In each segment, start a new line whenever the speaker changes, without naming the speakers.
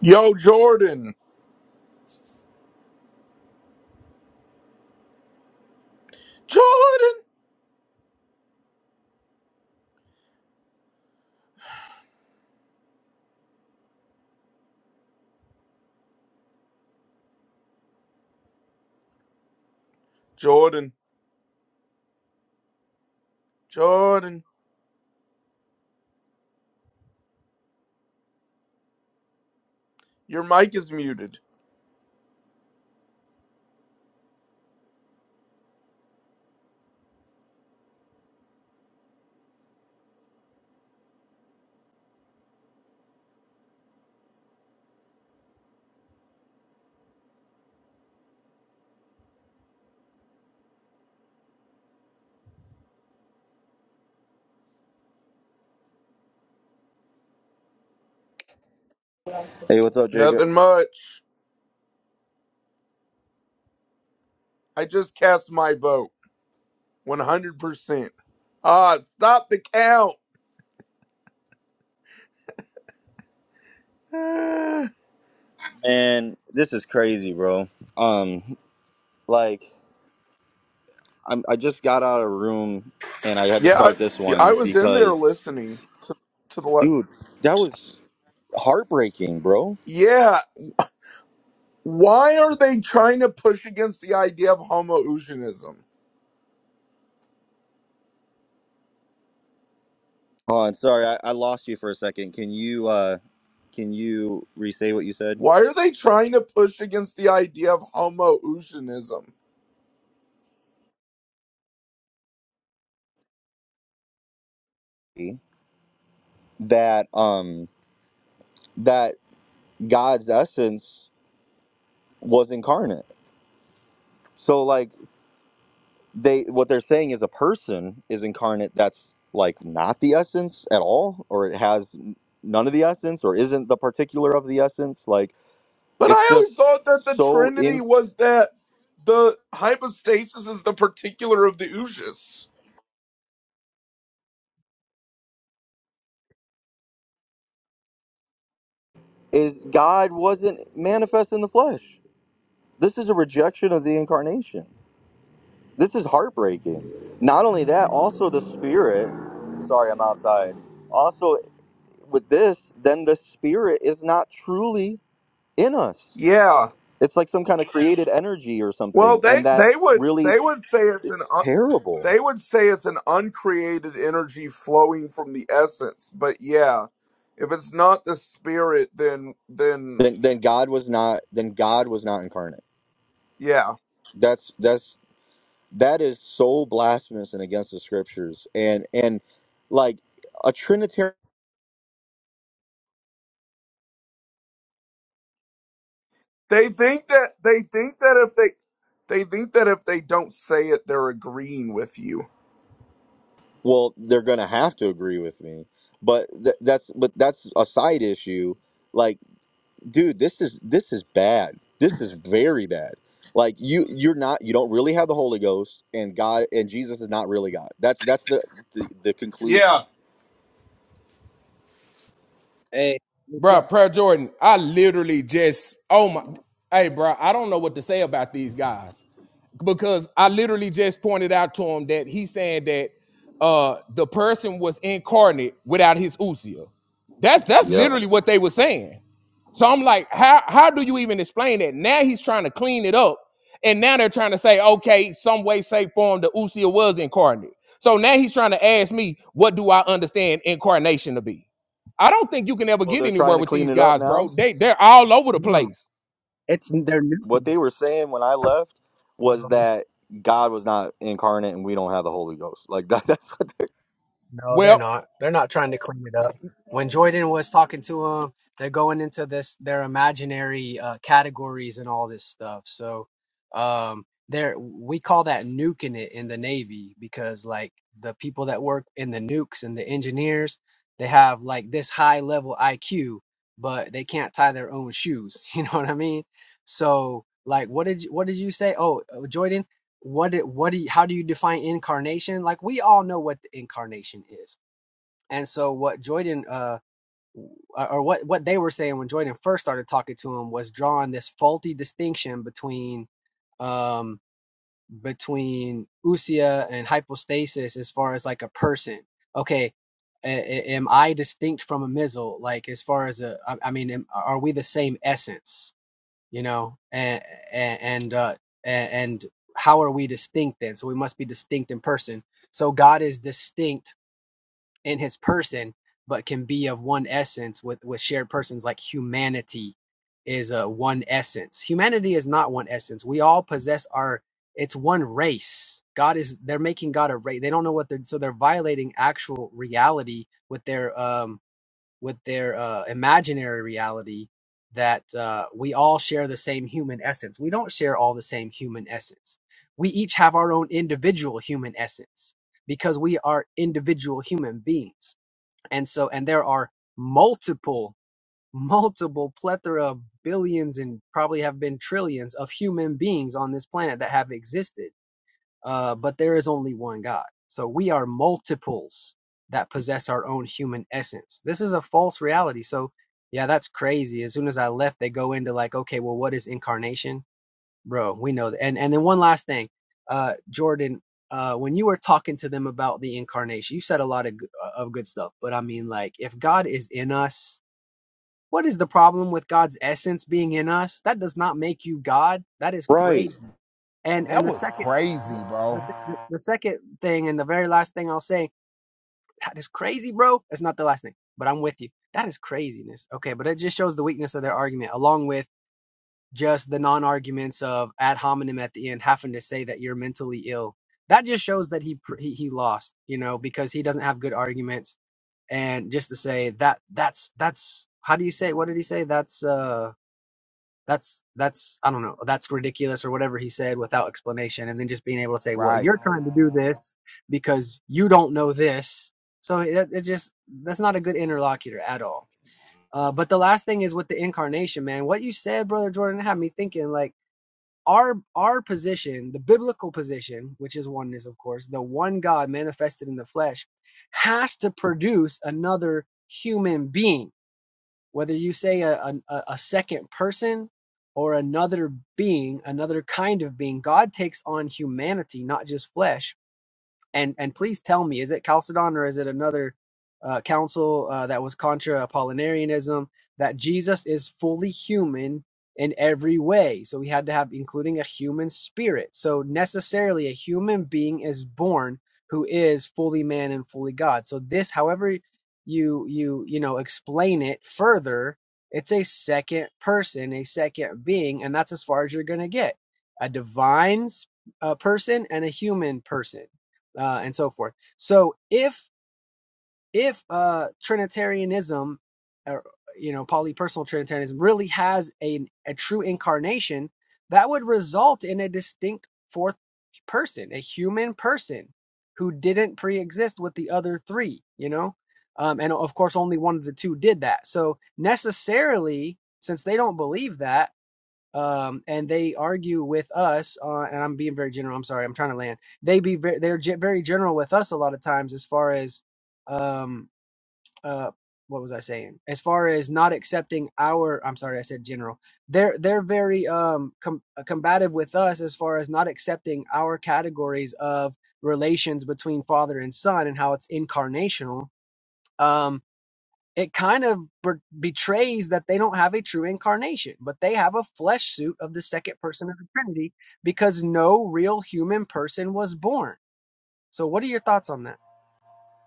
Yo, Jordan. Jordan. Jordan. Jordan. Your mic is muted.
Hey, what's up, Jacob?
Nothing much. I just cast my vote. 100%. Ah, stop the count. Ah.
Man, this is crazy, bro. Um, like I'm, I just got out of a room and I had to
yeah, I,
start this
I
one
was in there
because,
listening to, to the left.
dude, that was heartbreaking, bro.
Yeah. Why are they trying to push against the idea of homoousionism?
Oh, I'm sorry, I, I lost you for a second. Can you, uh, can you re-say what you said?
Why are they trying to push against the idea of homoousionism?
That, um, that God's essence was incarnate. So, like. they what they're saying is a person is incarnate that's like not the essence at all or it has n- none of the essence or isn't the particular of the essence like
But
it's
I always
just
thought that the
so
Trinity
in
was that the hypostasis is the particular of the oosis.
is god wasn't manifest in the flesh this is a rejection of the incarnation this is heartbreaking not only that also the spirit sorry i'm outside also with this then the spirit is not truly in us
Yeah.
It's like some kind of created energy or
Well,
something,
they
and that
they would
really
they would say it's an
it's
un,
terrible.
they would say it's an uncreated energy flowing from the essence. But yeah, if it's not the spirit, then then
Then then God was not then God was not incarnate.
yeah,
That's that's that is so blasphemous and against the scriptures. And and like a Trinitarian,
they think that they think that if they they think that if they don't say it, they're agreeing with you.
well, they're gonna have to agree with me. But th- that's but that's a side issue. Like. dude this is this is bad this is very bad like you you're not you don't really have the holy ghost and god and jesus is not really god that's that's the the, the conclusion
Yeah,
Hey, what's
Bro,
up?
Prayer Jordan, I literally just, oh my, hey, bro, I don't know what to say about these guys because I literally just pointed out to him that he's saying that uh the person was incarnate without his usia. That's that's
Yep.
literally what they were saying. So I'm like, how how do you even explain that? Now he's trying to clean it up, and now they're trying to say, okay, some way, shape, form, the usia was incarnate. So now he's trying to ask me, what do I understand incarnation to be? I don't think you can ever
well
get
they're
anywhere
trying to
with
clean
these
it up
guys, bro.
now
They they're all over the
No,
place.
it's they're new.
what they were saying when i left was
No,
that god was not incarnate and we don't have the holy ghost like that, that's what
no, they're
Well,
not. They're not trying to clean it up. When Jordan was talking to him, they're going into this their imaginary uh, categories and all this stuff. So, um, there we call that nuking it in the Navy because like the people that work in the nukes and the engineers, they have like this high level IQ, but they can't tie their own shoes. You know what I mean? So, like, what did you, what did you say? Oh, uh, Jordan. what it, what do you, how do you define incarnation? Like we all know what the incarnation is. And so what Jordan uh or what what they were saying when Jordan first started talking to him was drawing this faulty distinction between um between usia and hypostasis as far as like a person. Okay, a- a- am I distinct from a missile? Like as far as a I I mean am, are we the same essence? you know and and and, uh, and how are we distinct then so we must be distinct in person so god is distinct in his person but can be of one essence with with shared persons like humanity is a one essence humanity is not one essence we all possess our it's one race god is they're making god a race they don't know what they're so they're violating actual reality with their um with their uh, imaginary reality that uh, we all share the same human essence. We don't share all the same human essence. We each have our own individual human essence because we are individual human beings. And so, and there are multiple, multiple plethora of billions and probably have been trillions of human beings on this planet that have existed uh, but there is only one God. So we are multiples that possess our own human essence. This is a false reality. So, yeah, that's crazy. As soon as I left, they go into like, okay, well, what is incarnation, bro? We know that. And and then one last thing, uh, Jordan, uh, when you were talking to them about the incarnation, you said a lot of of good stuff. But I mean, like, if God is in us. What is the problem with God's essence being in us? That does not make you God. That is
Right.
crazy and
that
and the
was
second
crazy,
the,
bro.
the, the second thing and the very last thing I'll say, that is crazy, bro. It's not the last thing, but I'm with you. That is craziness. Okay, but it just shows the weakness of their argument, along with just the non-arguments of ad hominem at the end having to say that you're mentally ill. That just shows that he pr- he, he lost, you know, because he doesn't have good arguments. And just to say that that's that's how do you say? What did he say? That's uh that's that's I don't know, that's ridiculous or whatever he said without explanation, and then just being able to say, well,
Right.
you're trying to do this because you don't know this. So it, it just that's not a good interlocutor at all. Uh, but the last thing is with the incarnation, man. What you said, brother Jordan, had me thinking like our our position, the biblical position, which is oneness, of course, the one God manifested in the flesh, has to produce another human being whether you say a, a, a second person or another being, another kind of being, God takes on humanity, not just flesh. And and please tell me, is it Chalcedon or is it another uh, council uh, that was contra Apollinarianism that Jesus is fully human in every way? So we had to have including a human spirit. So necessarily, a human being is born who is fully man and fully God. So this, however you you you know explain it further, it's a second person, a second being, and that's as far as you're gonna get. A divine s- a person and a human person uh, and so forth. So if if uh, Trinitarianism, or, you know, polypersonal Trinitarianism really has a a true incarnation, that would result in a distinct fourth person, a human person who didn't pre-exist with the other three. You know, um, and of course, only one of the two did that. So necessarily, since they don't believe that um, and they argue with us. Uh, and I'm being very general. I'm sorry. I'm trying to land. They be ve- they're ge- very general with us a lot of times as far as um, uh, what was I saying? As far as not accepting our. I'm sorry. I said general. They're they're very um, com- uh, combative with us as far as not accepting our categories of relations between father and son and how it's incarnational. Um, it kind of betrays that they don't have a true incarnation, but they have a flesh suit of the second person of the Trinity because no real human person was born. So, what are your thoughts on that?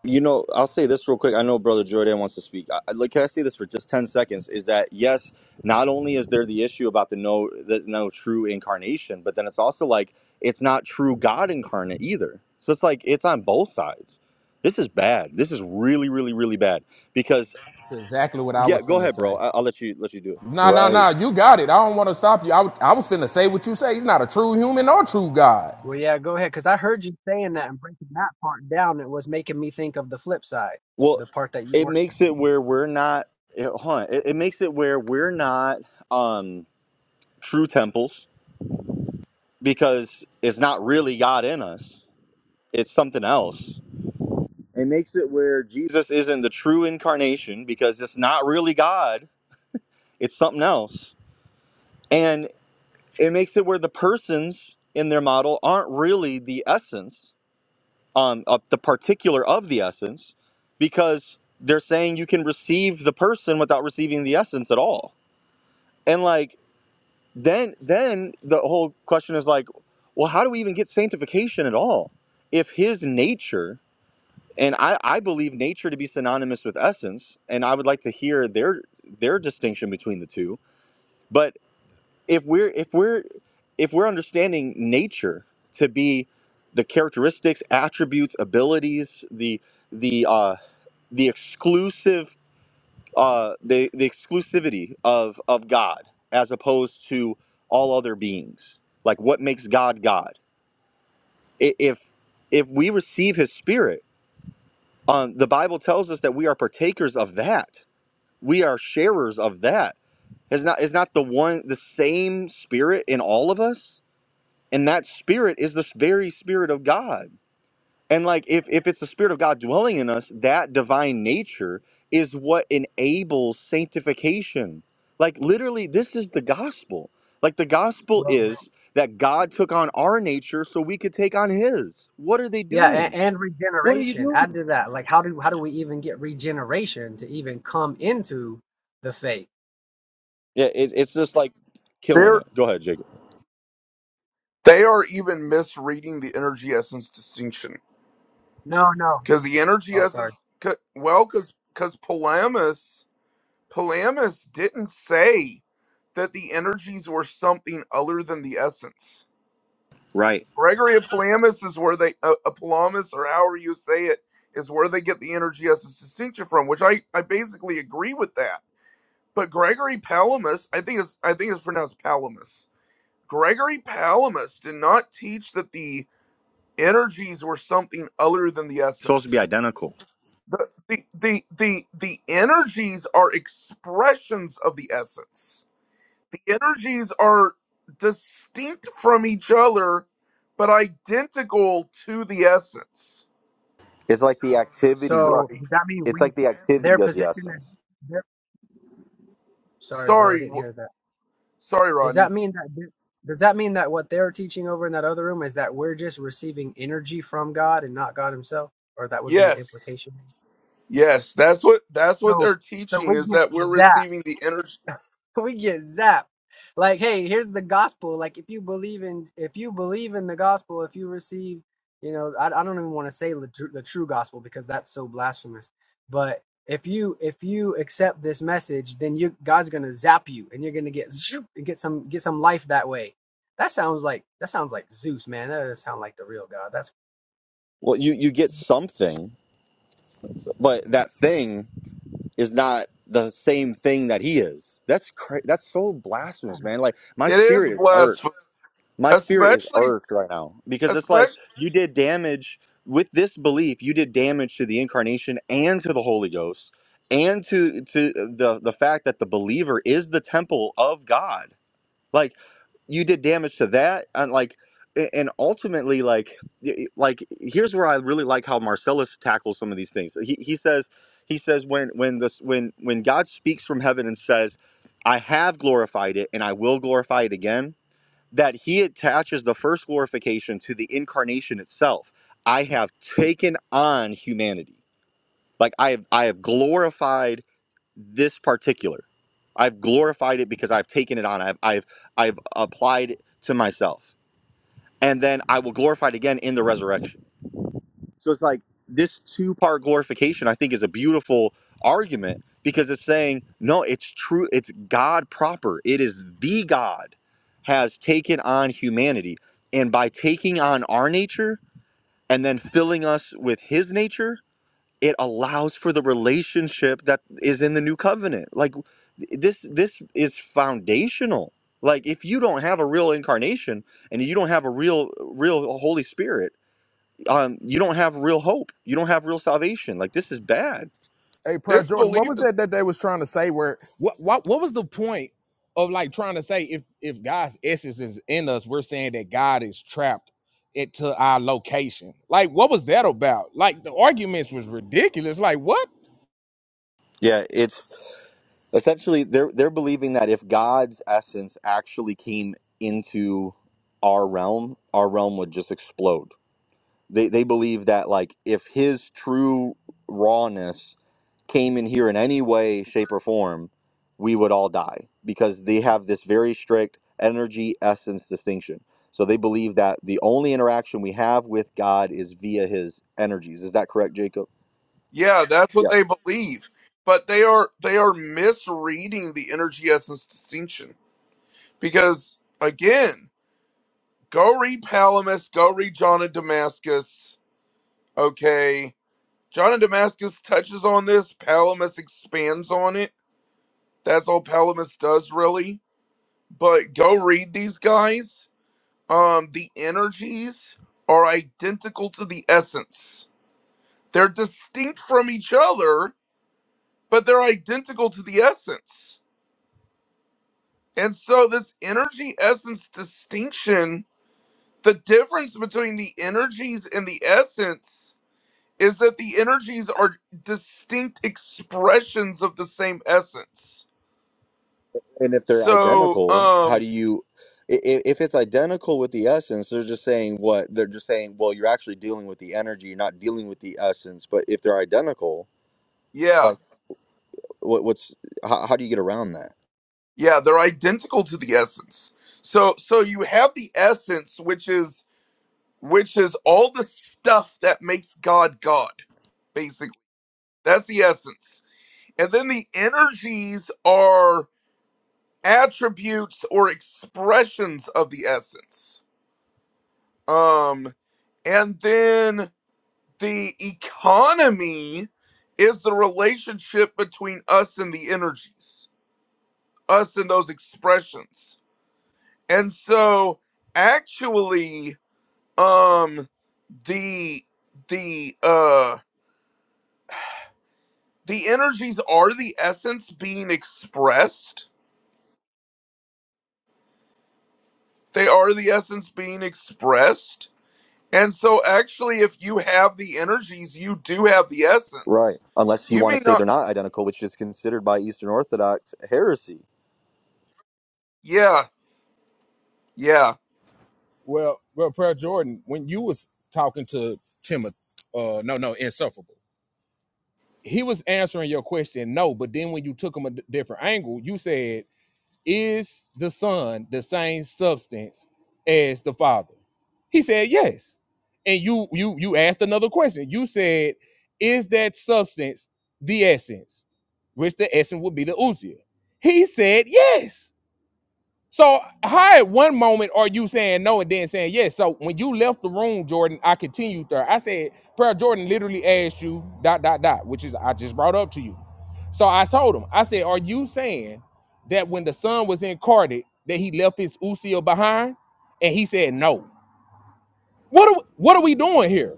You know, I'll say this real quick. I know Brother Jordan wants to speak. I, I- like, can I say this for just ten seconds? Is that yes? Not only is there the issue about the no, the no true incarnation, but then it's also like it's not true God incarnate either. So it's like it's on both sides. This is bad. This is really, really, really bad. Because
That's exactly what I
yeah,
was
go
finna
ahead, bro.
say.
I, I'll let you let you do it.
No, no,
Right.
no. You got it. I don't want to stop you. I, was- I was finna say what you say. He's not a true human or true God.
Well, yeah, go ahead, because I heard you saying that and breaking that part down. It was making me think of the flip side,
Well,
the part that you
it
weren't.
makes it where we're not. It, hold on. It, it makes it where we're not um, true temples because it's not really God in us, it's something else. It makes it where Jesus isn't the true incarnation because it's not really God, it's something else. And it makes it where the persons in their model aren't really the essence, um, of the particular of the essence, because they're saying you can receive the person without receiving the essence at all. And like then then the whole question is like, well, how do we even get sanctification at all? If his nature and I, I believe nature to be synonymous with essence and i would like to hear their their distinction between the two but if we're if we're if we're understanding nature to be the characteristics attributes abilities the the uh the exclusive uh the the exclusivity of of god as opposed to all other beings like what makes god god I- if if we receive his spirit um the bible tells us that we are partakers of that we are sharers of that is not is not the one the same spirit in all of us and that spirit is the very spirit of god and like if if it's the spirit of god dwelling in us that divine nature is what enables sanctification like literally this is the gospel like the gospel
Well,
is that god took on our nature so we could take on his what are they
yeah, and,
doing
and
what are you
regeneration. Add
doing
to that, like how do how do we even get regeneration to even come into the faith?
yeah it, it's just like killing
they're
it go ahead jacob
they are even misreading the energy essence distinction.
No, no.
Because the energy
Oh, sorry.
essence, 'cause- well, because because Palamas, Palamas didn't say that the energies were something other than the essence.
right
Gregory of Palamas is where they, uh, a Palamas, or however you say it, is where they get the energy essence distinction from. Which I, I basically agree with that. But Gregory Palamas, I think it's I think it's pronounced Palamas. Gregory Palamas did not teach that the energies were something other than the
supposed to be
essence.
identical
the the the the the energies are expressions of the essence the energies are distinct from each other but identical to the essence
It's like the activity.
So
right
does that mean
It's
we
like the
their
activity of the
position is
essence.
their, sorry, bro, I
sorry
didn't
w-
hear that.
sorry
Does that
rodney
mean that th- does that mean that what they're teaching over in that other room is that we're just receiving energy from God and not God Himself, or that would be the
yes
implication?
yes that's what that's what
So
they're
so
teaching
we
is
get
that we're
that.
receiving the energy
we get zapped. Like, hey, here's the gospel. Like, if you believe in, if you believe in the gospel, if you receive, you know, I, I don't even want to say the, tru- the true gospel because that's so blasphemous. But if you if you accept this message, then you God's gonna zap you, and you're gonna get zoop and get some get some life that way. That sounds like that sounds like Zeus, man. That doesn't sound like the real God. That's
Well, you you get something, but that thing is not the same thing that he is. That's cra- that's so blasphemous, man. Like my
it is
spirit is
blasphemy
irked. My spirit is
especially
irked right now because it's like
especially
you did damage with this belief. You did damage to the incarnation and to the Holy Ghost and to to the the fact that the believer is the temple of God. like you did damage to that and like and ultimately like like here's where i really like how marcellus tackles some of these things he, he says he says when when this when when god speaks from heaven and says i have glorified it and i will glorify it again that he attaches the first glorification to the incarnation itself i have taken on humanity like i have i have glorified this particular. I've glorified it because I've taken it on. I've I've I've applied it to myself. And then I will glorify it again in the resurrection. So it's like this two-part glorification I think is a beautiful argument because it's saying, no, it's true, it's God proper. It is the God has taken on humanity. And by taking on our nature and then filling us with his nature, it allows for the relationship that is in the new covenant like this this is foundational like if you don't have a real incarnation and you don't have a real real holy spirit um you don't have real hope you don't have real salvation like this is bad
Hey, Prayer
this
Jordan, what
belief
was that that they was trying to say? Where what what what was the point of like trying to say if if God's essence is in us, we're saying that God is trapped into our location. Like, what was that about? Like, the arguments was ridiculous. Like, what?
yeah it's essentially they're they're believing that if god's essence actually came into our realm our realm would just explode they they believe that like if his true rawness came in here in any way, shape, or form, we would all die because they have this very strict energy essence distinction. So they believe that the only interaction we have with God is via his energies. Is that correct, Jacob?
Yeah, that's what
Yeah.
they believe. But they are they are misreading the energy essence distinction. Because again, go read Palamas, go read John of Damascus. Okay. John of Damascus touches on this, Palamas expands on it. That's all Palamas does really. But go read these guys. Um, the energies are identical to the essence. They're distinct from each other, but they're identical to the essence And so, this energy essence distinction, the difference between the energies and the essence is that the energies are distinct expressions of the same essence.
And if they're
So,
identical, how do
um,
you? i- i- If it's identical with the essence, they're just saying what they're just saying. Well, you're actually dealing with the energy. You're not dealing with the essence. But if they're identical,
yeah,
like what, what's how, how do you get around that?
yeah, they're identical to the essence. So, so you have the essence, which is which is all the stuff that makes God God, basically. That's the essence. And then the energies are attributes or expressions of the essence. Um, and then the economy is the relationship between us and the energies, us and those expressions. And so actually, um, the the uh the energies are the essence being expressed. They are the essence being expressed And so, actually, if you have the energies, you do have the
Right.
essence.
Unless you
You
want
may
to say they're
not.
not identical, which is considered by Eastern Orthodox heresy.
Yeah, yeah.
Well, well, Prayer Jordan, when you was talking to Timothy, uh, no, no, insufferable, he was answering your question, no. But then when you took him a d- different angle, you said, "Is the Son the same substance as the Father?" He said, "Yes." And you, you, you asked another question. You said, "Is that substance the essence?" Which the essence would be the Usia. He said, "Yes." So how at one moment are you saying no and then saying yes? So when you left the room, Jordan, I continued there. I said, Prayer Jordan literally asked you dot dot dot, which is I just brought up to you. So I told him, I said, Are you saying that when the son was incarnate, that he left his Usia behind? And he said no. What are what are we doing here?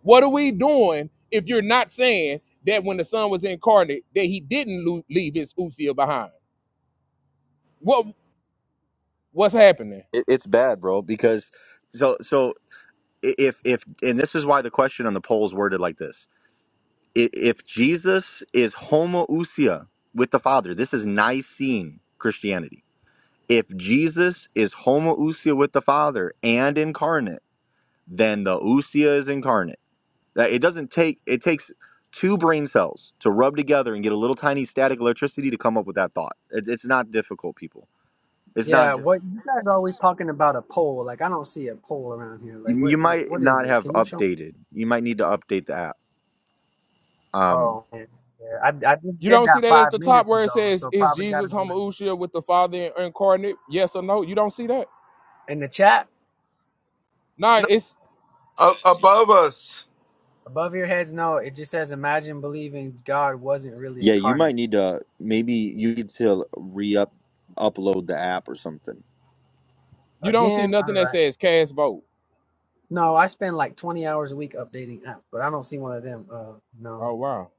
What are we doing if you're not saying that when the son was incarnate, that he didn't lo- leave his Usia behind? What what's happening?
It, it's bad, bro. Because so so if if and this is why the question on the poll is worded like this: I- If Jesus is homoousia with the Father, this is Nicene Christianity. If Jesus is homoousia with the Father and incarnate, then the ousia is incarnate. That it doesn't take it takes two brain cells to rub together and get a little tiny static electricity to come up with that thought. It, it's not difficult, people. It's not.
yeah.
difficult.
What you guys are always talking about a pole? Like I don't see a pole around here. Like
You you
what
might
what is
not
this?
have
Can you show?
updated. You might need to update the app. Um,
Oh, yeah. yeah. I, I just
You
did
don't see
that
that at
five
the top
minutes
where it
ago,
says,
so
"Is
probably got to
Jesus
do it.
homoousia with the Father incarnate?" Yes or no? You don't see that.
In the chat,
Nah,
No,
it's
a- above us.
above your heads, no, it just says imagine believing God wasn't really
yeah, you
incarnate.
might need to maybe you need to re up upload the app or something.
you don't see
Again, all
nothing that
right.
says cast vote.
No, I spend like 20 hours a week updating apps, but I don't see one of them. Uh, no.
Oh wow.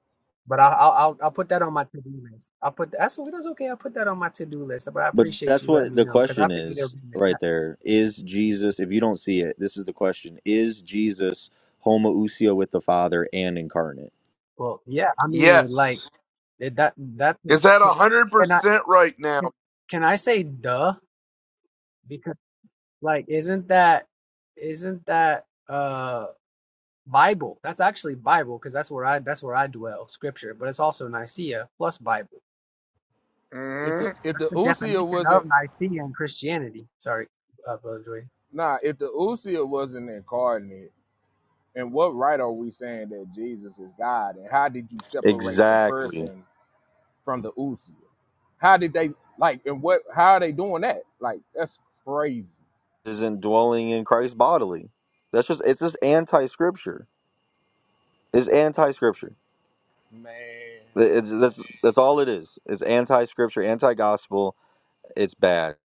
But I, I'll, I'll I'll put that on my to-do list. I'll put that's that's okay. I'll put that on my to-do list. But I
But
appreciate
that's
you letting
what
me
the
know because I
question
figured it
is
would be in the
right
chat.
there. Is Jesus? If you don't see it, this is the question: Is Jesus homoousia with the Father and incarnate?
Well, yeah, I mean, like
Yes.
it- that that
Is that a hundred
and I
percent right now?
can, can I say duh? Like, isn't that isn't that uh Bible? That's actually Bible because that's where I that's where I dwell, Scripture. But it's also Nicaea plus Bible.
If the
Mhm.
if
That's
the
the
usia
definition of
wasn't
Nicaea in Christianity. Sorry, uh, Brother Joy.
nah, if the usia wasn't incarnate, and what right are we saying that Jesus is God? And how did you separate the
Exactly.
person from the usia? How did they like? And what? How are they doing that? Like that's crazy,
isn't dwelling in Christ bodily. That's just it's just anti-scripture. It's anti-scripture.
man.
It's, that's that's all it is. It's anti-scripture, anti-gospel. It's bad,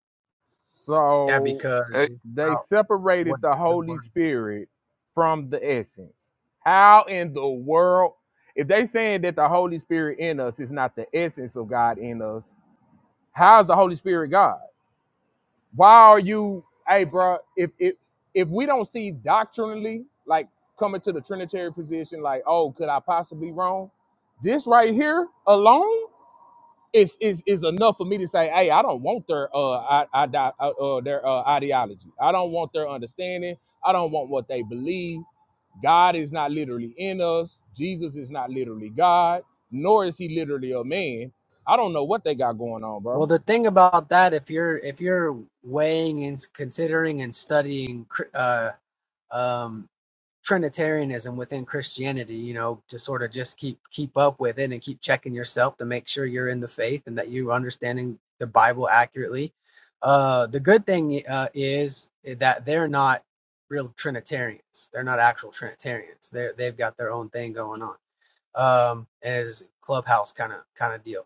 Yeah,
So
because it's
It
They
about what
separated the
the
Holy
word.
Spirit from the essence. How in the world, if they saying that the Holy Spirit in us is not the essence of God in us, how is the Holy Spirit God? Why are you, hey, bro? If if if we don't see doctrinally, like coming to the Trinitarian position, like, oh, could I possibly wrong? This right here alone is is is enough for me to say, hey, I don't want their uh, I, I, di- uh, uh, their uh, ideology. I don't want their understanding. I don't want what they believe. God is not literally in us. Jesus is not literally God, nor is he literally a man. I don't know what they got going on,
Well,
bro.
the thing about that, if you're if you're weighing and considering and studying cr- uh, um, Trinitarianism within Christianity, you know, to sort of just keep keep up with it and keep checking yourself to make sure you're in the faith and that you're understanding the Bible accurately. Uh, the good thing uh, is that they're not real Trinitarians. They're not actual Trinitarians. They are they've got their own thing going on. Um, as Clubhouse kind of kind of deal.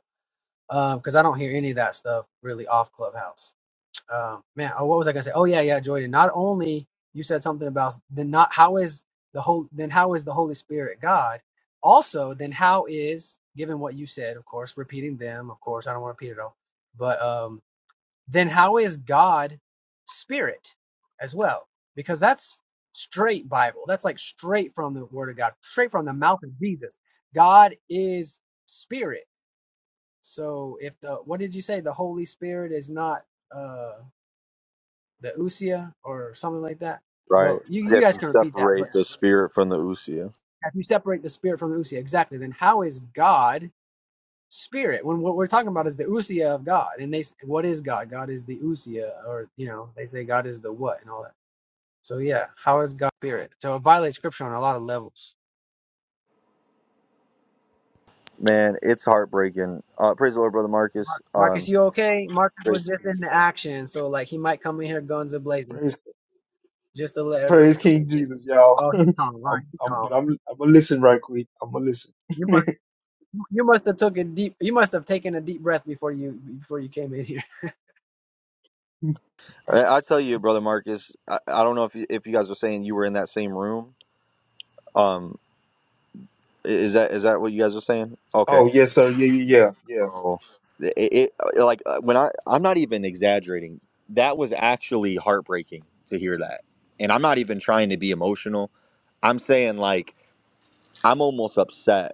Um, because um, I don't hear any of that stuff really off Clubhouse uh, man, oh, what was I gonna say? Oh yeah, yeah, Jordan. Not only you said something about then not how is the whole then how is the Holy Spirit God? Also, then how is given what you said, of course, repeating them, of course, I don't want to repeat it all, but um, then how is God Spirit as well? Because that's straight Bible. That's like straight from the Word of God, straight from the mouth of Jesus. God is Spirit. So if the what did you say? The Holy Spirit is not. Uh, the usia or something like that.
right?
But you,
You
you
have
guys
to
can repeat that.
separate
But
the spirit from the usia.
if you separate the spirit from the usia, exactly, then how is God spirit? When what we're talking about is the usia of God, and they s- what is God? God is the usia, or you know, they say God is the what and all that. So yeah, how is God spirit? So it violates scripture on a lot of levels.
Man, it's heartbreaking. Uh, praise the Lord, brother Marcus.
Marcus,
Um,
you okay? Marcus was
praise the
just in the
Lord,
action, so like he might come in here guns a blazing,
Praise,
just to let everybody.
praise King Jesus, y'all.
Oh, he's
I'm,
calm, all right? He's
I'm,
calm.
but I'm, I'm gonna listen right quick. I'm gonna listen.
You must, you must have took a deep. You must have taken a deep breath before you before you came in here.
bro. I I tell you, brother Marcus. I, I don't know if you, if you guys were saying you were in that same room. Um, i- is that is that what you guys are saying? Okay
oh yes, sir. Yeah, yeah, yeah, yeah.
bro. It, it like uh, when I I'm not even exaggerating. That was actually heartbreaking to hear that, and I'm not even trying to be emotional. I'm saying like I'm almost upset.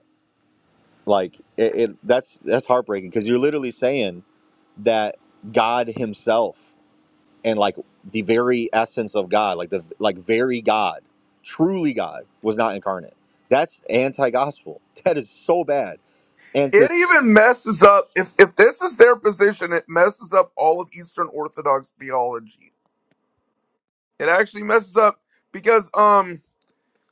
Like it, it that's that's heartbreaking because you're literally saying that God Himself and like the very essence of God, like the like very God, truly God, was not incarnate. That's anti-gospel. That is so bad. And to
it even messes up. If if this is their position, it messes up all of Eastern Orthodox theology. It actually messes up because um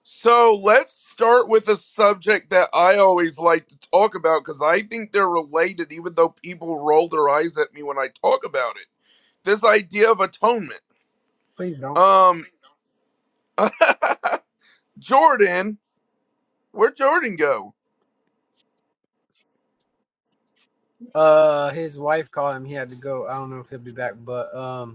So let's start with a subject that I always like to talk about because I think they're related, even though people roll their eyes at me when I talk about it. This idea of atonement.
Please don't.
Um, Jordan, where'd Jordan go?
Uh, his wife called him. He had to go. I don't know if he'll be back, but um,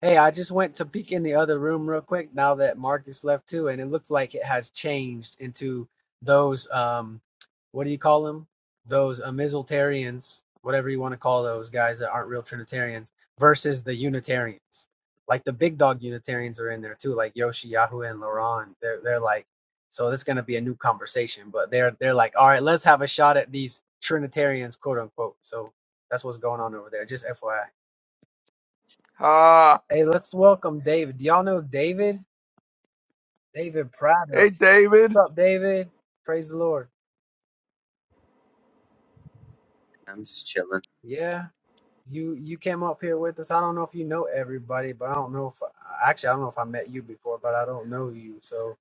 Hey, I just went to peek in the other room real quick now that Marcus left too, and it looks like it has changed into those um, what do you call them? Those uh, Amisaltarians, whatever you want to call those guys that aren't real Trinitarians, versus the Unitarians. Like the big dog Unitarians are in there too, like Yoshi, Yahoo, and Laron. They're they're like, so this is gonna be a new conversation, but they're they're like, all right, let's have a shot at these Trinitarians, quote unquote. So that's what's going on over there. Just FYI.
Ah,
Hey, let's welcome David. Do y'all know David? David
hey
Prater.
David.
What's up, David? Praise the Lord.
I'm just chilling.
Yeah, you you came up here with us. I don't know if you know everybody, but I don't know if actually I don't know if I met you before, but I don't know you. So,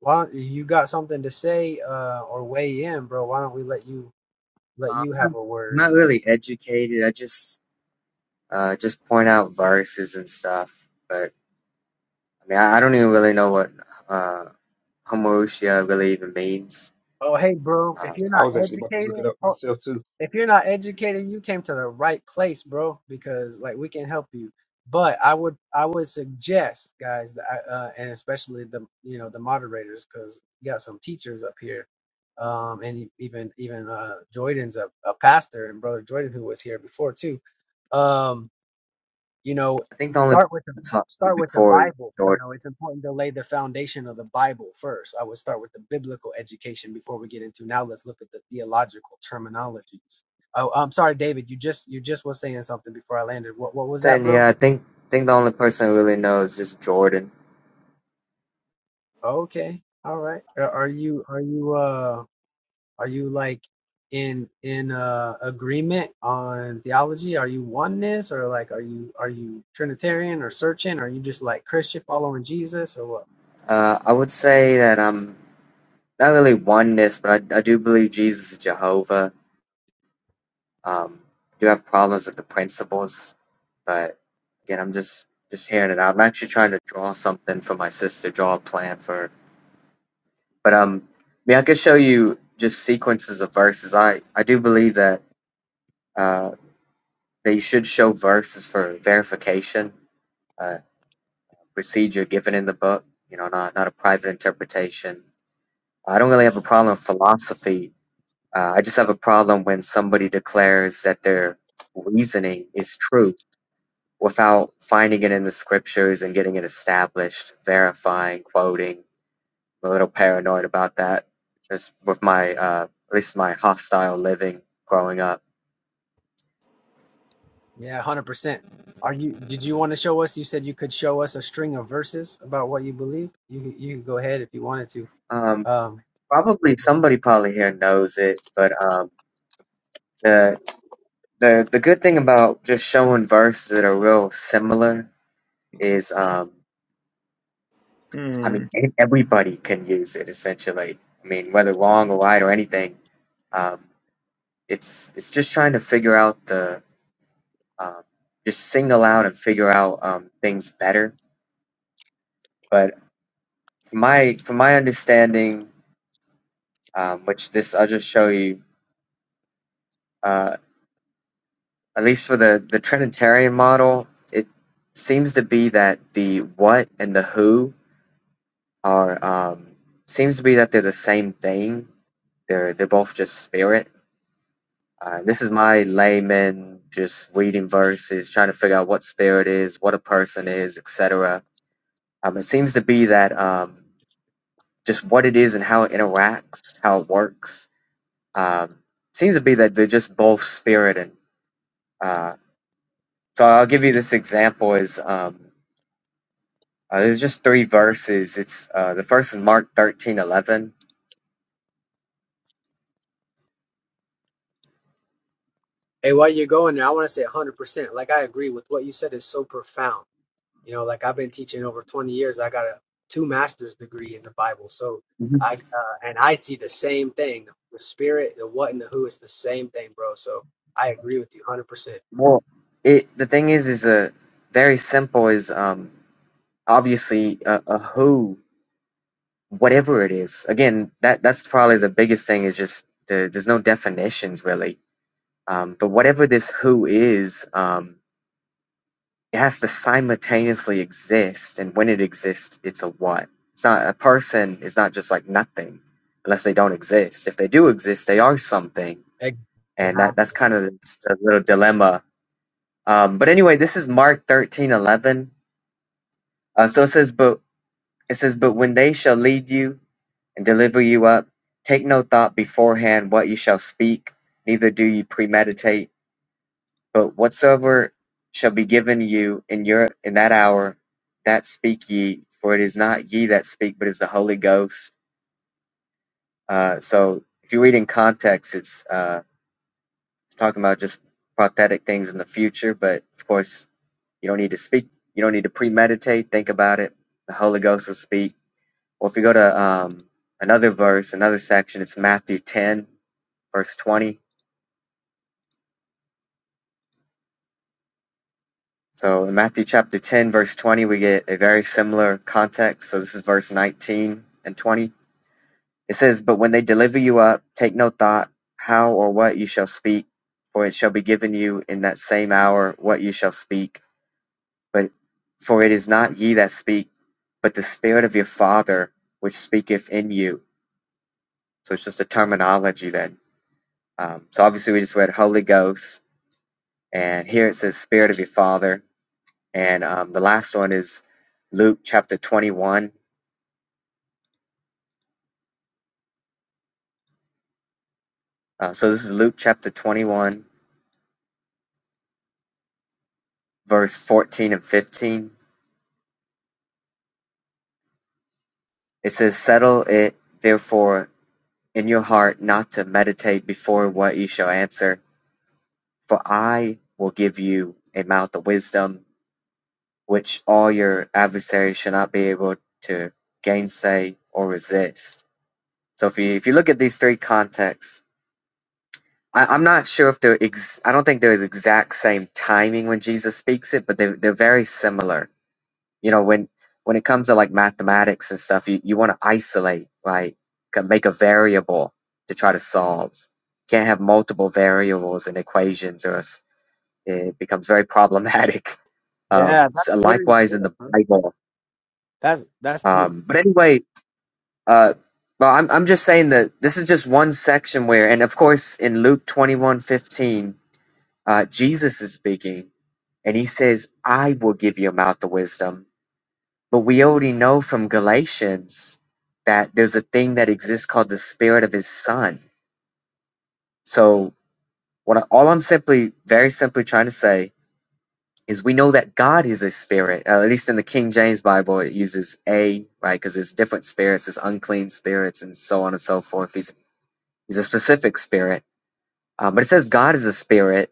why don't, you got something to say uh, or weigh in, bro? Why don't we let you
Uh,
let
I'm
you
not
have a
I'm
word?
not really educated. I just uh just point out viruses and stuff. But I mean, I, I don't even really know what uh homoousia really even means.
Oh, hey, bro, if
Um,
you're
I
not
was actually about to look
educated,
it up
oh,
myself too.
if you're not educated, you came to the right place, bro, because like we can help you. But I would I would suggest guys that I, uh, and especially the you know the moderators because you got some teachers up here, um, and e-, even even uh, Jordan's a, a pastor and brother Jordan who was here before too. Um, you know
I think the only person
start with the
I talked to
start with the
before is
bible you
Jordan.
know it's important to lay the foundation of the bible first i would start with the biblical education before we get into now let's look at the theological terminologies oh i'm sorry david you just you just was saying something before i landed what what was that
Saying
bro
yeah, I think think the only person I really know is just Jordan.
okay all right are are you are you uh are you like in in uh agreement on theology are you oneness or like are you are you trinitarian or searching are you just like christian following jesus or what
Uh, I would say that I'm not really oneness, but I, I do believe Jesus is Jehovah. Um, do have problems with the principles, but again, I'm just just hearing it out. I'm actually trying to draw something for my sister, draw a plan for her. But um, I mean, I could show you just sequences of verses. I I do believe that uh, that you should show verses for verification, uh, procedure given in the book. You know, not not a private interpretation. I don't really have a problem with philosophy. Uh, I just have a problem when somebody declares that their reasoning is true without finding it in the scriptures and getting it established, verifying, quoting. I'm a little paranoid about that, just with my uh, at least my hostile living growing up.
Yeah, one hundred percent. Are you? Did you want to show us? You said you could show us a string of verses about what you believe. You could- you can go ahead if you wanted to.
Um,
Um,
probably somebody probably here knows it, but um, the the the good thing about just showing verses that are real similar is, um, I
Hmm.
mean, e- everybody can use it essentially. I mean, whether wrong or right or anything, um, it's it's just trying to figure out the um, just single out and figure out um, things better. But from my from my understanding, um, which this I'll just show you, uh, at least for the the Trinitarian model, it seems to be that the what and the who are um, seems to be that they're the same thing. They're they're both just spirit. Uh, this is my layman just reading verses, trying to figure out what spirit is, what a person is, etc. Um, it seems to be that um, just what it is and how it interacts, how it works. Um, seems to be that they're just both spirit and uh, so I'll give you this example is um, uh, there's just three verses. It's uh, the first is Mark thirteen eleven.
hey, while you're going there, I want to say one hundred percent. Like I agree with what you said is so profound. You know, like I've been teaching over twenty years. I got a two master's degree in the Bible, so
Mhm.
I uh, and I see the same thing. The spirit, the what, and the who is the same thing, bro. So I agree with you one hundred percent.
Well, it the thing is is a very simple is um, obviously a, a who whatever it is. Again, that that's probably the biggest thing is just the, there's no definitions really. Um, but whatever this who is, um, It has to simultaneously exist, and when it exists, it's a what. It's not a person is not just like nothing, unless they don't exist. If they do exist, they are something,
Exactly.
and that that's kind of a little dilemma. Um, but anyway, this is Mark thirteen eleven. Uh, so it says, but it says, but when they shall lead you and deliver you up, take no thought beforehand what you shall speak, neither do you premeditate But whatsoever shall be given you in your in that hour, that speak ye, for it is not ye that speak, but is the Holy Ghost. Uh, so if you read in context, it's uh, it's talking about just prophetic things in the future. But of course, you don't need to speak. You don't need to premeditate. Think about it. The Holy Ghost will speak. Or if you go to um, another verse, another section, it's Matthew ten, verse twenty So in Matthew chapter 10, verse 20, we get a very similar context. So this is verse 19 and 20. It says, But when they deliver you up, take no thought how or what you shall speak, for it shall be given you in that same hour what you shall speak. But for it is not ye that speak, but the Spirit of your Father which speaketh in you. So it's just a terminology then. Um, so obviously we just read Holy Ghost, and here it says Spirit of your Father And um, the last one is Luke chapter 21. Uh, so this is Luke chapter 21, verse 14 and 15. It says, Settle it therefore in your heart not to meditate before what you shall answer, for I will give you a mouth of wisdom, which all your adversaries shall not be able to gainsay or resist. So if you if you look at these three contexts, I, I'm not sure if they're ex- I don't think they're the exact same timing when Jesus speaks it, but they they're very similar. You know, when when it comes to like mathematics and stuff, you, you want to isolate, right? Ca- Make a variable to try to solve. Can't have multiple variables in equations, or else it becomes very problematic.
Yeah,
Um,
that's
so
very
likewise
good,
in the
bro.
Bible.
That's that's
Um, but anyway, uh, well, I'm I'm just saying that this is just one section where, and of course in Luke twenty one fifteen. Uh, Jesus is speaking, and he says, I will give you a mouth of wisdom. But we already know from Galatians that there's a thing that exists called the spirit of his son. So, what I, all I'm simply, very simply trying to say is we know that God is a spirit. Uh, at least in the King James Bible, it uses a, right? Because there's different spirits, there's unclean spirits, and so on and so forth. He's, he's a specific spirit. Um, but it says God is a spirit.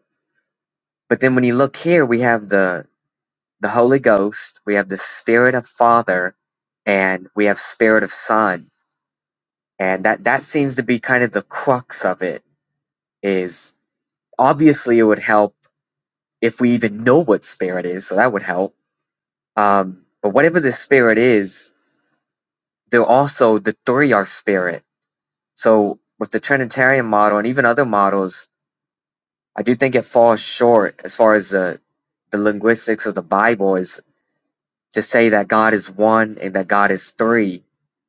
But then when you look here, we have the the Holy Ghost, we have the Spirit of Father, and we have Spirit of Son. And that that seems to be kind of the crux of it is obviously it would help if we even know what spirit is, so that would help. Um, but whatever the spirit is, they're also the three are spirit. So with the Trinitarian model and even other models, I do think it falls short as far as the the linguistics of the Bible is to say that God is one and that God is three,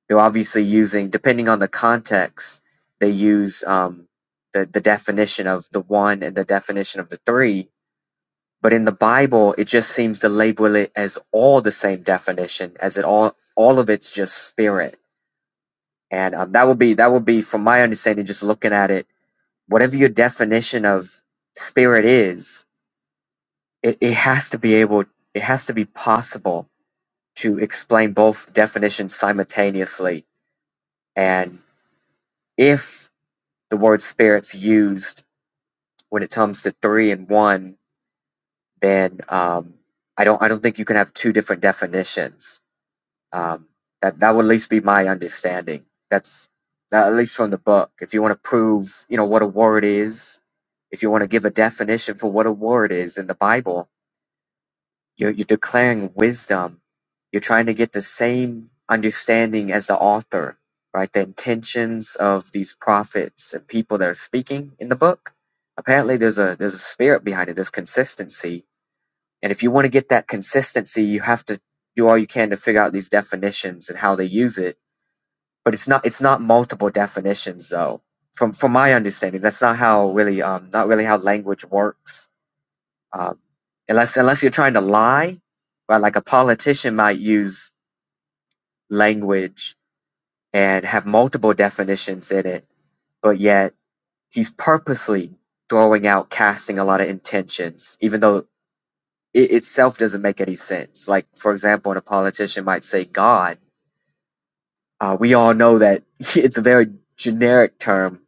they're obviously using, depending on the context, they use um, the, the definition of the one and the definition of the three. But in the Bible, it just seems to label it as all the same definition, as it all all of it's just spirit. And um, that would be that would be, from my understanding, just looking at it, whatever your definition of spirit is, it, it has to be able, it has to be possible to explain both definitions simultaneously. And if the word spirit's used when it comes to three and one, then um, I don't I don't think you can have two different definitions. Um, that that would at least be my understanding. That's that, at least from the book. If you want to prove, you know, what a word is, if you want to give a definition for what a word is in the Bible, You're, you're declaring wisdom. You're trying to get the same understanding as the author, right? The intentions of these prophets and people that are speaking in the book. Apparently, there's a there's a spirit behind it. There's consistency, and if you want to get that consistency, you have to do all you can to figure out these definitions and how they use it. But it's not it's not multiple definitions though. From from my understanding, that's not how really um not really how language works um, unless unless you're trying to lie, right? Like a politician might use language and have multiple definitions in it, but yet he's purposely throwing out, casting a lot of intentions, even though it itself doesn't make any sense. Like for example, when a politician might say God, Uh, we all know that it's a very generic term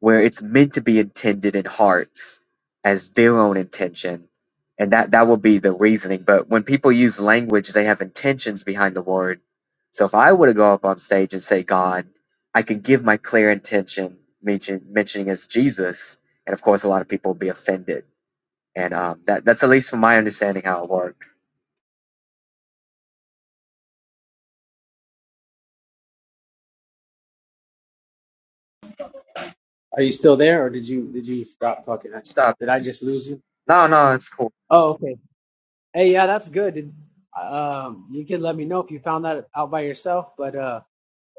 where it's meant to be intended in hearts as their own intention. And that, that will be the reasoning. But when people use language, they have intentions behind the word. So if I were to go up on stage and say God, I could give my clear intention, mention, mentioning as Jesus. And of course, a lot of people would be offended. And um, that, that's at least from my understanding how it worked.
Are you still there, or did you did you stop talking? I-
Stop.
Did I just lose you?
No, no, it's cool.
Oh, okay. Hey, yeah, that's good. Did, um, you can let me know if you found that out by yourself, but uh.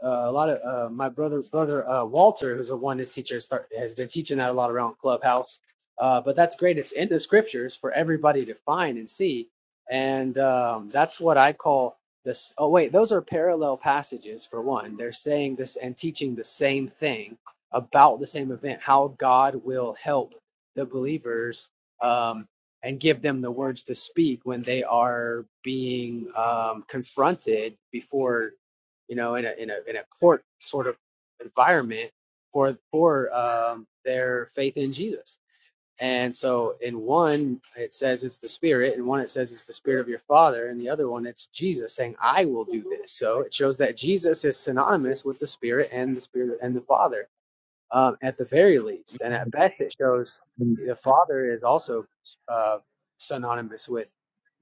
Uh, a lot of uh, my brother, brother uh, Walter, who's a oneness teacher, start, has been teaching that a lot around Clubhouse. Uh, but that's great. It's in the scriptures for everybody to find and see, and um, that's what I call this. Oh wait, those are parallel passages for one. They're saying this and teaching the same thing about the same event. How God will help the believers um, and give them the words to speak when they are being um, confronted before you know, in a in a in a court sort of environment for for um, their faith in Jesus. And so, in one it says it's the Spirit, and one it says it's the Spirit of your Father, and the other one it's Jesus saying, "I will do this." So it shows that Jesus is synonymous with the Spirit and the Spirit and the Father um, at the very least. And at best, it shows the Father is also uh, synonymous with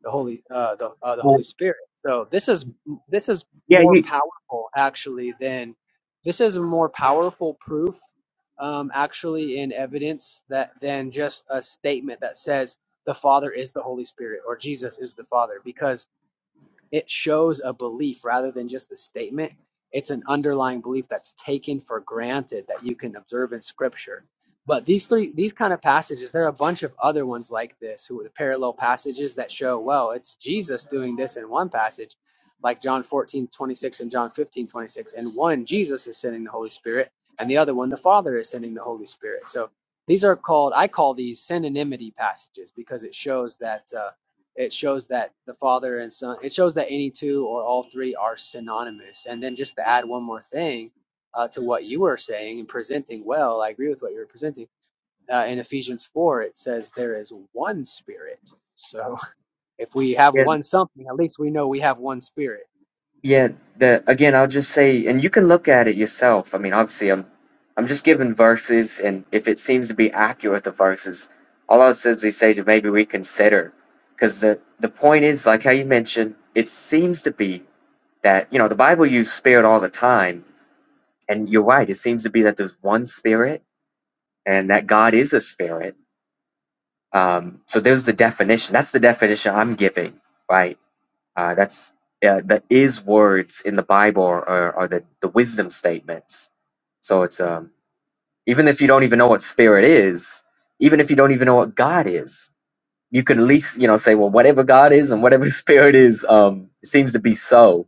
the Holy uh, the uh, the Holy Spirit. So this is this is more powerful actually than this is a more powerful proof um, actually in evidence that than just a statement that says the Father is the Holy Spirit or Jesus is the Father because it shows a belief rather than just a statement. It's an underlying belief that's taken for granted that you can observe in scripture. But these three, these kind of passages, there are a bunch of other ones like this who are the parallel passages that show, well, it's Jesus doing this in one passage, like John 14 26 and John 15 26. And one, Jesus is sending the Holy Spirit, and the other one, the Father is sending the Holy Spirit. So these are called, I call these synonymity passages because it shows that. Uh, it shows that the father and son it shows that any two or all three are synonymous and then just to add one more thing uh, to what you were saying and presenting well i agree with what you were presenting uh, in ephesians 4 it says there is one spirit so if we have
Yeah,
one something at least we know we have one spirit
Yeah, that again, I'll just say, and you can look at it yourself. I mean, obviously, I'm, I'm just giving verses, and if it seems to be accurate, the verses, all I'll simply say to maybe reconsider, because the the point is, like how you mentioned, it seems to be that you know the Bible uses spirit all the time, and you're right. It seems to be that there's one spirit, and that God is a spirit. Um, so there's the definition. That's the definition I'm giving, right? Uh, that's uh, the is words in the Bible are, are the, the wisdom statements. So it's um, even if you don't even know what spirit is, even if you don't even know what God is, you can at least you know say, well, whatever God is and whatever spirit is, um, it seems to be so.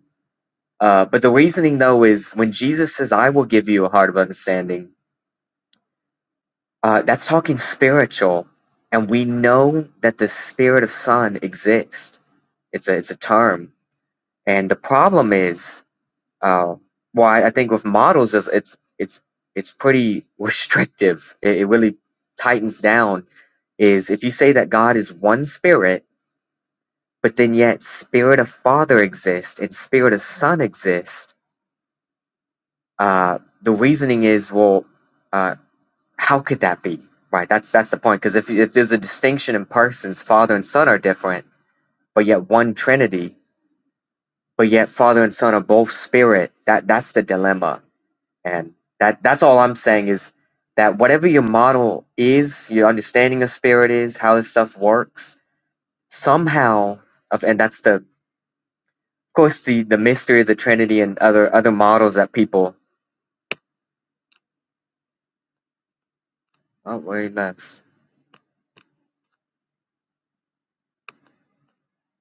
Uh, but the reasoning though is when Jesus says, "I will give you a heart of understanding," uh, that's talking spiritual, and we know that the spirit of Son exists. It's a it's a term, and the problem is Uh, why I, think with models, is it's it's, it's pretty restrictive. It, it really tightens down. Is if you say that God is one spirit, but then yet spirit of Father exists and spirit of Son exists, uh, the reasoning is well, uh, how could that be? Right. That's that's the point. Because if if there's a distinction in persons, Father and Son are different, but yet one Trinity. But yet Father and Son are both spirit. That that's the dilemma And that that's all I'm saying is that whatever your model is, your understanding of spirit is, how this stuff works, somehow of and that's the of course the the mystery of the Trinity and other other models that people oh wait that's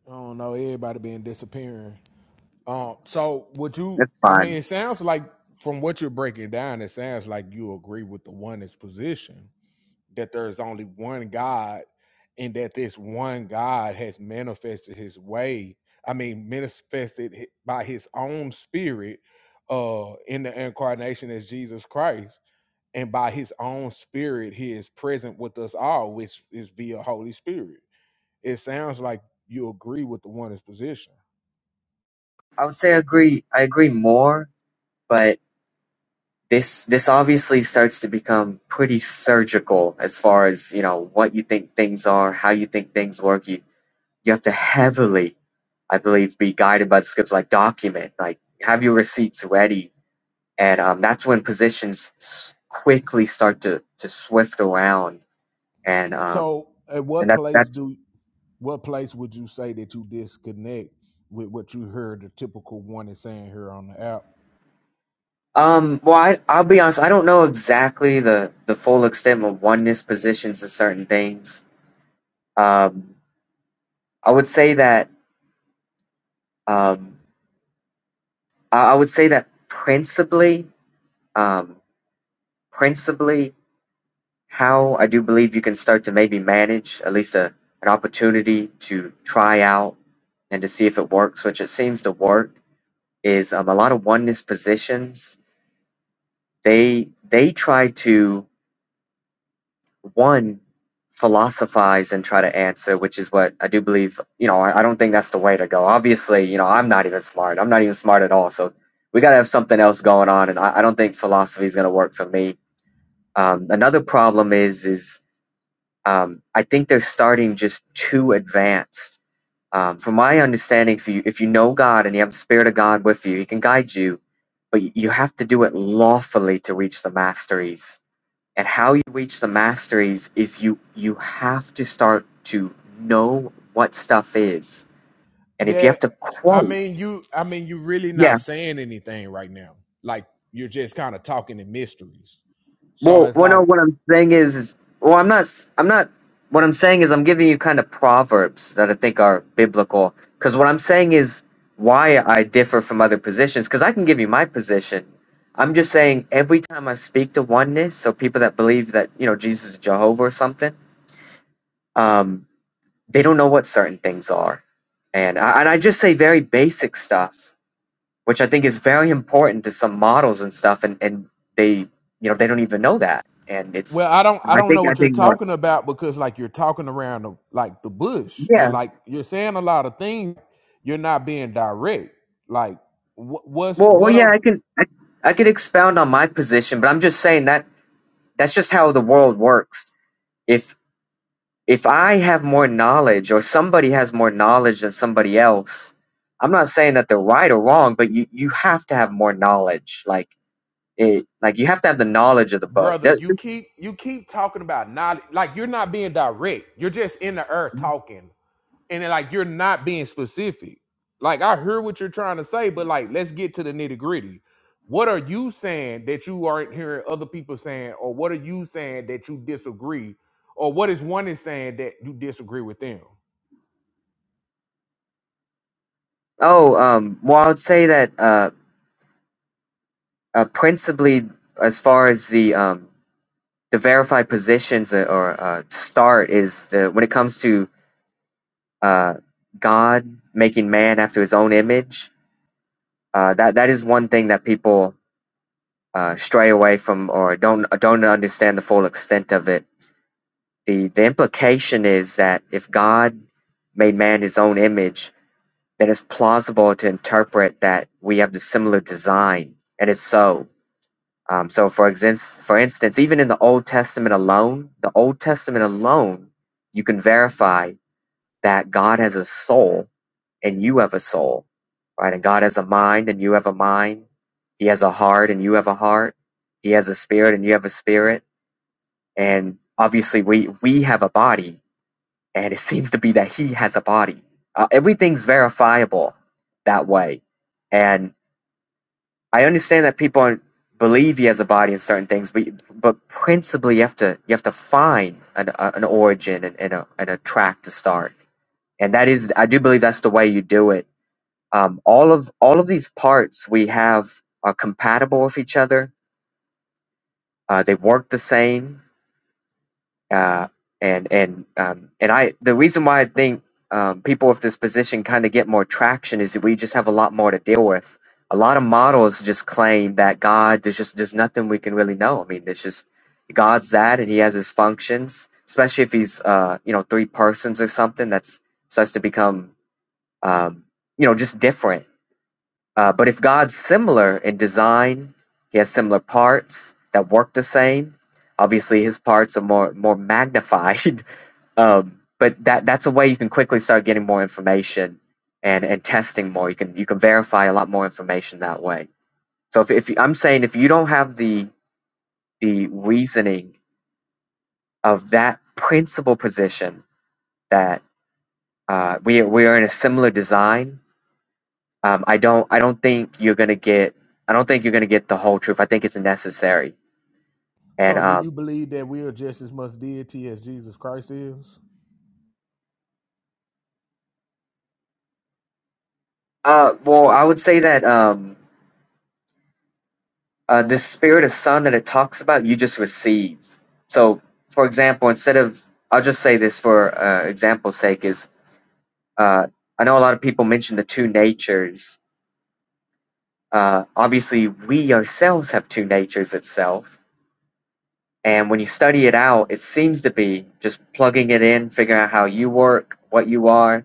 I don't know. Everybody been disappearing. Um, so would you?
that's
I mean,
fine.
it sounds like from what you're breaking down, it sounds like you agree with the oneness position. that there's only one God and that this one God has manifested his way. I mean, manifested hi- by his own spirit uh, in the incarnation as Jesus Christ. And by his own spirit, he is present with us all, which is via Holy Spirit. It sounds like you agree with the one's position.
I would say I agree I agree more, but this this obviously starts to become pretty surgical as far as, you know, what you think things are, how you think things work. You You have to heavily, I believe, be guided by the scripts, like document, like have your receipts ready. And um, that's when positions s- quickly start to, to swift around. And um,
So, at
and
what
that's
place
that's
do what place would you say that you disconnect with what you heard the typical one is saying here on the app?
um well I, I'll be honest I don't know exactly the the full extent of oneness positions and certain things um I would say that um I, I would say that principally um principally how I do believe you can start to maybe manage at least a an opportunity to try out and to see if it works, which it seems to work, is um, a lot of oneness positions. They they try to one philosophize and try to answer, which is what I do believe. You know, I, I don't think that's the way to go. Obviously, you know, I'm not even smart. I'm not even smart at all. So we got to have something else going on, and I, I don't think philosophy is going to work for me. Um, another problem is is Um, I think they're starting just too advanced. Um, from my understanding, if you if you know God and you have the Spirit of God with you, He can guide you, but y- you have to do it lawfully to reach the masteries. And how you reach the masteries is you you have to start to know what stuff is, and if you
Yeah,
have to
I
quote,
mean you. I mean you really
yeah.
not saying anything right now. Like you're just kind of talking in mysteries. So
Well,
it's
well, no.
like,
What I'm saying is, well, I'm not. s- I'm not. What I'm saying is, I'm giving you kind of proverbs that I think are biblical. Because what I'm saying is why I differ from other positions. Because I can give you my position. I'm just saying every time I speak to oneness, so people that believe that you know Jesus is Jehovah or something, um, they don't know what certain things are, and I, and I just say very basic stuff which I think is very important to some models and stuff, and and they you know they don't even know that, and it's
well, I don't, I
I
don't
think
know
I
what you're
think what
talking about because like you're talking around the, like the bush and
yeah
like you're saying a lot of things. You're not being direct. Like what, what's
well well
what
yeah
a
I can I, I could expound on my position, but I'm just saying that that's just how the world works. If if I have more knowledge or somebody has more knowledge than somebody else, I'm not saying that they're right or wrong, but you you have to have more knowledge, like it like you have to have the knowledge of the book.
brother?
That-
You keep you keep talking about knowledge. Like you're not being direct. You're just in the air talking. and then, like you're not being specific. Like I hear what you're trying to say, but like let's get to the nitty gritty. What are you saying that you aren't hearing other people saying, or what are you saying that you disagree, or what is one is saying that you disagree with them?
Oh, um, well, I would say that. Uh, Uh, principally, as far as the um, the verified positions or or, uh, start is the when it comes to uh, God making man after His own image. Uh, that that is one thing that people uh, stray away from or don't don't understand the full extent of it. the The implication is that if God made man His own image, then it's plausible to interpret that we have the similar design, and it's so. Um, so, for instance, for instance, even in the Old Testament alone, the Old Testament alone, you can verify that God has a soul and you have a soul, right? And God has a mind and you have a mind. He has a heart and you have a heart. He has a spirit and you have a spirit. And obviously, we we have a body, and it seems to be that He has a body. Uh, everything's verifiable that way, and I understand that people believe he has a body in certain things, but but principally you have to you have to find an a, an origin and, and a and a track to start, and that is I do believe that's the way you do it. Um, all of all of these parts we have are compatible with each other. Uh, they work the same. uh, and and um, and I the reason why I think um, people with this position kind of get more traction is that we just have a lot more to deal with. A lot of models just claim that God there's just there's nothing we can really know. I mean, it's just God's that, and He has His functions. Especially if He's uh, you know three persons or something, that's starts to become um, you know just different. Uh, but if God's similar in design, He has similar parts that work the same obviously his parts are more more magnified Um, but that that's a way you can quickly start getting more information and and testing more. You can you can verify a lot more information that way. So if if you, I'm saying if you don't have the the reasoning of that principal position that uh, we are- we are in a similar design, um, I don't I don't think you're gonna get I don't think you're gonna get the whole truth. I think it's necessary. And
So, do
um,
you believe that we are just as much deity as Jesus Christ is?
uh, well, I would say that um, uh, this spirit of son that it talks about, you just receive. So, for example, instead of, I'll just say this for uh, example's sake, is uh, I know a lot of people mention the two natures. Uh, obviously, we ourselves have two natures itself. And when you study it out, it seems to be just plugging it in, figuring out how you work, what you are,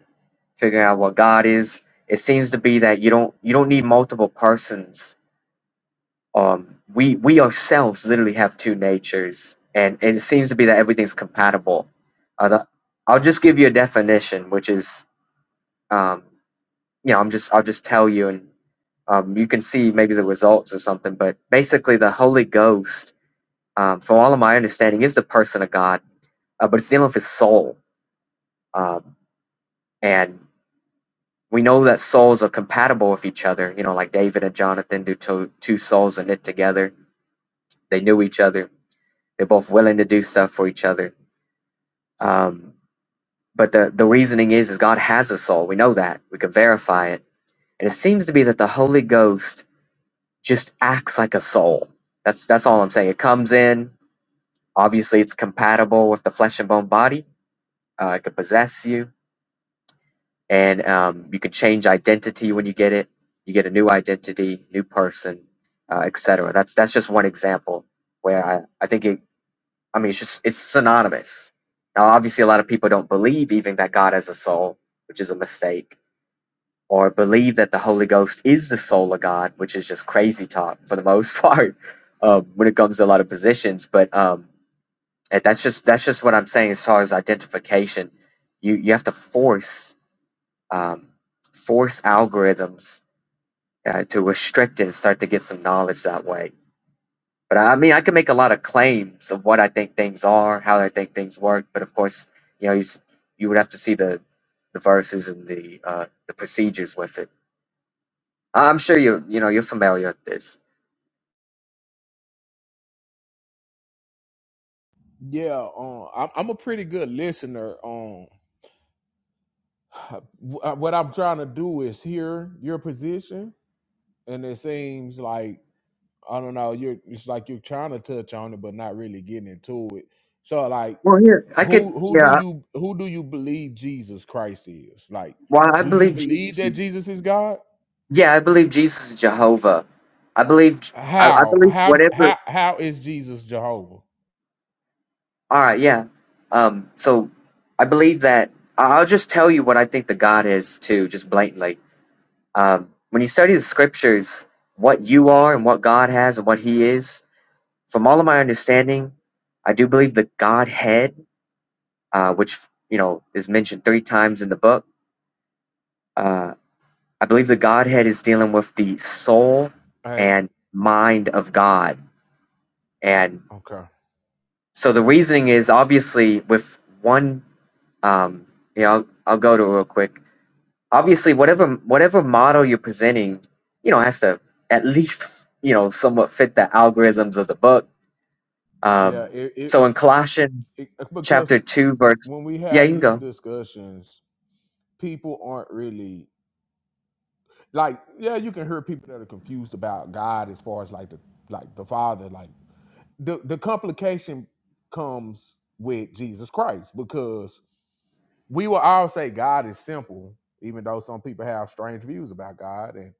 figuring out what God is. It seems to be that you don't you don't need multiple persons um, we we ourselves literally have two natures, and and it seems to be that everything's compatible. Uh, the, I'll just give you a definition, which is, um, you know, I'm just I'll just tell you, and um, you can see maybe the results or something. But basically, the Holy Ghost, um, from all of my understanding, is the person of God, uh, but it's dealing with his soul, um, and we know that souls are compatible with each other. You know, like David and Jonathan do. Two, two souls are knit together; they knew each other They're both willing to do stuff for each other. Um, but the, the reasoning is, is God has a soul. We know that. We can verify it. And it seems to be that the Holy Ghost just acts like a soul. That's that's all I'm saying. It comes in. Obviously, it's compatible with the flesh and bone body. Uh, it can possess you, and um, you can change identity when you get it. You get a new identity, new person, uh, etc. That's that's just one example where I, I think it I mean, it's just it's synonymous. Now, obviously, a lot of people don't believe even that God has a soul, which is a mistake, or believe that the Holy Ghost is the soul of God, which is just crazy talk for the most part um, when it comes to a lot of positions. But um, and that's just that's just what I'm saying as far as identification. You you have to force um, force algorithms uh, to restrict it and start to get some knowledge that way But I mean, I can make a lot of claims of what I think things are, how I think things work. But of course, you know, you, s- you would have to see the the verses and the uh, the procedures with it. I- I'm sure you you know you're familiar with this.
Yeah, um, I'm, I'm a pretty good listener. Um, what I'm trying to do is hear your position, and it seems like I don't know. You're it's like you're trying to touch on it, but not really getting into it. So like,
Well, here I could
who who do
yeah.
you who do you believe Jesus Christ is? Like,
Well, I
do you
believe
believe
Jesus
that
is
Jesus is God?
yeah. I believe Jesus is Jehovah. I believe J- I, I
How
believe
how
whatever.
how how is Jesus Jehovah?
All right, yeah. Um, so I believe that I- I'll just tell you what I think the God is too, just blatantly Um, when you study the scriptures, what you are and what God has and what He is, from all of my understanding, I do believe the Godhead, uh, which you know is mentioned three times in the book. Uh, I believe the Godhead is dealing with the soul
Hey,
and mind of God, and
okay,
so the reasoning is obviously with one. Um, yeah, I'll, I'll go to it real quick. obviously whatever whatever model you're presenting you know has to at least you know somewhat fit the algorithms of the book
yeah,
um
it it,
so in colossians
it
chapter
because
2 verse
when we
yeah
have
you can
these
go
discussions, people aren't really like yeah. You can hear people that are confused about God as far as like the like the Father, like. the the complication comes with Jesus Christ because we will all say God is simple, even though some people have strange views about God, and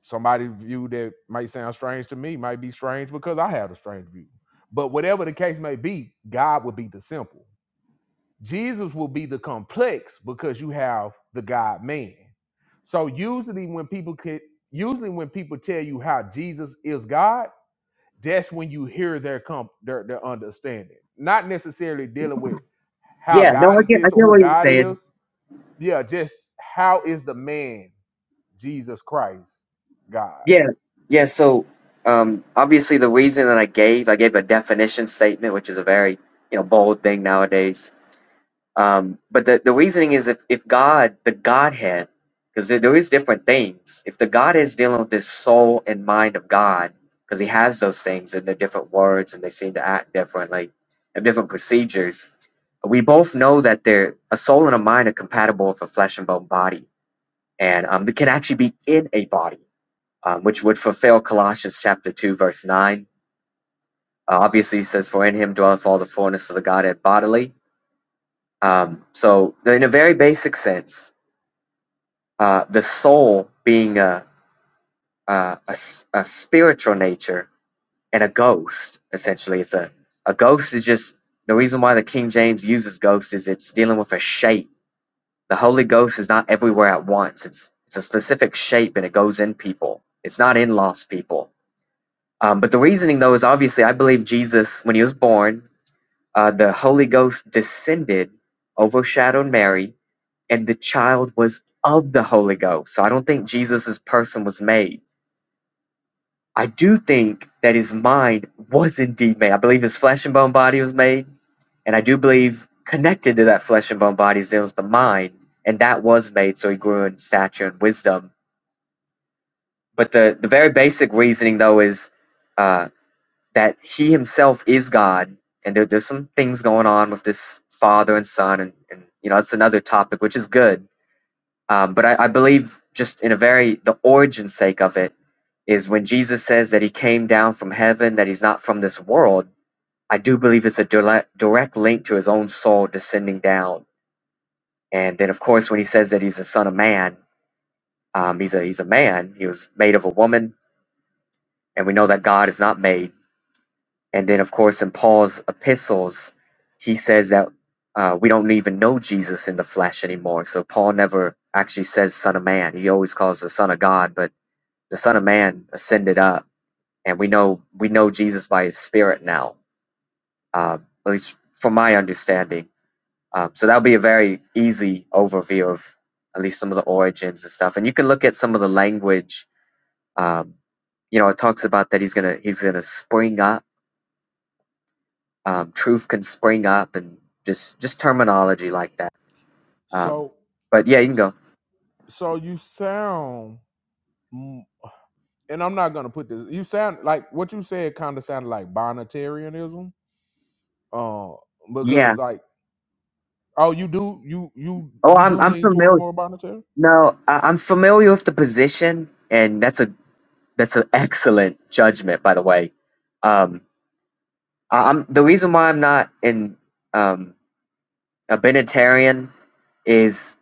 somebody's view that might sound strange to me might be strange because I have a strange view. But whatever the case may be, God will be the simple. Jesus will be the complex because you have the God man. So usually when people could usually when people tell you how Jesus is God, that's when you hear their comp their, their understanding. Not necessarily dealing with how
yeah no
God
i
is
get i
this or
get
who
what you're
God
saying
is. Yeah, just how is the man Jesus Christ God?
yeah yeah so um obviously the reason that i gave i gave a definition statement which is a very you know bold thing nowadays Um, but the, the reasoning is if, if God, the Godhead, because there, there is different things. If the Godhead is dealing with this soul and mind of God, because he has those things and they're different words and they seem to act differently and different procedures. We both know that they're, a soul and a mind are compatible with a flesh and bone body. And um, it can actually be in a body, um, which would fulfill Colossians chapter 2, verse 9. Uh, obviously, it says, For in him dwelleth all the fullness of the Godhead bodily. Um, so, in a very basic sense, uh, the soul being a a a a spiritual nature and a ghost essentially it's a, a ghost is just the reason why the king james uses ghost is it's dealing with a shape the holy ghost is not everywhere at once it's it's a specific shape and it goes in people it's not in lost people um, but the reasoning though is obviously i believe jesus when he was born uh, the holy ghost descended overshadowed mary and the child was of the holy ghost so i don't think jesus' person was made I do think that his mind was indeed made. I believe his flesh and bone body was made, and I do believe connected to that flesh and bone body is there was the mind, and that was made so he grew in stature and wisdom. But the, the very basic reasoning, though, is uh, that he himself is God, and there, there's some things going on with this father and son, and, and you know that's another topic, which is good uh, but I, I believe, just in a very the origin sake of it, is when Jesus says that he came down from heaven, that he's not from this world. I do believe it's a direct, direct link to his own soul descending down. And then, of course, when he says that he's a son of man, um, he's a he's a man. He was made of a woman, and we know that God is not made. And then, of course, in Paul's epistles, he says that uh, we don't even know Jesus in the flesh anymore. So Paul never actually says son of man. He always calls the son of God, but the Son of Man ascended up, and we know we know Jesus by His Spirit now, uh, at least from my understanding. Um, so that will be a very easy overview of at least some of the origins and stuff. And you can look at some of the language. Um, you know, it talks about that He's gonna He's gonna spring up. Um, truth can spring up, and just just terminology like that. Um,
So,
but yeah, you can go.
so you sound, mm, and I'm not gonna put this. You sound like what you said. Kind of sounded like Bonitarianism, uh,
Yeah.
because like, oh, you do, you you
Oh,
you
I'm
do
I'm
lean towards
familiar.
more Bonitarian.
No, I, I'm familiar with the position, and that's a That's an excellent judgment, by the way. Um, I, I'm the reason why I'm not in um, a Benitarian is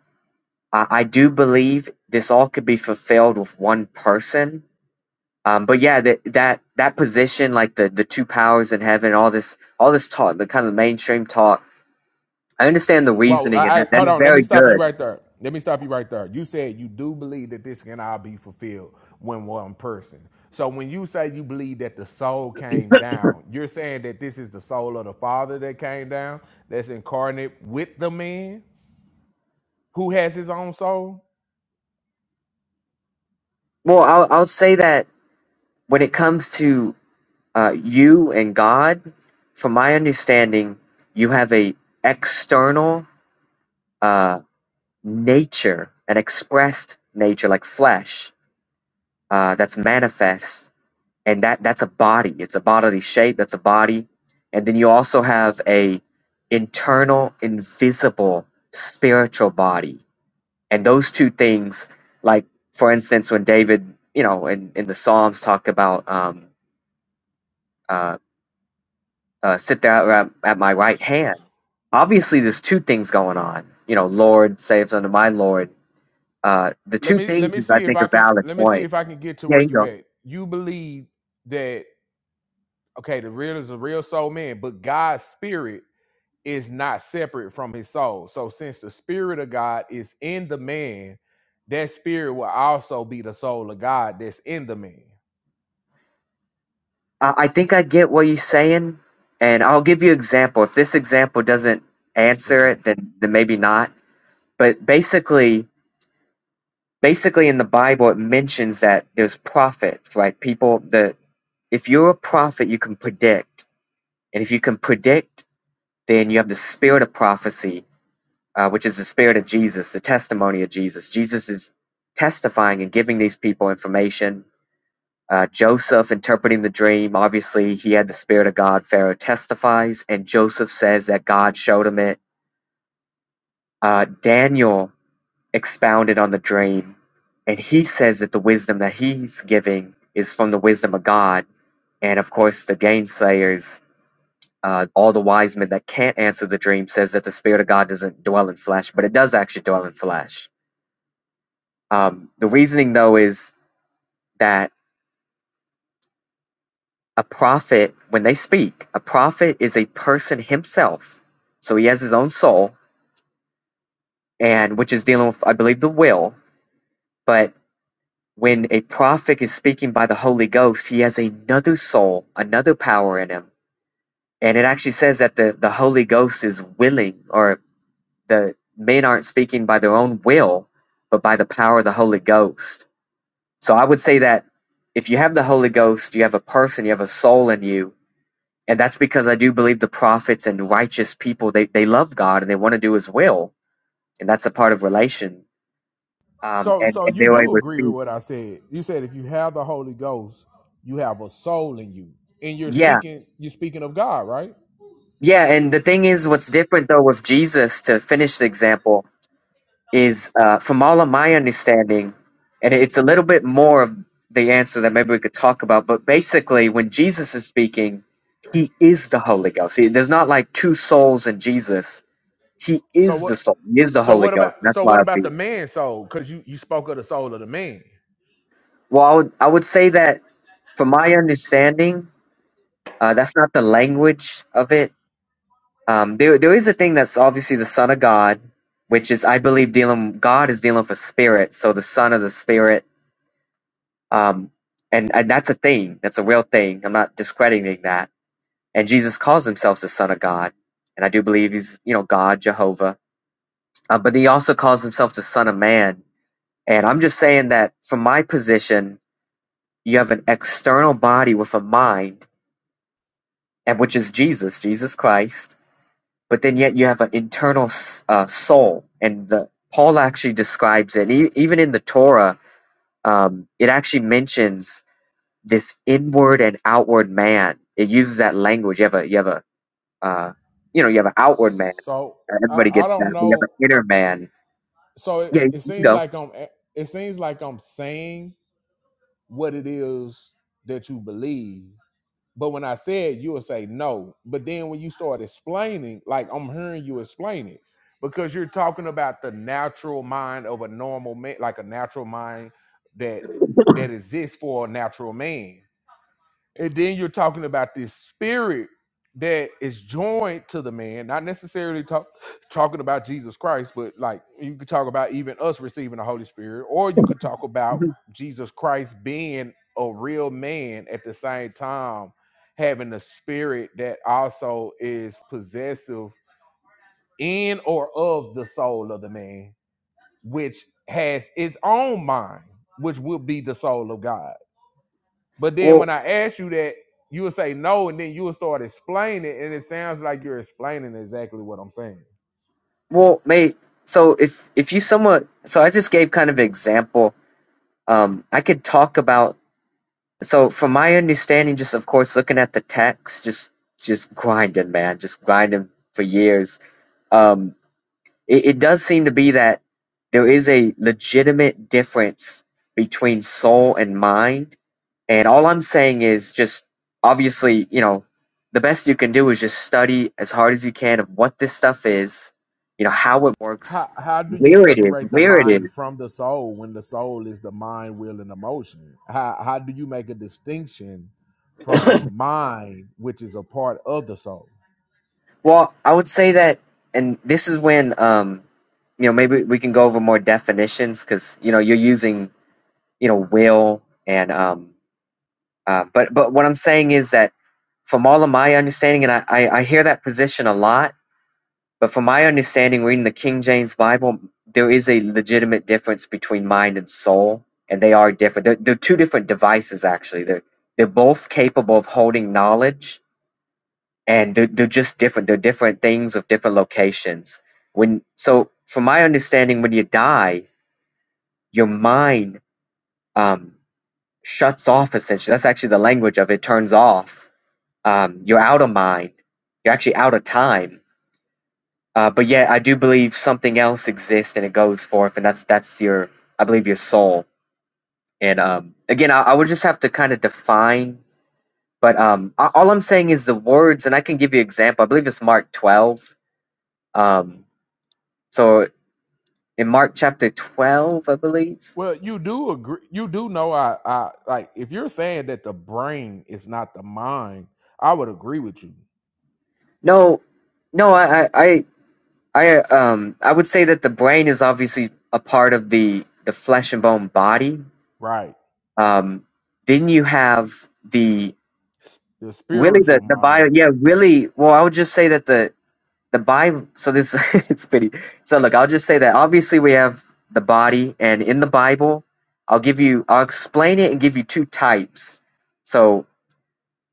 I, I do believe this all could be fulfilled with one person. Um, but yeah, that that that position, like the the two powers in heaven, all this all this talk, the kind of mainstream talk. I understand the
Well,
reasoning, and
I, I,
that, that
hold
is
on. Let me
very
stop you
good.
right there. Let me stop you right there. You said you do believe that this can all be fulfilled when one person. So when you say you believe that the soul came down, you're saying that this is the soul of the Father that came down, that's incarnate with the man who has his own soul.
Well, I'll I'll say that when it comes to uh, you and God, from my understanding, you have a external uh, nature, an expressed nature like flesh uh, that's manifest, and that that's a body. It's a bodily shape. That's a body, and then you also have a internal, invisible, spiritual body, and those two things, like for instance, when David, you know, in in the Psalms, talk about um, uh, uh, sit there at, at my right
S-
hand. Obviously, there's two things going on. You know, Lord saves unto my Lord Uh, the
Let
two
me let
things
me
is I
see if
think a
I can
valid
let me see
point.
if I can get to
Yeah,
where
you
you
go.
at. You believe that okay, the real is a real soul man, but God's spirit is not separate from his soul. So since the spirit of God is in the man, that spirit will also be the soul of God that's in the man.
I, I think I get what you're saying, and I'll give you example. If this example doesn't
Okay.
answer it, then then maybe not. But basically, basically in the Bible, it mentions that there's prophets, right? People that if you're a prophet, you can predict, and if you can predict, then you have the spirit of prophecy, uh, which is the spirit of Jesus, the testimony of Jesus. Jesus is testifying and giving these people information Uh, Joseph interpreting the dream, obviously, he had the Spirit of God. Pharaoh testifies, and Joseph says that God showed him it. Uh, Daniel expounded on the dream, and he says that the wisdom that he's giving is from the wisdom of God. And of course, the gainsayers, uh, all the wise men that can't answer the dream, says that the Spirit of God doesn't dwell in flesh, but it does actually dwell in flesh. Um, the reasoning, though, is that a prophet, when they speak, a prophet is a person himself. So he has his own soul, and which is dealing with, I believe, the will. But when a prophet is speaking by the Holy Ghost, he has another soul, another power in him. And it actually says that the, the Holy Ghost is willing, or the men aren't speaking by their own will, but by the power of the Holy Ghost. So I would say that if you have the Holy Ghost, you have a person, you have a soul in you, And that's because I do believe the prophets and righteous people, they, they love God and they want to do his will. And that's a part of relation. Um,
So
and,
so
and
you
they were
do
able to
agree with
speak.
what I said. You said if you have the Holy Ghost, you have a soul in you. And you're
Yeah.
speaking you're speaking of God, right?
Yeah. And the thing is, what's different though with Jesus, to finish the example, is uh, from all of my understanding, and it's a little bit more of the answer that maybe we could talk about, but basically, when Jesus is speaking, he is the Holy Ghost. He- There's not like two souls in Jesus. He
So
is
what
the soul. He is the
So
Holy
what
Ghost.
about
That's
so
why I
what
would
about
be.
the man's soul? Because you you spoke of the soul of the man.
Well, I would I would say that from my understanding, uh, that's not the language of it. Um, there there is a thing that's obviously the Son of God, which is I believe dealing God is dealing with a spirit, so the Son of the Spirit, um, and and that's a thing, that's a real thing. I'm not discrediting that. And Jesus calls himself the Son of God, and I do believe he's you know God Jehovah, uh, but he also calls himself the Son of Man. And I'm just saying that from my position, you have an external body with a mind and which is Jesus, Jesus Christ. But then yet you have an internal uh, soul, and the Paul actually describes it. E- even in the Torah, um, it actually mentions this inward and outward man. It uses that language. You have a you have a uh, you know you have an outward man.
So
Uh,
I,
Everybody
I
gets
don't
that. But you have
know.
an inner man.
So it,
Yeah,
it
you
seems
know.
like I'm it seems like I'm saying what it is that you believe. But when I say it, you'll say no. But then when you start explaining, like I'm hearing you explain it. Because you're talking about the natural mind of a normal man, like a natural mind that that exists for a natural man. And then you're talking about this spirit that is joined to the man, not necessarily talk, talking about Jesus Christ, but like you could talk about even us receiving the Holy Spirit, or you could talk about
Mhm.
Jesus Christ being a real man at the same time, having a spirit that also is possessive in or of the soul of the man, which has its own mind, which will be the soul of God but then when
Well,
I ask you that, you will say no, and then you will start explaining, and it sounds like you're explaining exactly what I'm saying.
well, mate. So if if you somewhat, so I just gave kind of an example. Um, I could talk about So from my understanding, just of course looking at the text, just just grinding, man, just grinding for years. Um, it, it does seem to be that there is a legitimate difference between soul and mind. And all I'm saying is just obviously, you know, the best you can do is just study as hard as you can of what this stuff is, you know, how it works,
How how do you
where it is,
separate the
where it is.
mind from the soul when the soul is the mind, will, and emotion? How how do you make a distinction from the mind, which is a part of the soul?
Well, I would say that, and this is when, um, you know, maybe we can go over more definitions because you know you're using you know will and um, uh, but but what I'm saying is that from all of my understanding, and I, I I hear that position a lot, but from my understanding, reading the King James Bible, there is a legitimate difference between mind and soul, and they are different. They're, they're two different devices actually. They're they're both capable of holding knowledge, and they're, they're just different they're different things with different locations when so from my understanding when you die your mind um, shuts off essentially that's actually the language of it turns off um, you're out of mind you're actually out of time uh, but yet i do believe something else exists and it goes forth and that's that's your i believe your soul and um, again I, I would just have to kind of define but um, a- all i'm saying is the words and i can give you an example i believe it's mark 12 um, so in Mark chapter 12, I believe.
Well, you do agree. You do know I, I like if you're saying that the brain is not the mind, I would agree with you,
No, no, I, I, I, I, um, I would say that the brain is obviously a part of the the flesh and bone body.
right?
Um, then you have the
S- The
really
spiritual
the the
mind
bio. Yeah, really. Well, I would just say that the the Bible. So this it's pretty. So look, I'll just say that obviously we have the body, and in the Bible, I'll give you, I'll explain it and give you two types. So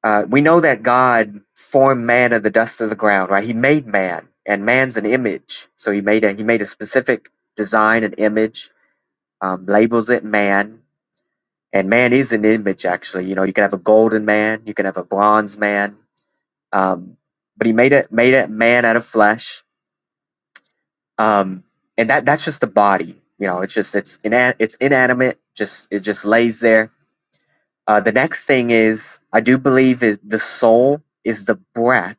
Uh, we know that God formed man of the dust of the ground, right? He made man, and man's an image. So he made a he made a specific design and image, um, labels it man, and man is an image. Actually, you know, you can have a golden man, you can have a bronze man, um, but he made it made it man out of flesh, um, and that that's just the body. You know, it's just it's ina- it's inanimate. Just it just lays there. Uh, the next thing is I do believe is the soul is the breath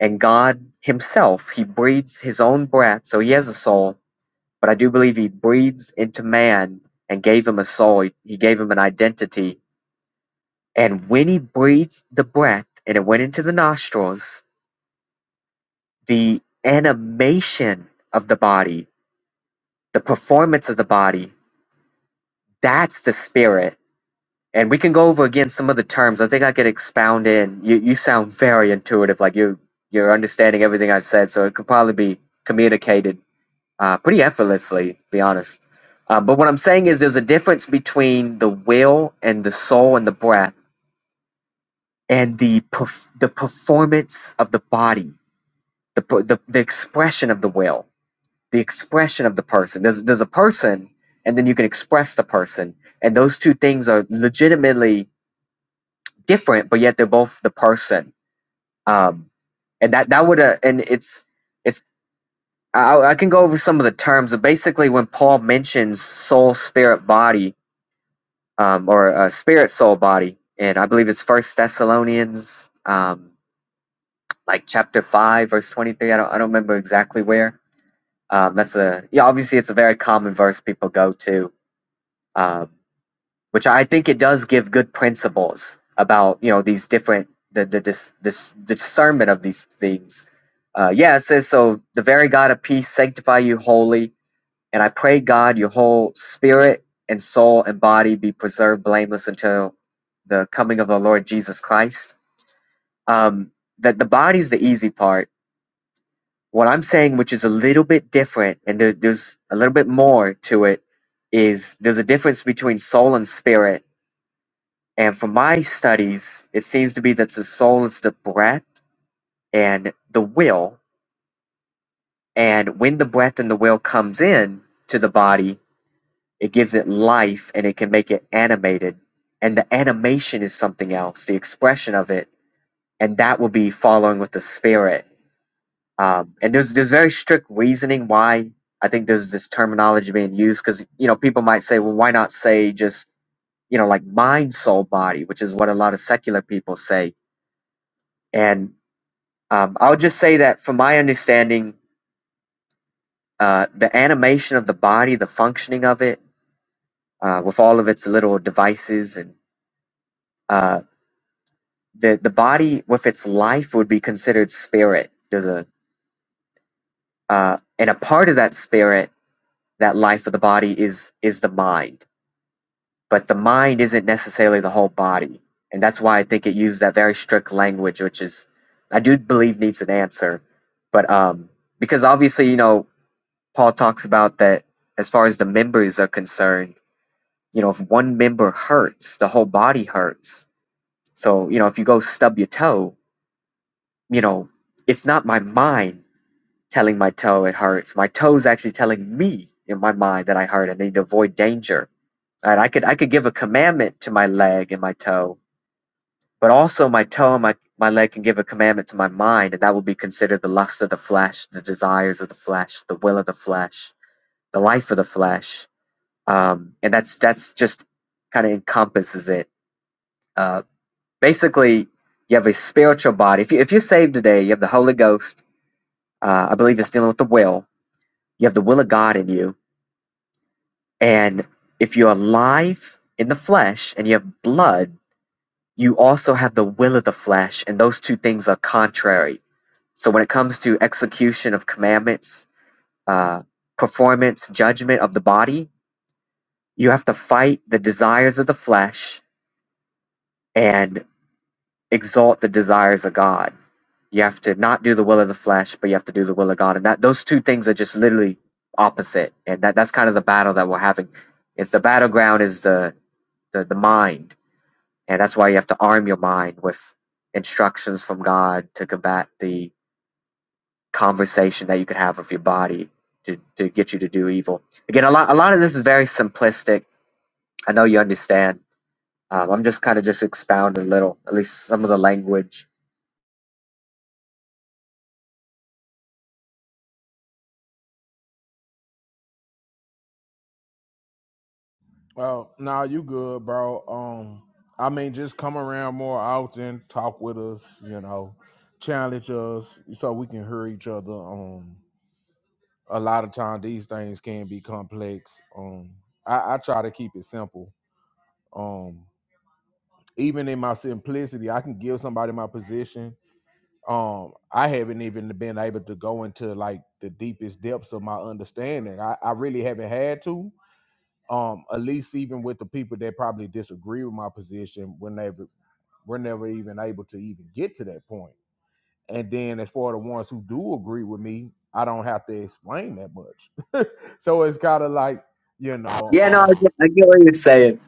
and God himself, he breathes his own breath, so he has a soul, but I do believe he breathes into man and gave him a soul. He, he gave him an identity. And when he breathed the breath and it went into the nostrils, the animation of the body, the performance of the body, that's the spirit. And we can go over again some of the terms. I think I could expound in. You you sound very intuitive, like you you're understanding everything I said, so it could probably be communicated uh, pretty effortlessly, to be honest. Uh, but what I'm saying is, there's a difference between the will and the soul and the breath, and the perf- the performance of the body, the, per- the the expression of the will, the expression of the person. There's there's a person, and then you can express the person, and those two things are legitimately different, but yet they're both the person. Um, and that that would uh, and it's it's I, I can go over some of the terms. But basically, when Paul mentions soul, spirit, body, um, or a spirit, soul, body. And I believe it's First Thessalonians, um, like chapter five, verse twenty-three. I don't, I don't remember exactly where. Um, that's a yeah. Obviously, it's a very common verse people go to, um, which I think it does give good principles about you know these different the the dis, dis, discernment of these things. Uh, yeah, it says so. The very God of peace sanctify you wholly and I pray, God, your whole spirit and soul and body be preserved blameless until the coming of our Lord Jesus Christ. Um, that the body's the easy part. What I'm saying, which is a little bit different, and there, there's a little bit more to it, is there's a difference between soul and spirit. And from my studies, it seems to be that the soul is the breath and the will. And when the breath and the will comes in to the body, It gives it life and it can make it animated. And the animation is something else, the expression of it. And that will be following with the spirit. Um, and there's there's very strict reasoning why I think there's this terminology being used because you know people might say, well, why not say just you know like mind, soul, body, which is what a lot of secular people say. And um, I would just say that from my understanding, uh, the animation of the body, the functioning of it, uh, with all of its little devices and uh, the the body with its life would be considered spirit. There's a uh, and a part of that spirit, that life of the body is is the mind. But the mind isn't necessarily the whole body, and that's why I think it used that very strict language, which is I do believe needs an answer. But um, because obviously you know Paul talks about that as far as the members are concerned. You know, if one member hurts, the whole body hurts. So you know, if you go stub your toe, you know, it's not my mind telling my toe it hurts. My toe's actually telling me in my mind that I hurt. I need to avoid danger. Right? I could I could give a commandment to my leg and my toe, but also my toe and my, my leg can give a commandment to my mind, and that will be considered the lust of the flesh, the desires of the flesh, the will of the flesh, the life of the flesh. Um, and that's that's just kind of encompasses it. Uh, basically, you have a spiritual body. If you if you're saved today, you have the Holy Ghost. Uh, I believe it's dealing with the will. You have the will of God in you And if you're alive in the flesh and you have blood, you also have the will of the flesh, and those two things are contrary. So when it comes to execution of commandments, uh, performance, judgment of the body, you have to fight the desires of the flesh and exalt the desires of God. You have to not do the will of the flesh, but you have to do the will of God, and that those two things are just literally opposite. And that that's kind of the battle that we're having. It's the battleground is the the, the mind And that's why you have to arm your mind with instructions from God to combat the conversation that you could have with your body to, to get you to do evil. Again, a lot, a lot of this is very simplistic. I know you understand. Um, I'm just kind of just expounding a little, at least some of the language.
Well, nah, you good, bro. Um, I mean, just come around more often, talk with us, you know, challenge us so we can hear each other. Um, a lot of time these things can be complex. Um, I, I try to keep it simple. Um, even in my simplicity, I can give somebody my position. Um, I haven't even been able to go into like the deepest depths of my understanding. I, I really haven't had to um at least even with the people that probably disagree with my position we're never we're never even able to even get to that point point. and then as for the ones who do agree with me i don't have to explain that much so it's kind of like you know
Yeah, no, I
um
get, I get what you're saying.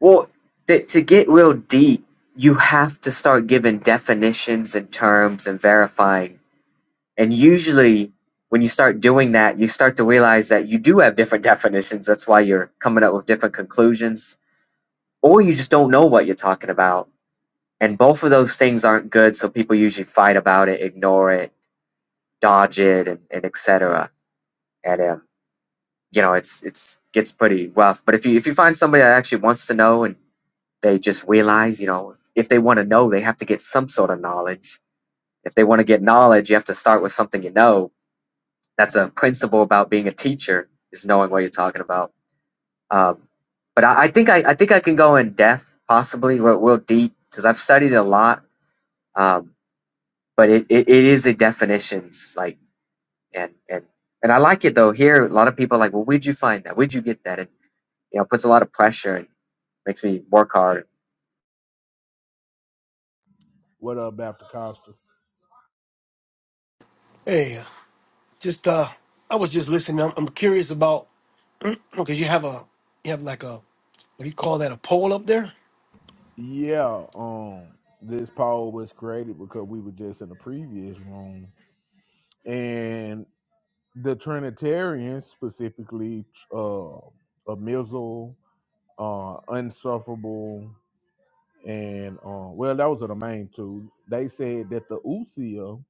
Well, th- to get real deep, you have to start giving definitions and terms and verifying And usually, when you start doing that, you start to realize that you do have different definitions. That's why you're coming up with different conclusions, or you just don't know what you're talking about. And both of those things aren't good, so people usually fight about it, ignore it, dodge it, and, and etc. And um, you know, it's it's gets pretty rough. But if you if you find somebody that actually wants to know and they just realize, you know, if, if they want to know, they have to get some sort of knowledge. If they want to get knowledge, you have to start with something you know That's a principle about being a teacher is knowing what you're talking about. Um, but I, I think I, I think I can go in depth, possibly real, real deep, because I've studied a lot. Um, but it, it, it is a definitions like and and and I like it though. Here, a lot of people are like, well, where'd you find that? Where'd you get that? And you know, puts a lot of pressure and makes me work hard.
what up Baptist Costa?
Hey, just uh, I was just listening. I'm, I'm curious about because you have a you have like a what do you call that? A pole up there,
yeah um this poll was created because we were just in the previous room and the trinitarians specifically uh a missile uh unsufferable and um, well, those are the main two. They said that the Usia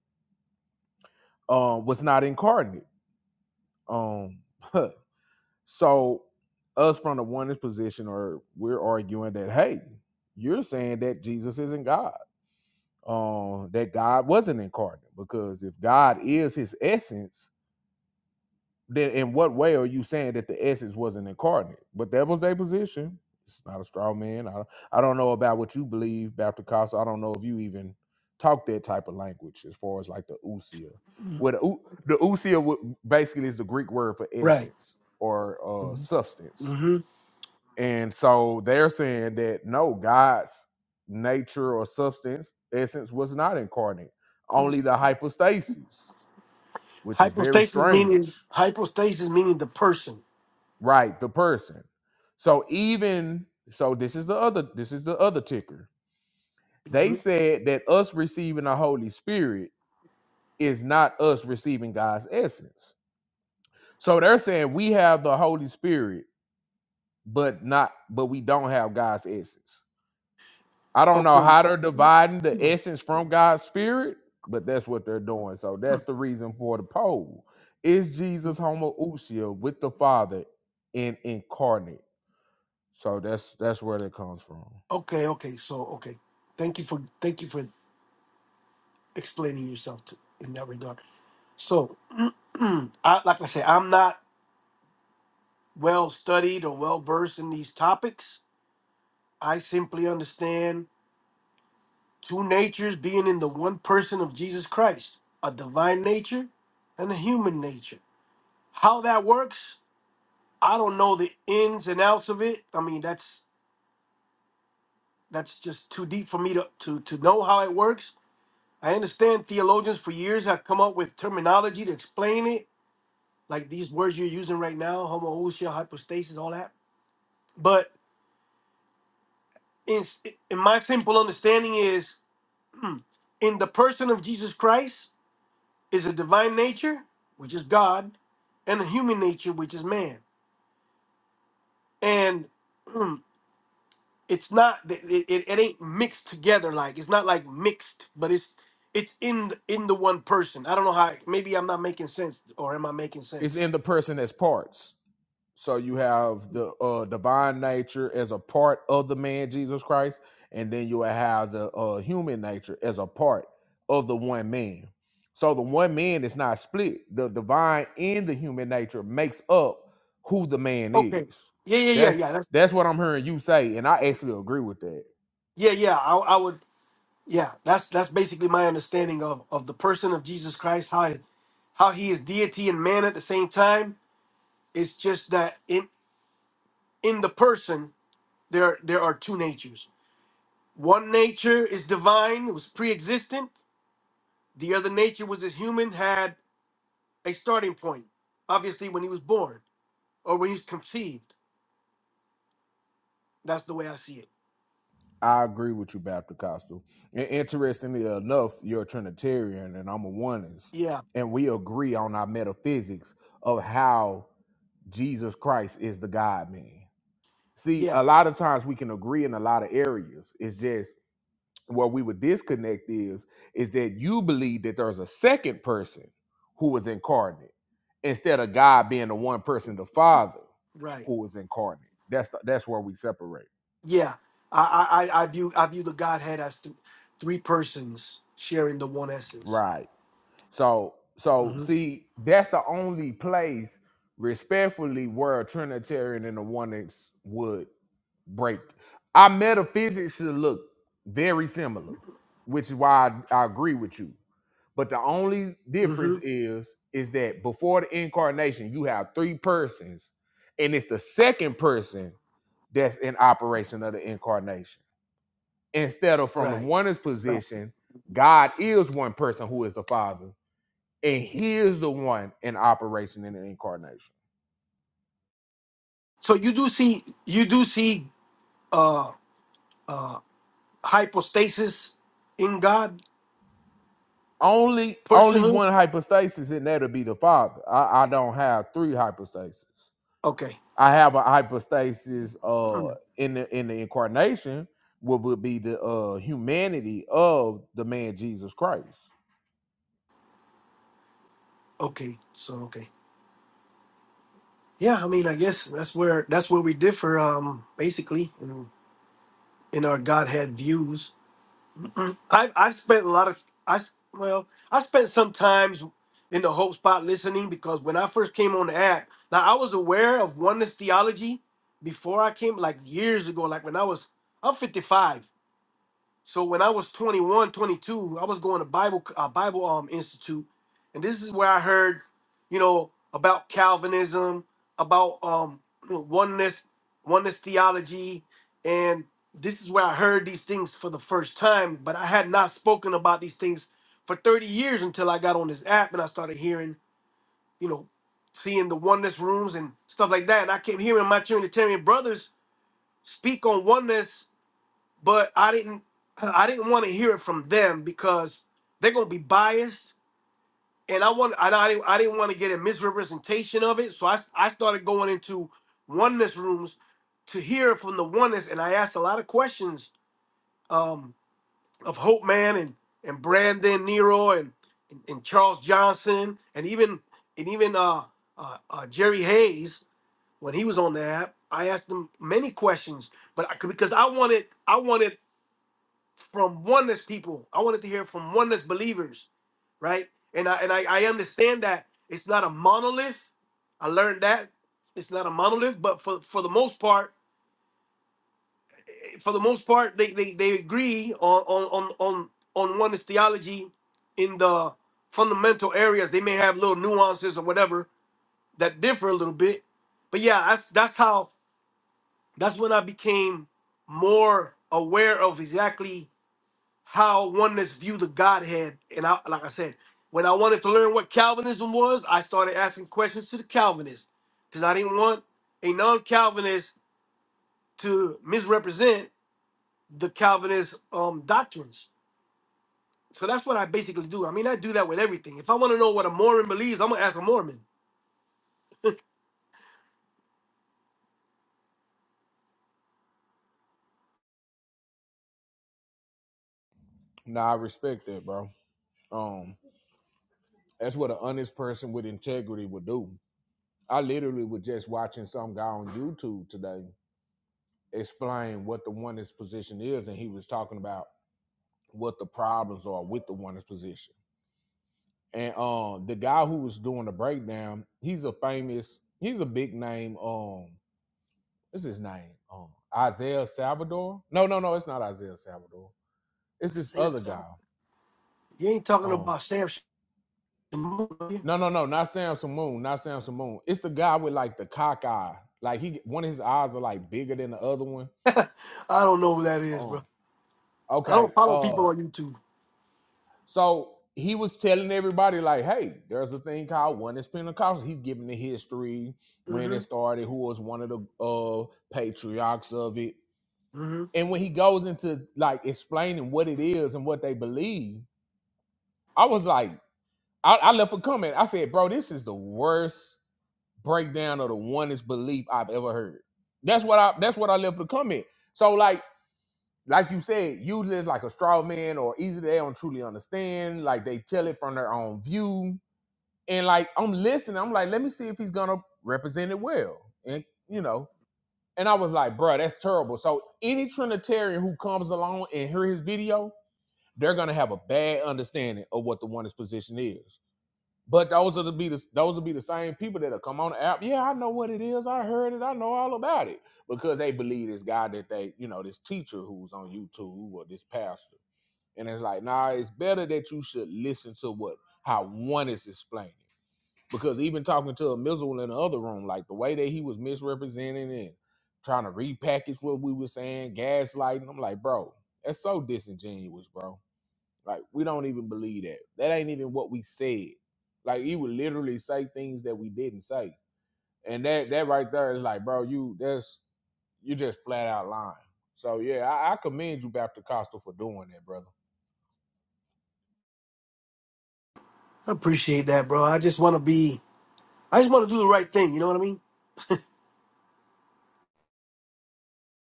um was not incarnate. Um, so us from the oneness position, or we're arguing that hey, you're saying that Jesus isn't God. Um, that God wasn't incarnate because if God is His essence, Then in what way are you saying that the essence wasn't incarnate? But that was their position. It's not a straw man. I, I don't know about what you believe, Baptist Costa. I don't know if you even talk that type of language as far as like the ousia. Well, the, ou- the ousia wo- basically is the Greek word for
right?
essence or uh, substance.
Mm-hmm.
And so they're saying that no, God's nature or substance, essence was not incarnate, only the hypostasis, which is very
Hypostasis meaning
strange.
hypostasis meaning the person.
Right, the person. So even so this is the other this is the other ticker. They
hmm
said that us receiving the Holy Spirit is not us receiving God's essence. So they're saying we have the Holy Spirit but not but we don't have God's essence. I don't know
Okay.
how they're dividing the
Mhm.
essence from God's spirit, but that's what they're doing. So that's the reason for the poll. Is Jesus homoousia with the Father and incarnate? So that's that's where that comes from.
Okay. Okay. So okay. Thank you for thank you for explaining yourself to, in that regard. So, I like I say, I'm not well studied or well versed in these topics. I simply understand two natures being in the one person of Jesus Christ, a divine nature and a human nature. How that works, I don't know the ins and outs of it. I mean, that's that's just too deep for me to to, to know how it works. I understand theologians for years have come up with terminology to explain it, like these words you're using right now, homoousia, hypostasis, all that. But in in my simple understanding is in the person of Jesus Christ, is a divine nature, which is God, and a human nature, which is man. And mm, it's not it, it, it ain't mixed together like it's not like mixed, but it's it's in the- in the one person. I don't know how. Maybe I'm not making sense, or am I making
It's
sense?
in the person as parts. So you have the uh, divine nature as a part of the man Jesus Christ, and then you will have the uh, human nature as a part of the one man. So the one man is not split. The divine and the human nature makes up who the man
Okay.
is.
Yeah, yeah, yeah,
That's
yeah. That's
that's what I'm hearing you say, and I actually agree with that.
yeah, yeah. I, I would. Yeah, that's that's basically my understanding of of the person of Jesus Christ. How how he is deity and man at the same time. It's just that in in the person there there are two natures One nature is divine, it was pre existent. The other nature was a human, had a starting point, obviously, when he was born or when he was conceived. That's the way I see it.
I agree with you, Baptist Costello. And interestingly enough, you're a Trinitarian and I'm a oneness.
Yeah,
And we agree on our metaphysics of how Jesus Christ is the God man. See,
yeah,
a lot of times we can agree in a lot of areas. It's just where we would disconnect is is that you believe that there's a second person who was incarnate instead of God being the one person, the Father,
right.
who was incarnate. That's the, that's where we separate.
Yeah. I, I, I I view I view the Godhead as th- three persons sharing the one essence.
Right. So so
hmm
see, that's the only place respectfully where a Trinitarian and a Oneness would break. Our metaphysics should look very similar, which is why I, I agree with you. But the only
hmm
difference is is that before the incarnation, you have three persons, and it's the second person that's in operation of the incarnation. Instead of from the
Right.
oneness
Right.
position, God is one person who is the Father and he is the one in operation in the incarnation.
So you do see you do see uh uh hypostasis in God
Only only
personhood.
one hypostasis, and that'll be the Father. I, I don't have three hypostases.
Okay.
I have a hypostasis uh
Mm.
in the in the incarnation, what would be the uh humanity of the man Jesus Christ.
Okay. So okay. Yeah, I mean, I guess that's where that's where we differ, um, basically, in, in our Godhead views. I I've spent a lot of I s- well, I spent some times in the Hope Spot listening because when I first came on the app, now I was aware of oneness theology before I came, like years ago, like when I was I'm 55. So when I was 21, 22, I was going to Bible uh, Bible um institute, and this is where I heard, you know, about Calvinism, about um you know, oneness, oneness theology, and this is where I heard these things for the first time. But I had not spoken about these things for 30 years until I got on this app and I started hearing, you know, seeing the oneness rooms and stuff like that. And I kept hearing my Trinitarian brothers speak on oneness but I didn't I didn't want to hear it from them because they're gonna be biased, and I want and I didn't I didn't want to get a misrepresentation of it, so I I started going into oneness rooms to hear from the oneness, and I asked a lot of questions um, of Hope Man and and Brandon Nero and and, and Charles Johnson and even and even uh, uh, uh, Jerry Hayes when he was on the app. I asked them many questions, but I, because I wanted I wanted from oneness people. I wanted to hear from oneness believers, right? And I and I, I understand that it's not a monolith. I learned that it's not a monolith, but for for the most part, eh, for the most part, they they, they agree on on on on on oneness theology in the fundamental areas. They may have little nuances or whatever that differ a little bit, but yeah, that's that's how that's when I became more aware of exactly how oneness view the Godhead. And I, like I said, when I wanted to learn what Calvinism was, I started asking questions to the Calvinists because I didn't want a non-Calvinist to misrepresent the Calvinist um, doctrines. So that's what I basically do. I mean, I do that with everything. If I want to know what a Mormon believes, I'm gonna ask a Mormon.
Now I respect that, bro. Um that's what an honest person with integrity would do. I literally was just watching some guy on YouTube today explain what the oneness position is, and he was talking about what the problems are with the one position. And um the guy who was doing the breakdown, he's a famous, he's a big name. Um, what's his name? Um Isaiah Salvador. No, no, no, it's not Isaiah Salvador. It's
I
this
think
other
so.
guy.
You ain't talking
Um,
about Sam. Sh- I
no, no, no, not Samson Moon, not Samson Moon. It's the guy with like the cock eye. Like he one of his eyes are like bigger than the other one.
don't know who that is,
Um,
bro. I
okay.
don't follow people
uh,
on YouTube.
So he was telling everybody, like, hey, there's a thing called one is Pentecostal. He's giving the history, when
hmm
it started, who was one of the uh, patriarchs of it.
hmm
And when he goes into like explaining what it is and what they believe, I was like, I, I left a comment. I said, bro, this is the worst breakdown of the one belief I've ever heard. That's what I that's what I left a comment. So like like you said, usually it's like a straw man or easy they don't truly understand. Like they tell it from their own view and like I'm listening, I'm like, let me see if he's gonna represent it well, and you know, and I was like, bruh, that's terrible. So any Trinitarian who comes along and hear his video, they're gonna have a bad understanding of what the one's position is. But those are the be the those will be the same people that'll come on the app. Yeah, I know what it is. I heard it. I know all about it because they believe this guy that they, you know, this teacher who's on YouTube or this pastor, and it's like, nah, it's better that you should listen to what how one is explaining because even talking to a Mizzle in the other room, like the way that he was misrepresenting and trying to repackage what we were saying, gaslighting, I'm like, bro, that's so disingenuous, bro. Like, we don't even believe that. That ain't even what we said. Like, he would literally say things that we didn't say. And that that right there is like, bro, you that's you just flat out lying. So yeah, I, I commend you, Baptist Costa, for doing that, brother.
I appreciate that, bro. I just want to be I just want to do the right thing. You know what I mean?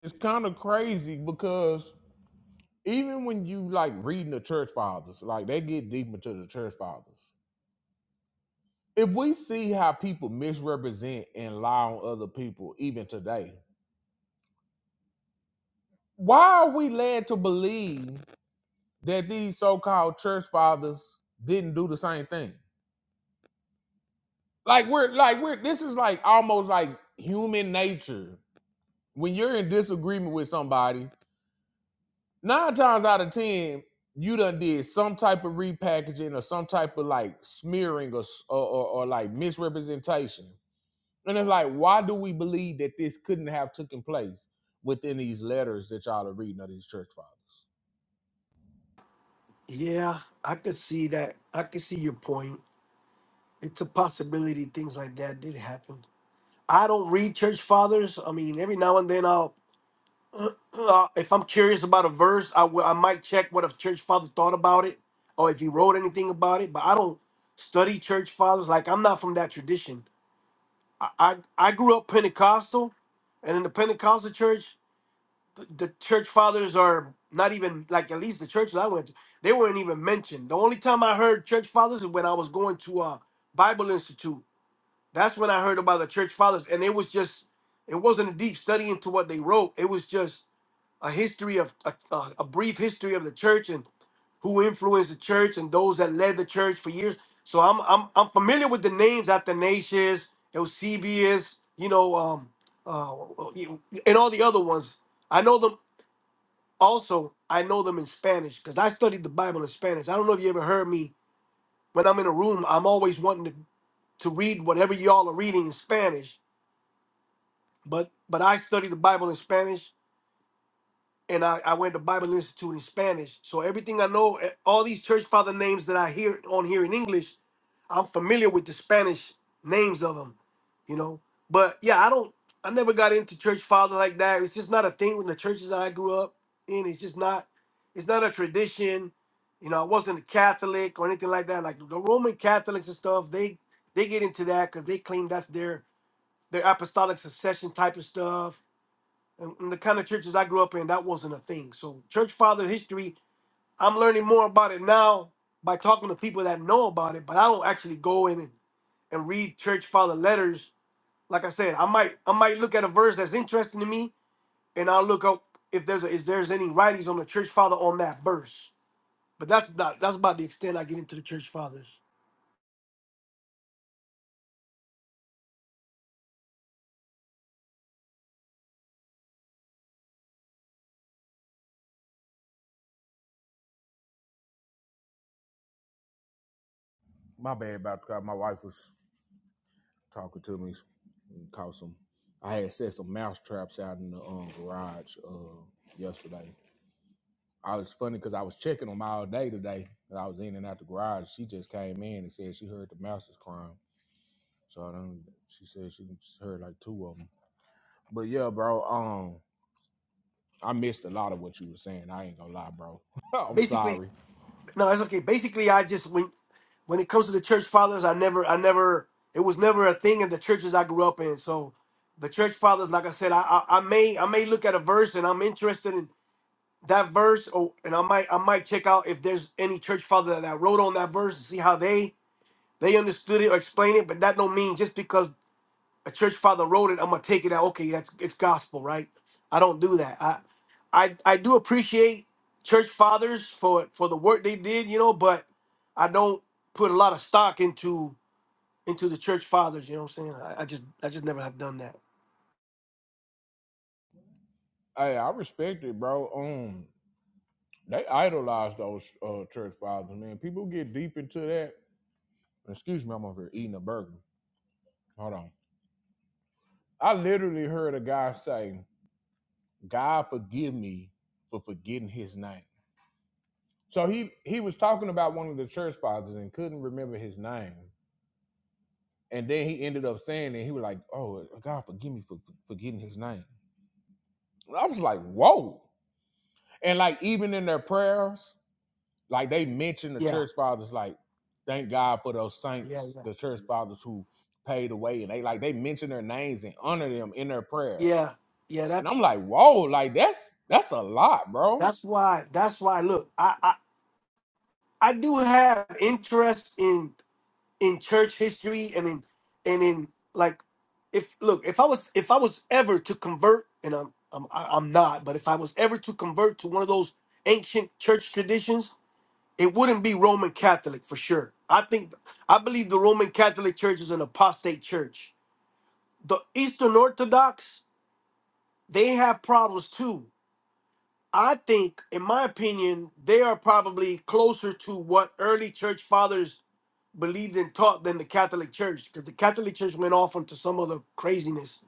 It's kind of crazy because even when you like reading the church fathers, like they get deep into the church fathers. If we see how people misrepresent and lie on other people, even today, why are we led to believe that these so-called church fathers didn't do the same thing? Like we're like we're this is like almost like human nature. When you're in disagreement with somebody, Nine times out of ten, you done did some type of repackaging or some type of like smearing or s- or, or, or like misrepresentation. And it's like, why do we believe that this couldn't have taken place within these letters that y'all are reading of these church fathers?
Yeah, I could see that. I could see your point. It's a possibility things like that did happen. I don't read church fathers. I mean, every now and then I'll, uh, if I'm curious about a verse, I will. I might check what a church father thought about it, or if he wrote anything about it. But I don't study church fathers. Like I'm not from that tradition. I I, I grew up Pentecostal, and in the Pentecostal church. th- the church fathers are not even like at least the churches I went to, they weren't even mentioned. The only time I heard church fathers is when I was going to a Bible Institute. That's when I heard about the church fathers, and it was just it wasn't a deep study into what they wrote. It was just a history of a, a, a brief history of the church and who influenced the church and those that led the church for years. So I'm I'm I'm familiar with the names Athanasius, Eusebius, you know, um, uh, and all the other ones. I know them. Also, I know them in Spanish because I studied the Bible in Spanish. I don't know if you ever heard me when I'm in a room. I'm always wanting to, to read whatever y'all are reading in Spanish. But but I studied the Bible in Spanish, and I, I went to Bible Institute in Spanish. So everything I know, eh, all these church father names that I hear on here in English, I'm familiar with the Spanish names of them, you know. But yeah, I don't. I never got into church father like that. It's just not a thing in the churches that I grew up in. It's just not. It's not a tradition. You know, I wasn't a Catholic or anything like that. Like the Roman Catholics and stuff, they they get into that because they claim that's their their apostolic succession type of stuff. And, and the kind of churches I grew up in, that wasn't a thing. So church father history, I'm learning more about it now by talking to people that know about it, but I don't actually go in and and read church father letters, like I said, I might I might look at a verse that's interesting to me, and I'll look up if there's a, if there's any writings on the church father on that verse. But that's not that's about the extent I get into the church fathers.
My bad about that. My wife was talking to me and caught some. I had set some mouse traps out in the um, garage uh, yesterday. I was funny because I was checking them all day today. I was in and out the garage. She just came in and said she heard the mouse was crying. So I done, she said she heard like two of them. But yeah, bro. Um, I missed a lot of what you were saying. I ain't gonna lie, bro. I'm
Basically,
sorry.
no, that's okay. Basically, I just when when it comes to the church fathers, I never I never it was never a thing in the churches I grew up in. So the church fathers, like I said, I I, I may I may look at a verse and I'm interested in that verse or and I might I might check out if there's any church father that wrote on that verse and see how they They understood it or explained it, but that don't mean just because a church father wrote it, I'm gonna take it out. Okay, that's it's gospel, right? I don't do that. I I I do appreciate church fathers for for the work they did, you know, but I don't put a lot of stock into into the church fathers, you know what I'm saying? I, I just I just never have done that.
Hey, I respect it, bro. Um, they idolize those uh, church fathers, man. People get deep into that. Excuse me, I'm over here eating a burger. Hold on. I literally heard a guy say, "God forgive me for forgetting His name." So he he was talking about one of the church fathers and couldn't remember his name. And then he ended up saying that he was like, "Oh, God, forgive me for for forgetting His name." And I was like, "Whoa!" And like even in their prayers, like they mentioned the
Yeah,
church fathers, like thank God for those
yeah,
saints,
yeah.
the church fathers who paid away, and they like they mention their names and honor them in their prayers.
Yeah. Yeah,
And
that's
I'm like, "Whoa!" Like that's that's a lot, bro.
that's why that's why look, I I, I do have interest in. in church history and in and in like if look if I was if I was ever to convert and I'm I'm I- I'm not but if I was ever to convert to one of those ancient church traditions it wouldn't be Roman Catholic for sure I think I believe the Roman Catholic Church is an apostate church the Eastern Orthodox they have problems too I think in my opinion they are probably closer to what early church fathers believed and taught than the Catholic Church because the Catholic Church went off into some other craziness.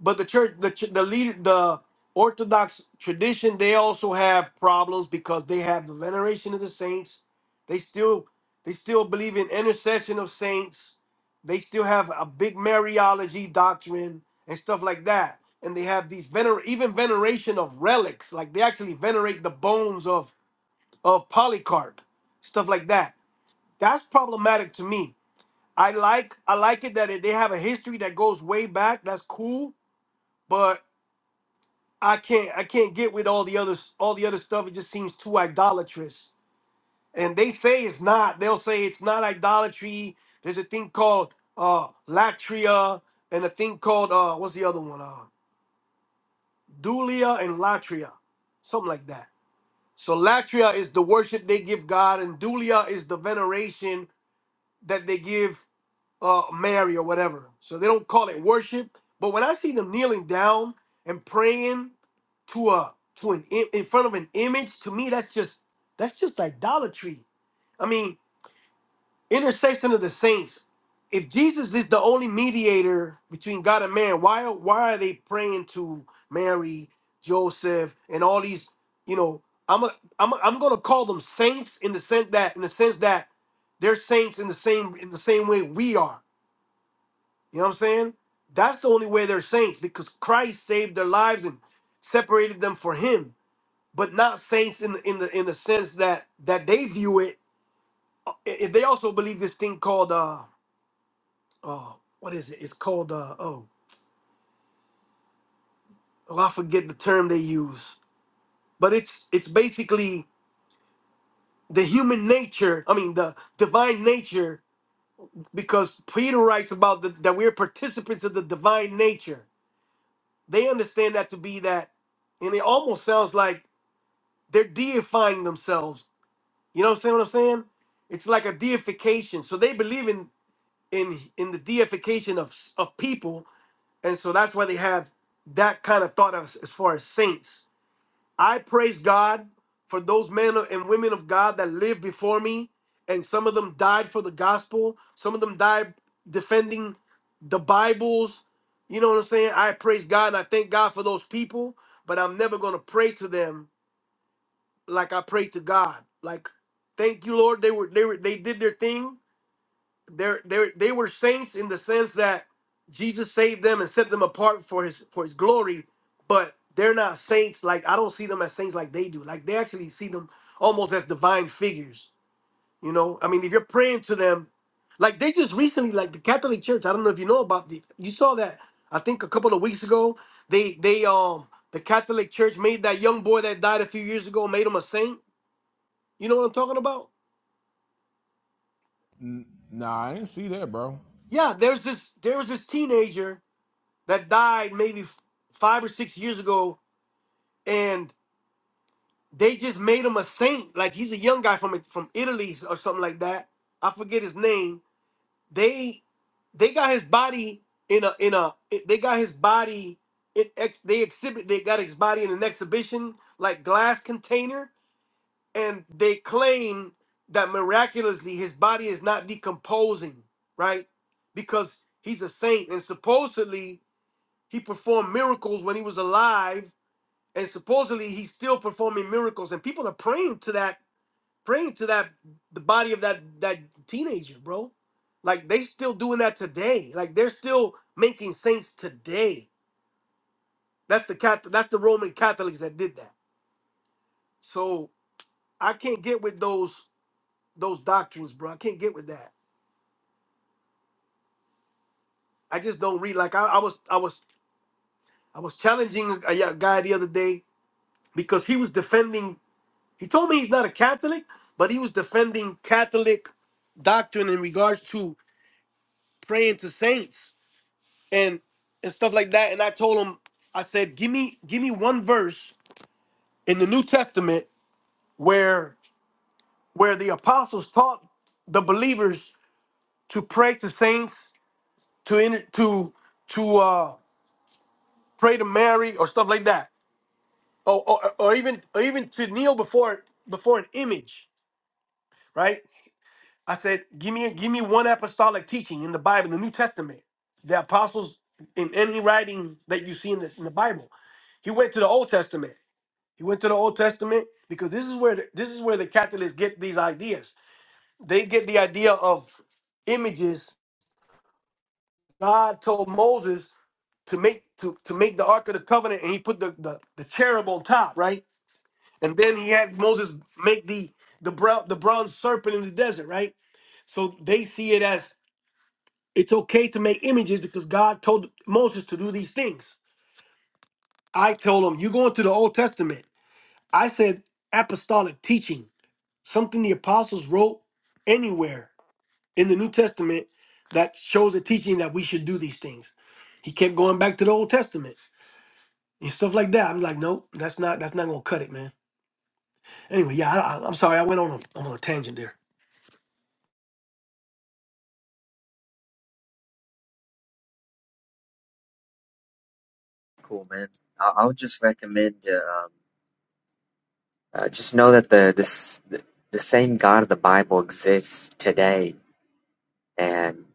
But the church, the ch- the leader, the Orthodox tradition, they also have problems because they have the veneration of the saints. They still they still believe in intercession of saints. They still have a big Mariology doctrine and stuff like that. And they have these vener even veneration of relics, like they actually venerate the bones of of Polycarp, stuff like that. That's problematic to me I like I like it that it, they have a history that goes way back. That's cool, but I can't I can't get with all the other all the other stuff. It just seems too idolatrous. And they say it's not. They'll say it's not idolatry. There's a thing called uh latria and a thing called uh what's the other one? Uh dulia and latria. Something like that. So latria is the worship they give God and dulia is the veneration that they give uh, Mary or whatever. So they don't call it worship. But when I see them kneeling down and praying to a to an im- in front of an image, to me that's just that's just idolatry. I mean, intercession of the saints. If Jesus is the only mediator between God and man, why why are they praying to Mary, Joseph, and all these? You know, I'm a, I'm a, I'm gonna call them saints in the sense that in the sense that they're saints in the same in the same way we are you know what I'm saying? That's the only way they're saints because Christ saved their lives and separated them for Him, but not saints in the in the in the sense that that they view it. I- They also believe this thing called uh oh what is it? It's called uh oh well, I forget the term they use, but it's it's basically the human nature. I mean the divine nature because Peter writes about the, that we're participants of the divine nature. They understand that to be that, and it almost sounds like they're deifying themselves. You know what I'm saying? What I'm saying? It's like a deification. So they believe in in in the deification of of people, and so that's why they have that kind of thought as, as far as saints. I praise God for those men and women of God that lived before me, and some of them died for the gospel. Some of them died defending the Bibles. You know what I'm saying? I praise God and I thank God for those people, but I'm never gonna pray to them like I prayed to God. Like, thank you, Lord. They were they were they did their thing. They're they they were saints in the sense that Jesus saved them and set them apart for his for his glory, but they're not saints. Like I don't see them as saints like they do. Like they actually see them almost as divine figures. You know, I mean, if you're praying to them, like they just recently, like the Catholic Church. I don't know if you know about the. You saw that I think a couple of weeks ago. They they um the Catholic Church made that young boy that died a few years ago made him a saint you know what I'm talking about?
N- nah, I didn't see that, bro.
Yeah, there's this there was this teenager that died maybe f- five or six years ago, and they just made him a saint. Like he's a young guy from from Italy or something like that. I forget his name. They they got his body in a in a they got his body in ex they exhibit they got his body in an exhibition like glass container and they claim that miraculously his body is not decomposing, right? Because he's a saint and supposedly he performed miracles when he was alive and supposedly he's still performing miracles and people are praying to that praying to that the body of that that teenager, bro. Like they still doing that today. Like they're still making saints today. That's the cat that's the Roman Catholics that did that. So I can't get with those those doctrines, bro. I can't get with that. I just don't read. Like I, I was, I was, I was challenging a y- guy the other day because he was defending. He told me he's not a Catholic, but he was defending Catholic doctrine in regards to praying to saints and and stuff like that. And I told him, I said, give me, give me one verse in the New Testament where where the apostles taught the believers to pray to saints, to inter- to to uh, pray to Mary or stuff like that. or, or, or even or even to kneel before before an image, right? I said, give me give me one apostolic teaching in the Bible, the New Testament, the apostles in any writing that you see in the, in the Bible. He went to the Old Testament. He went to the Old Testament because this is where the, this is where the Catholics get these ideas. They get the idea of images. God told Moses to make to, to make the Ark of the Covenant, and he put the, the the cherub on top, right? And then he had Moses make the the brown the bronze serpent in the desert, right? So they see it as it's okay to make images because God told Moses to do these things. I told him, you go into the Old Testament. I said apostolic teaching, something the apostles wrote anywhere in the New Testament that shows a teaching that we should do these things. He kept going back to the Old Testament and stuff like that. I'm like, nope, that's not that's not gonna cut it, man. Anyway, yeah, I, I, I'm sorry, I went on a, on a tangent there.
Cool, man. I, I would just recommend uh, um, uh, just know that the this the, the same God of the Bible exists today, and.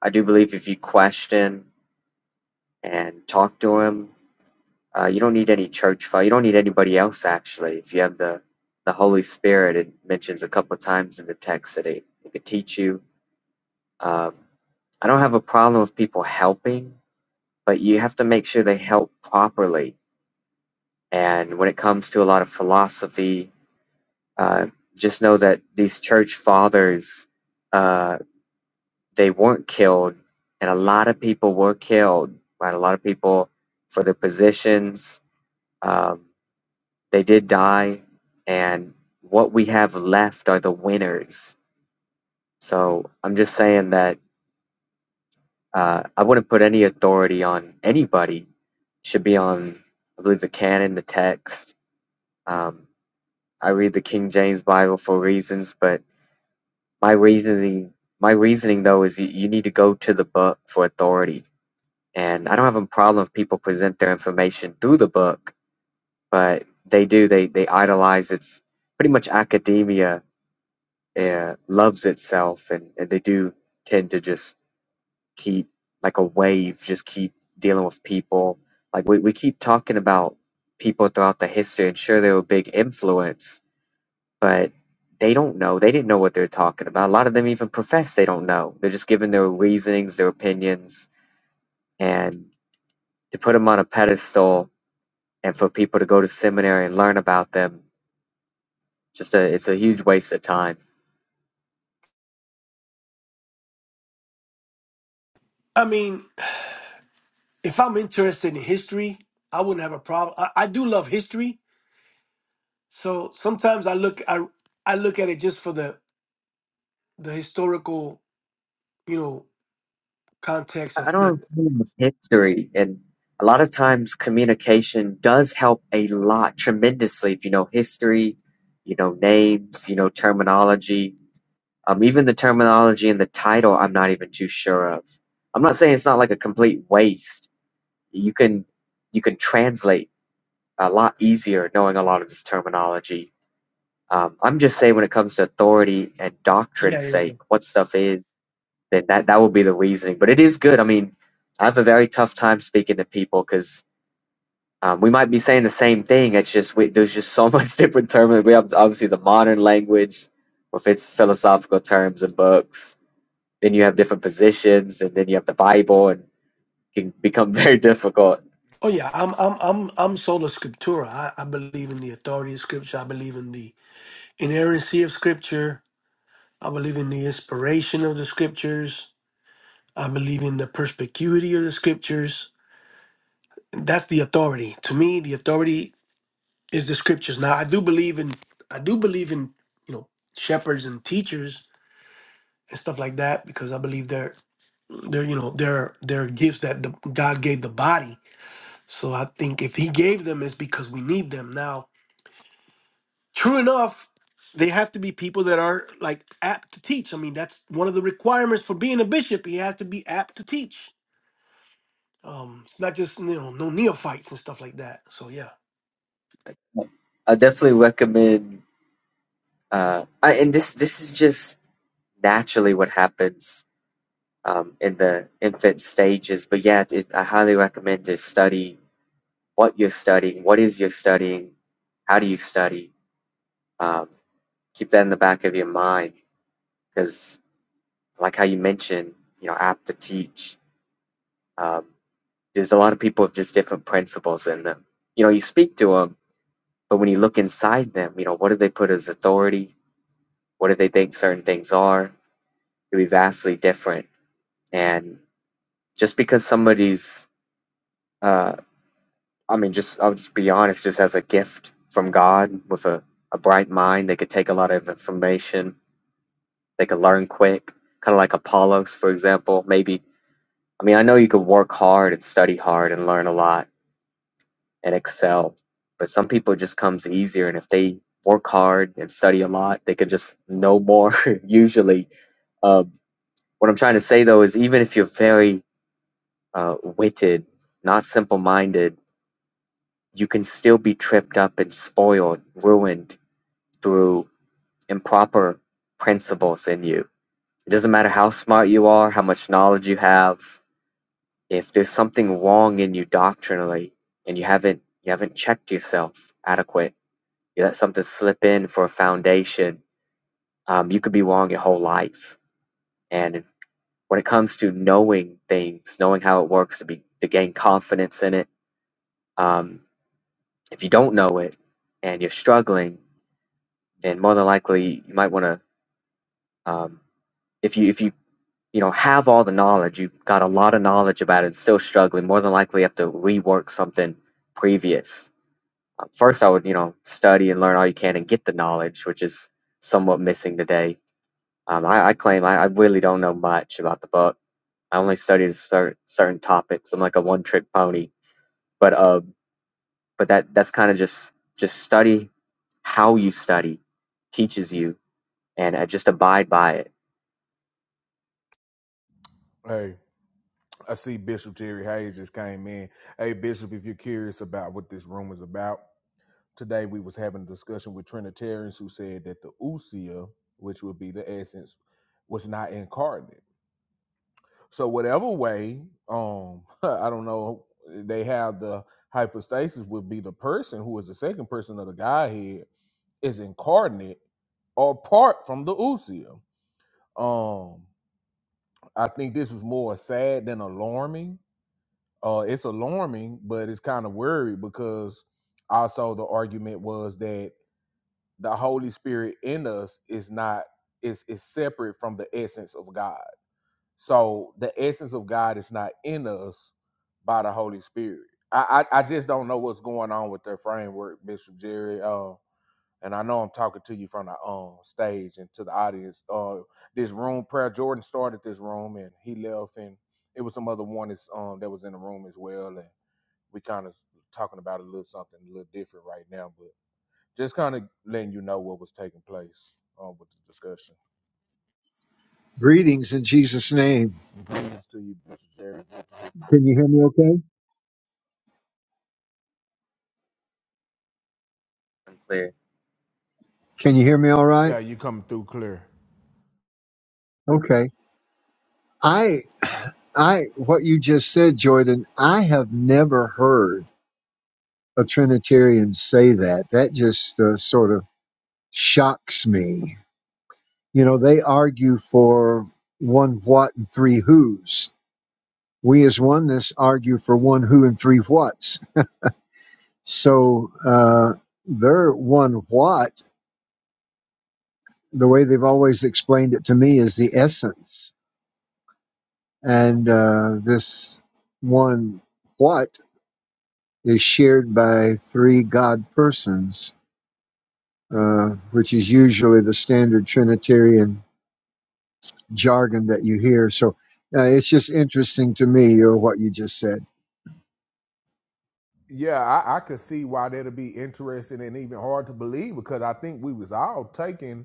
I do believe if you question and talk to Him, uh, you don't need any church father. You don't need anybody else actually. If you have the the Holy Spirit, it mentions a couple of times in the text that it, it could teach you. Um, I don't have a problem with people helping, but you have to make sure they help properly. And when it comes to a lot of philosophy, uh, just know that these church fathers. Uh, they weren't killed, and a lot of people were killed. Right, a lot of people for their positions. Um, they did die, and what we have left are the winners. So I'm just saying that uh, I wouldn't put any authority on anybody. Should be on, I believe, the canon, the text. Um, I read the King James Bible for reasons, but my reasoning, my reasoning though, is you, you need to go to the book for authority and I don't have a problem if people present their information through the book, but they do they they idolize its pretty much academia uh, loves itself, and, and they do tend to just keep like a wave, just keep dealing with people. Like we we keep talking about people throughout the history, and sure they were a big influence, but they don't know. They didn't know what they're talking about. A lot of them even profess they don't know. They're just giving their reasonings, their opinions, and to put them on a pedestal and for people to go to seminary and learn about them, just a, it's a huge waste of time.
I mean, if I'm interested in history, I wouldn't have a problem. I, I do love history, so sometimes I look I I look at it just for the the historical you know context
I
of
I don't
things.
know history, and a lot of times communication does help a lot tremendously if you know history, you know names, you know terminology. Um, even the terminology and the title, I'm not even too sure of. I'm not saying it's not like a complete waste. You can you can translate a lot easier knowing a lot of this terminology Um, I'm just saying when it comes to authority and
Yeah,
doctrine's
yeah, yeah.
sake, what stuff is, then that, that will be the reasoning. But it is good. I mean, I have a very tough time speaking to people because um, we might be saying the same thing. It's just we, there's just so much different terms. We have obviously the modern language with its philosophical terms and books. Then you have different positions, and then you have the Bible, and it can become very difficult.
Oh yeah, I'm I'm I'm I'm sola scriptura. I, I believe in the authority of scripture. I believe in the inerrancy of scripture. I believe in the inspiration of the scriptures. I believe in the perspicuity of the scriptures. That's the authority. To me, the authority is the scriptures. Now I do believe in I do believe in you know shepherds and teachers and stuff like that because I believe they're they're you know they're they're gifts that the, God gave the body. So I think if He gave them, it's because we need them. Now, true enough, they have to be people that are like apt to teach. I mean, that's one of the requirements for being a bishop. He has to be apt to teach. Um, it's not just you know no neophytes and stuff like that. So yeah.
I definitely recommend, uh, I, and this this is just naturally what happens um, in the infant stages. But yeah, it, I highly recommend to study what you're studying, what is you're studying, how do you study. Um, keep that in the back of your mind because, like how you mentioned, you know, apt to teach. Um, there's a lot of people with just different principles in them. You know, you speak to them, but when you look inside them, you know, what do they put as authority? What do they think certain things are? It will be vastly different. And just because somebody's uh. I mean, just I'll just be honest, just as a gift from God with a, a bright mind, they could take a lot of information, they could learn quick, kind of like Apollos, for example. Maybe, I mean, I know you could work hard and study hard and learn a lot and excel, but some people it just comes easier. And if they work hard and study a lot, they could just know more, usually. Um, what I'm trying to say though is even if you're very uh, witted, not simple minded, you can still be tripped up and spoiled, ruined through improper principles in you. It doesn't matter how smart you are, how much knowledge you have. If there's something wrong in you doctrinally, and you haven't you haven't checked yourself adequate, you let something slip in for a foundation. Um, you could be wrong your whole life. And when it comes to knowing things, knowing how it works to be to gain confidence in it, um, if you don't know it and you're struggling, then more than likely you might want to um, if you if you you know, have all the knowledge. You've got a lot of knowledge about it and still struggling. More than likely, you have to rework something previous. Uh, First, I would, you know, study and learn all you can and get the knowledge, which is somewhat missing today. Um, I, I claim I, I really don't know much about the book. I only studied certain certain topics. I'm like a one-trick pony. But uh, but that that's kind of just just study how you study teaches you and uh, just abide by it.
Hey, I see Bishop Terry Hayes just came in. Hey, Bishop, if you're curious about what this room is about. today we was having a discussion with Trinitarians who said that the usia, which would be the essence, was not incarnate. So whatever way, um, I don't know, they have the hypostasis would be the person who is the second person of the Godhead is incarnate or apart from the usia. Um, I think this is more sad than alarming. Uh, it's alarming, but it's kind of worried because also the argument was that the Holy Spirit in us is not is is separate from the essence of God. So the essence of God is not in us by the Holy Spirit. I I, I just don't know what's going on with their framework, Bishop Jerry. Uh, and I know I'm talking to you from the um stage and to the audience. Uh, this room, Prayer Jordan started this room and he left, and it was some other one that's, um that was in the room as well, and we kind of talking about a little something a little different right now. Just kind of letting you know what was taking place uh, with the discussion.
Greetings in Jesus' name.
Greetings to you, Mr. Jerry.
Can you hear me okay?
Unclear.
Can you hear me all
Yeah,
right?
you coming through clear.
Okay. I, I, what you just said, Jordan, I have never heard a Trinitarian say that. That just uh, sort of shocks me. You know, they argue for one what and three who's. We as oneness argue for one who and three whats. So uh, their one what, the way they've always explained it to me, is the essence And uh, this one what is shared by three God persons, uh, which is usually the standard Trinitarian jargon that you hear. So uh, it's just interesting to me, or what you just said.
Yeah, I, I could see why that'd be interesting and even hard to believe because I think we was all taken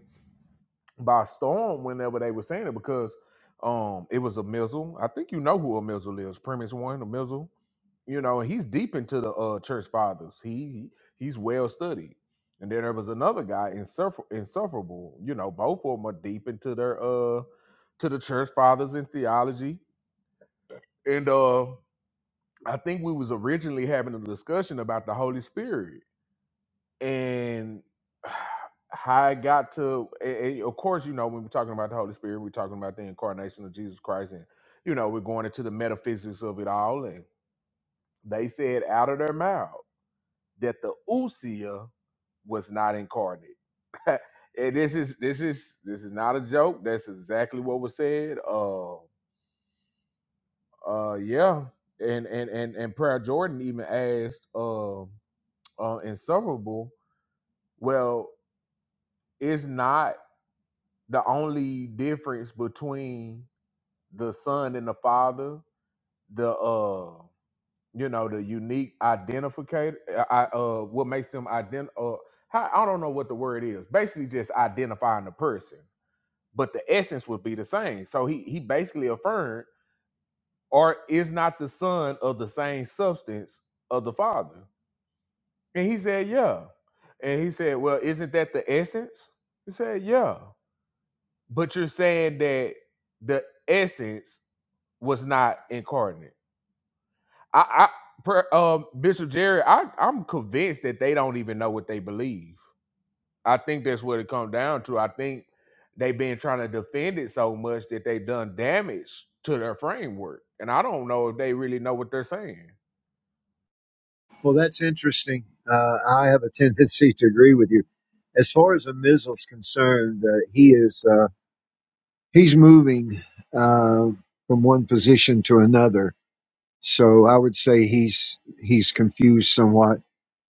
by storm whenever they were saying it because um it was a missile. I think you know who a missile is, premise one, a missile. You know, and he's deep into the uh church fathers. He he- he's well studied. And then there was another guy, insuffer- insufferable. You know, both of them are deep into their uh to the church fathers in theology. And uh I think we was originally having a discussion about the Holy Spirit and how I got to, a- of course, you know, when we're talking about the Holy Spirit, we're talking about the incarnation of Jesus Christ, and you know, we're going into the metaphysics of it all. And they said out of their mouth that the Usia was not incarnate. and this is this is this is not a joke. That's exactly what was said. Uh, uh, yeah. And and and and Prayer Jordan even asked, uh, uh, Insufferable. Well, it's not. the only difference between the son and the father the uh you know the unique identificator i uh what makes them ident uh how, i don't know what the word is basically just identifying the person but the essence would be the same so he he basically affirmed or is not the son of the same substance of the father and he said yeah and he said well isn't that the essence he said yeah but you're saying that the essence was not incarnate. I, I per, um, Bishop Jerry, I, I'm convinced that they don't even know what they believe. I think that's what it comes down to. I think they've been trying to defend it so much that they've done damage to their framework, and I don't know if they really know what they're saying.
Well, that's interesting. Uh, I have a tendency to agree with you. As far as a is concerned, uh, he is uh, he's moving uh, from one position to another. So I would say he's he's confused somewhat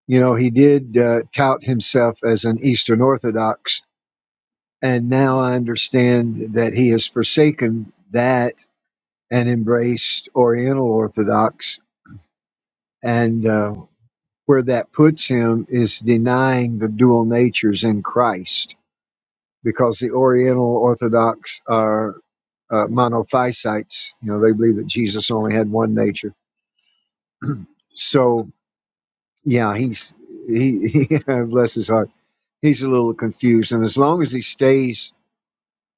You know, he did uh, tout himself as an Eastern Orthodox, and now I understand that he has forsaken that and embraced Oriental Orthodox. And uh, where that puts him is denying the dual natures in Christ, because the Oriental Orthodox are uh, monophysites. You know, they believe that Jesus only had one nature. So, yeah, he's he, he bless his heart. He's a little confused, and as long as he stays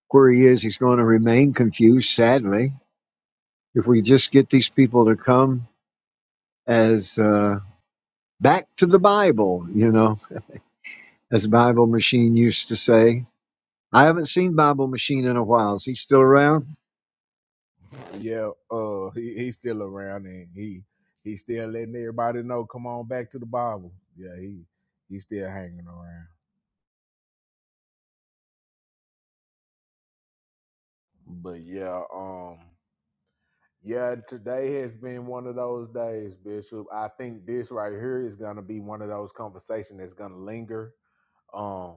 where he is, he's going to remain confused, sadly. If we just get these people to come as uh, back to the Bible, you know, as Bible Machine used to say. I haven't seen Bible Machine in a while. Is he still around?
Yeah, uh, he he's still around and he he's still letting everybody know. Come on back to the Bible. Yeah, he he's still hanging around. But yeah, Um. Yeah, today has been one of those days, Bishop. I think this right here is gonna be one of those conversations that's gonna linger. Um,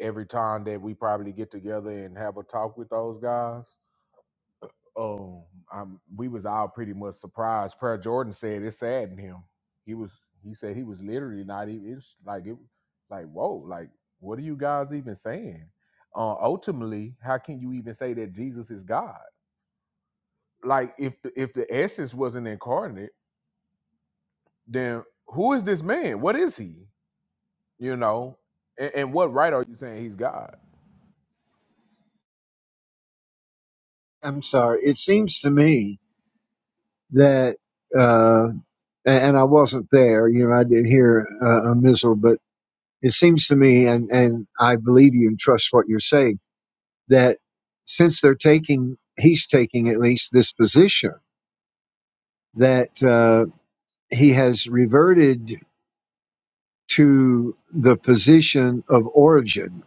every time that we probably get together and have a talk with those guys, um, I'm, we was all pretty much surprised. Prayer Jordan said it saddened him. He was, he said he was literally not even. It's like it, like whoa, like what are you guys even saying? Uh, ultimately, how can you even say that Jesus is God? like if the, if the essence wasn't incarnate then who is this man? What is he? You know, and, and what right are you saying he's God?
I'm sorry. It seems to me that, uh, and I wasn't there, you know, I did hear uh, a missile, but it seems to me, and, and I believe you and trust what you're saying, that since they're taking, he's taking at least this position that uh, he has reverted to the position of Origen.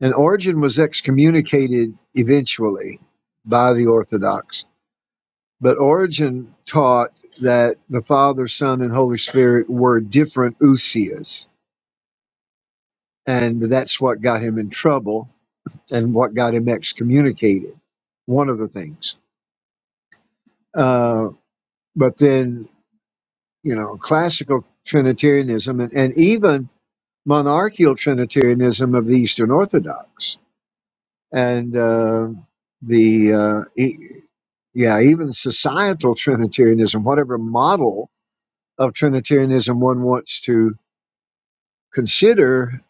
And Origen was excommunicated eventually by the Orthodox. But Origen taught that the Father, Son, and Holy Spirit were different usias. And that's what got him in trouble and what got him excommunicated, one of the things. Uh, but then, you know, classical Trinitarianism and, and even monarchical Trinitarianism of the Eastern Orthodox and uh, the uh, e- yeah even societal Trinitarianism, whatever model of Trinitarianism one wants to consider,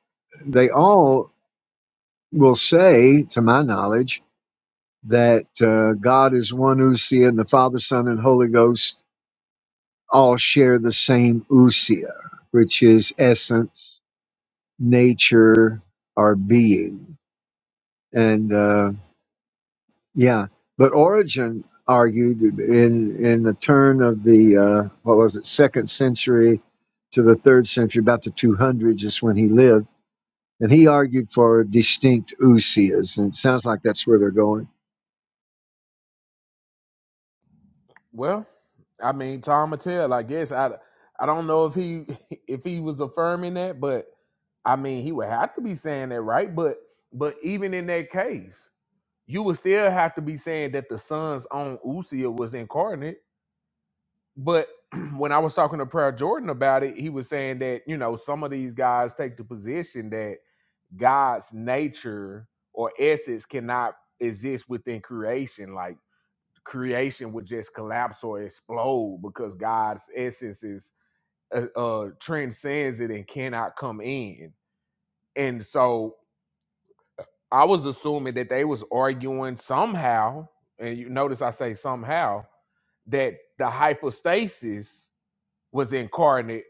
they all will say, to my knowledge, that uh, God is one usia and the Father, Son, and Holy Ghost all share the same usia, which is essence, nature, or being, and. uh, Yeah, but Origen argued in in the turn of the uh, what was it second century to the third century, about the 200s is when he lived, and he argued for distinct usias, and it sounds like that's where they're going.
Well, I mean, Tom Mattel, I guess I I don't know if he if he was affirming that, but I mean, he would have to be saying that, right? But but even in that case, you would still have to be saying that the son's own Usia was incarnate. But when I was talking to Prayer Jordan about it, he was saying that you know some of these guys take the position that God's nature or essence cannot exist within creation. Like creation would just collapse or explode because God's essence is uh, uh transcends it and cannot come in. And so I was assuming that they was arguing somehow, and you notice I say somehow that the hypostasis was incarnate,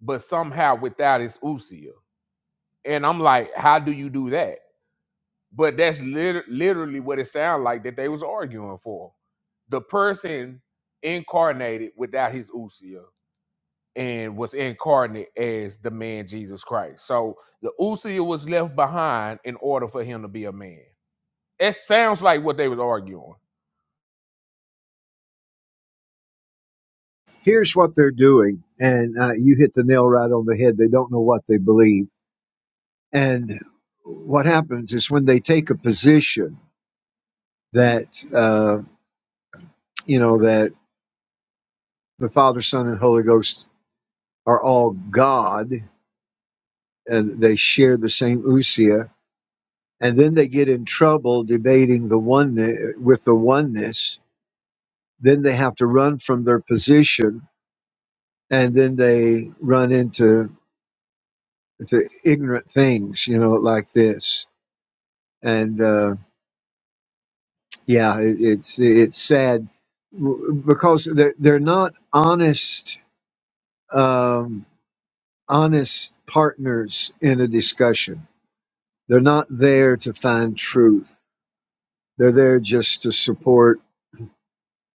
but somehow without its usia. And I'm like, how do you do that? But that's liter- literally what it sounded like that they was arguing for. The person incarnated without his usia and was incarnate as the man Jesus Christ. So the usia was left behind in order for him to be a man. It sounds like what they was arguing.
Here's what they're doing, and uh, you hit the nail right on the head. They don't know what they believe, and what happens is when they take a position that uh, you know that the Father, Son, and Holy Ghost are all God and they share the same usia, and then they get in trouble debating the oneness with the oneness. Then they have to run from their position, and then they run into to ignorant things, you know, like this. And uh, yeah, it, it's it's sad w- because they're, they're not honest um, honest partners in a discussion. They're not there to find truth. They're there just to support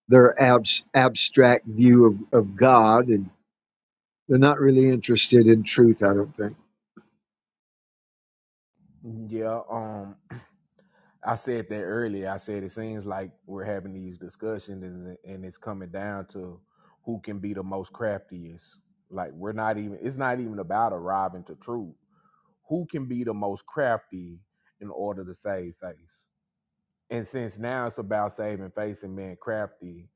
their abs- abstract view of, of God, and they're not really interested in truth, I don't think.
Yeah, um, I said that earlier. I said it seems like we're having these discussions and and it's coming down to who can be the most craftiest. Like we're not even it's not even about arriving to truth. who can be the most crafty in order to save face. And since now it's about saving face and being crafty,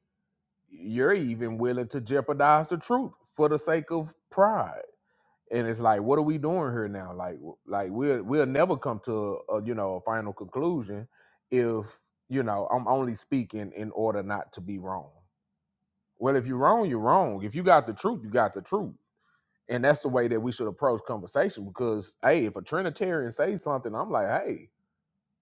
you're even willing to jeopardize the truth for the sake of pride. And it's like, what are we doing here now? Like, like we'll we'll never come to a, you know a final conclusion if you know I'm only speaking in order not to be wrong. Well, if you're wrong, you're wrong. If you got the truth, you got the truth and that's the way that we should approach conversation because hey if a trinitarian says something i'm like hey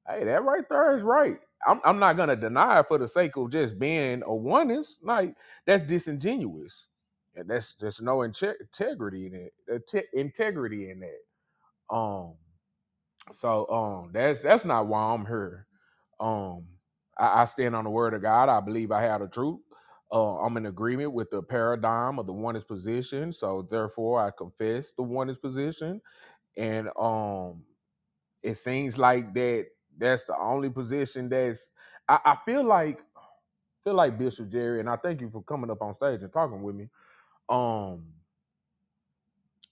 Hey, that right there is right. I'm I'm not gonna deny it for the sake of just being a oneness. Like that's disingenuous, and that's just no inte- integrity in it. uh, te- integrity in that. Um, so um, that's that's not why I'm here. Um, I, I stand on the word of God. I believe I have the truth. Uh, I'm in agreement with the paradigm of the oneness position. So therefore, I confess the oneness position, and um. It seems like that that's the only position that's I, I feel like feel like Bishop Jerry, and I thank you for coming up on stage and talking with me. Um,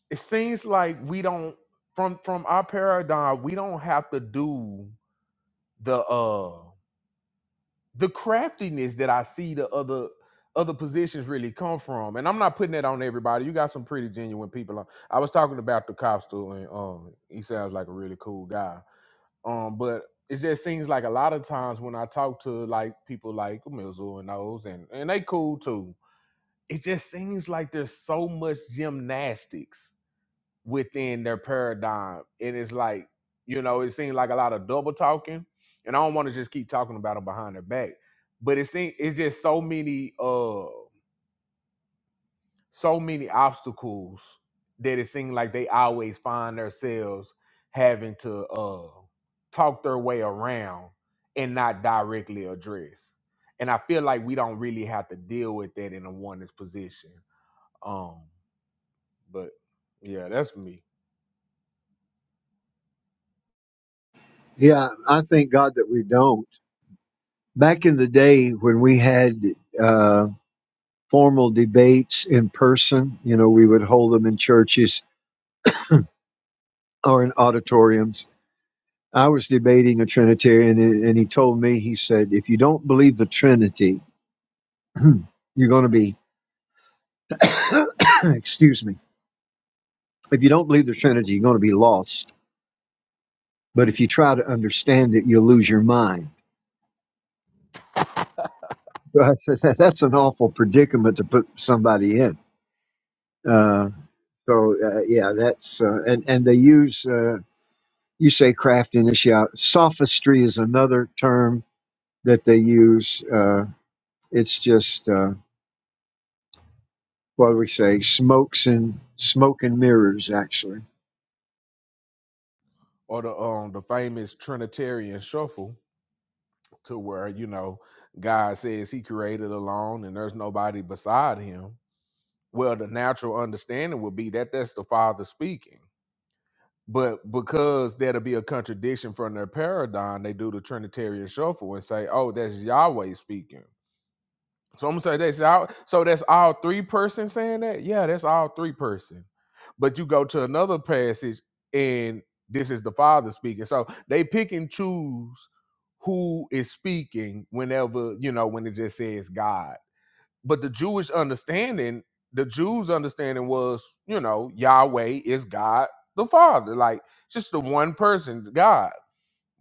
it seems like we don't from from our paradigm, we don't have to do the uh the craftiness that I see the other other positions really come from. And I'm not putting that on everybody. You got some pretty genuine people. I was talking about the cops and um, he sounds like a really cool guy Um, but it just seems like a lot of times when I talk to like people like Mizzou and those, and and they cool too. It just seems like there's so much gymnastics within their paradigm, and it's like you know, it seems like a lot of double talking, and I don't want to just keep talking about them behind their back, but it seems it's just so many. Uh, so many obstacles that it seemed like they always find themselves having to uh talk their way around and not directly address. And I feel like we don't really have to deal with that in a one's position. Um, but yeah, that's me.
Yeah, I thank God that we don't. Back in the day when we had uh, formal debates in person, you know, we would hold them in churches or in auditoriums. I was debating a Trinitarian, and, he told me, he said, if you don't believe the Trinity, you're going to be, excuse me, if you don't believe the Trinity, you're going to be lost. But if you try to understand it, you'll lose your mind. So I said, that, that's an awful predicament to put somebody in. Uh, so, uh, yeah, that's, uh, and, and they use, uh, you say craftiness, yeah. Sophistry is another term that they use. Uh, it's just, uh, what do we say, smokes and smoke and mirrors. Actually,
Or the um the famous Trinitarian shuffle to where, you know, God says he created alone and there's nobody beside him. Well, the natural understanding would be that that's the father speaking But because that'll be a contradiction from their paradigm, they do the Trinitarian shuffle and say, "Oh, that's Yahweh speaking." So I'm gonna say that's Yah. So that's all three person saying that. Yeah, that's all three person. But you go to another passage, and this is the Father speaking. So they pick and choose who is speaking whenever you know when it just says God. But the Jewish understanding, the Jews' understanding was, you know, Yahweh is God the Father, like just the one person, God.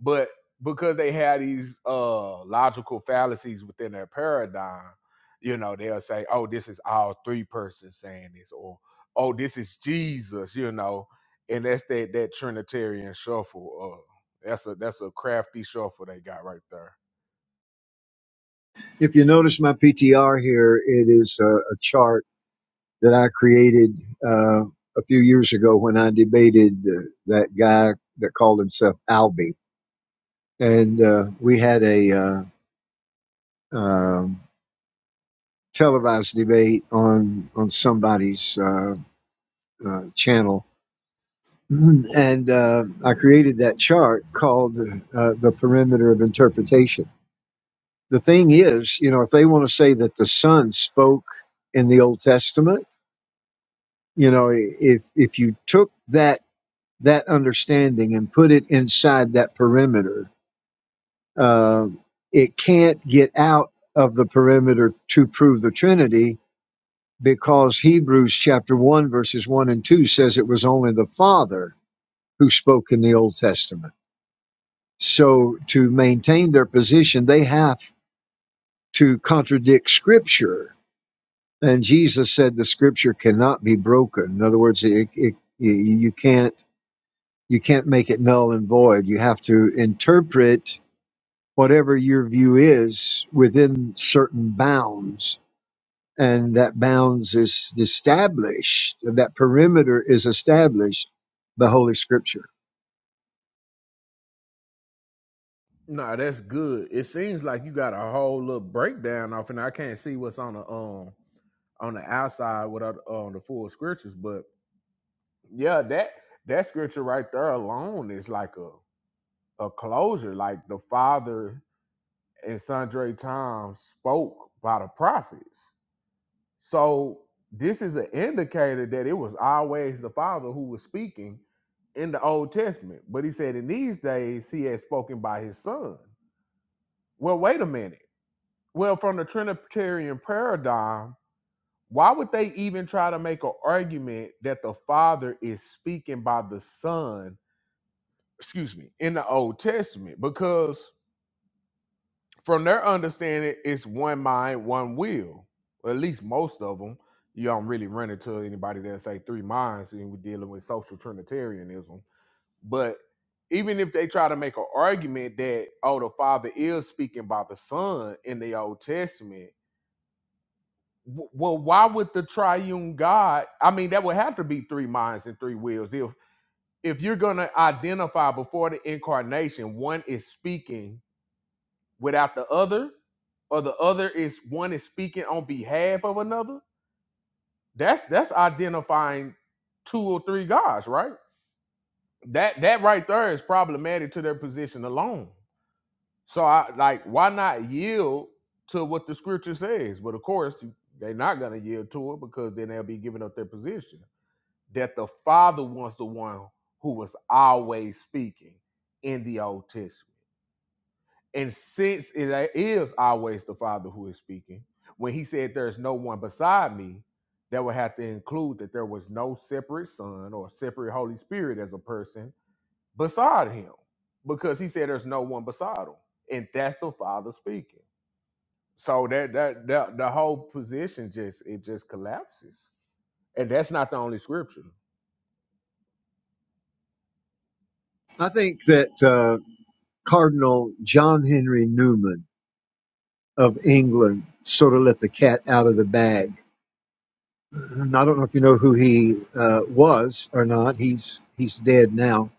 But because they had these uh logical fallacies within their paradigm, you know, they'll say, oh, this is all three persons saying this, or oh, this is Jesus, you know, and that's that that Trinitarian shuffle. Uh, that's a that's a crafty shuffle they got right there.
if you notice my PTR here, it is a, a chart that I created uh, a few years ago when I debated uh, that guy that called himself Albie, and uh, we had a uh, um, televised debate on on somebody's uh, uh, channel. And uh, I created that chart called uh, The Perimeter of Interpretation the thing is, you know, if they want to say that the Son spoke in the Old Testament, you know, if if you took that that understanding and put it inside that perimeter, uh, it can't get out of the perimeter to prove the Trinity because Hebrews chapter one verses one and two says it was only the Father who spoke in the Old Testament. So to maintain their position, they have to contradict Scripture And Jesus said the scripture cannot be broken. In other words, it, it, you can't you can't make it null and void. You have to interpret whatever your view is within certain bounds, and that bounds is established. That perimeter is established by Holy Scripture.
Nah, that's good. It seems like you got a whole little breakdown off, and I can't see what's on the um on the outside without uh, on the full scriptures. But yeah, that that scripture right there alone is like a a closure. Like the father and Sundre Tom spoke by the prophets. So this is an indicator that it was always the father who was speaking in the Old Testament. But he said in these days he had spoken by his son. Well, wait a minute Well, from the Trinitarian paradigm, why would they even try to make an argument that the Father is speaking by the Son, excuse me, in the Old Testament? Because from their understanding, it's one mind, one will. Or at least most of them. You don't really run into anybody that say three minds, and we're dealing with social Trinitarianism. But even if they try to make an argument that, oh, the Father is speaking by the Son in the Old Testament, W- Well, why would the triune God? I mean, that would have to be three minds and three wills. If if you're gonna identify before the incarnation, one is speaking without the other, or the other is one is speaking on behalf of another. That's that's identifying two or three gods, right? That that right there is problematic to their position alone. So I like why not yield to what the scripture says? But of course, they're not gonna yield to it because then they'll be giving up their position. that the Father was the one who was always speaking in the Old Testament. And since it is always the Father who is speaking, when he said, There's no one beside me, that would have to include that there was no separate Son or separate Holy Spirit as a person beside him, because he said there's no one beside him. And that's the Father speaking. So that that, that the whole position just it just collapses. And that's not the only scripture.
I think that uh, Cardinal John Henry Newman of England sort of let the cat out of the bag I don't know if you know who he uh, was or not. He's he's dead now,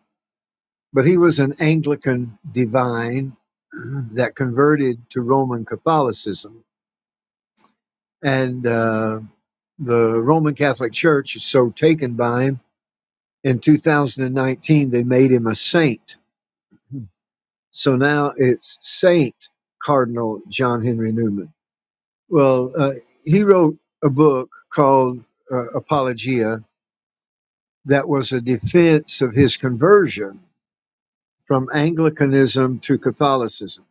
but he was an Anglican divine that converted to Roman Catholicism, and uh, the Roman Catholic Church is so taken by him. In 2019, they made him a saint. So now it's Saint Cardinal John Henry Newman. Well, uh, he wrote a book called uh, Apologia that was a defense of his conversion from Anglicanism to Catholicism.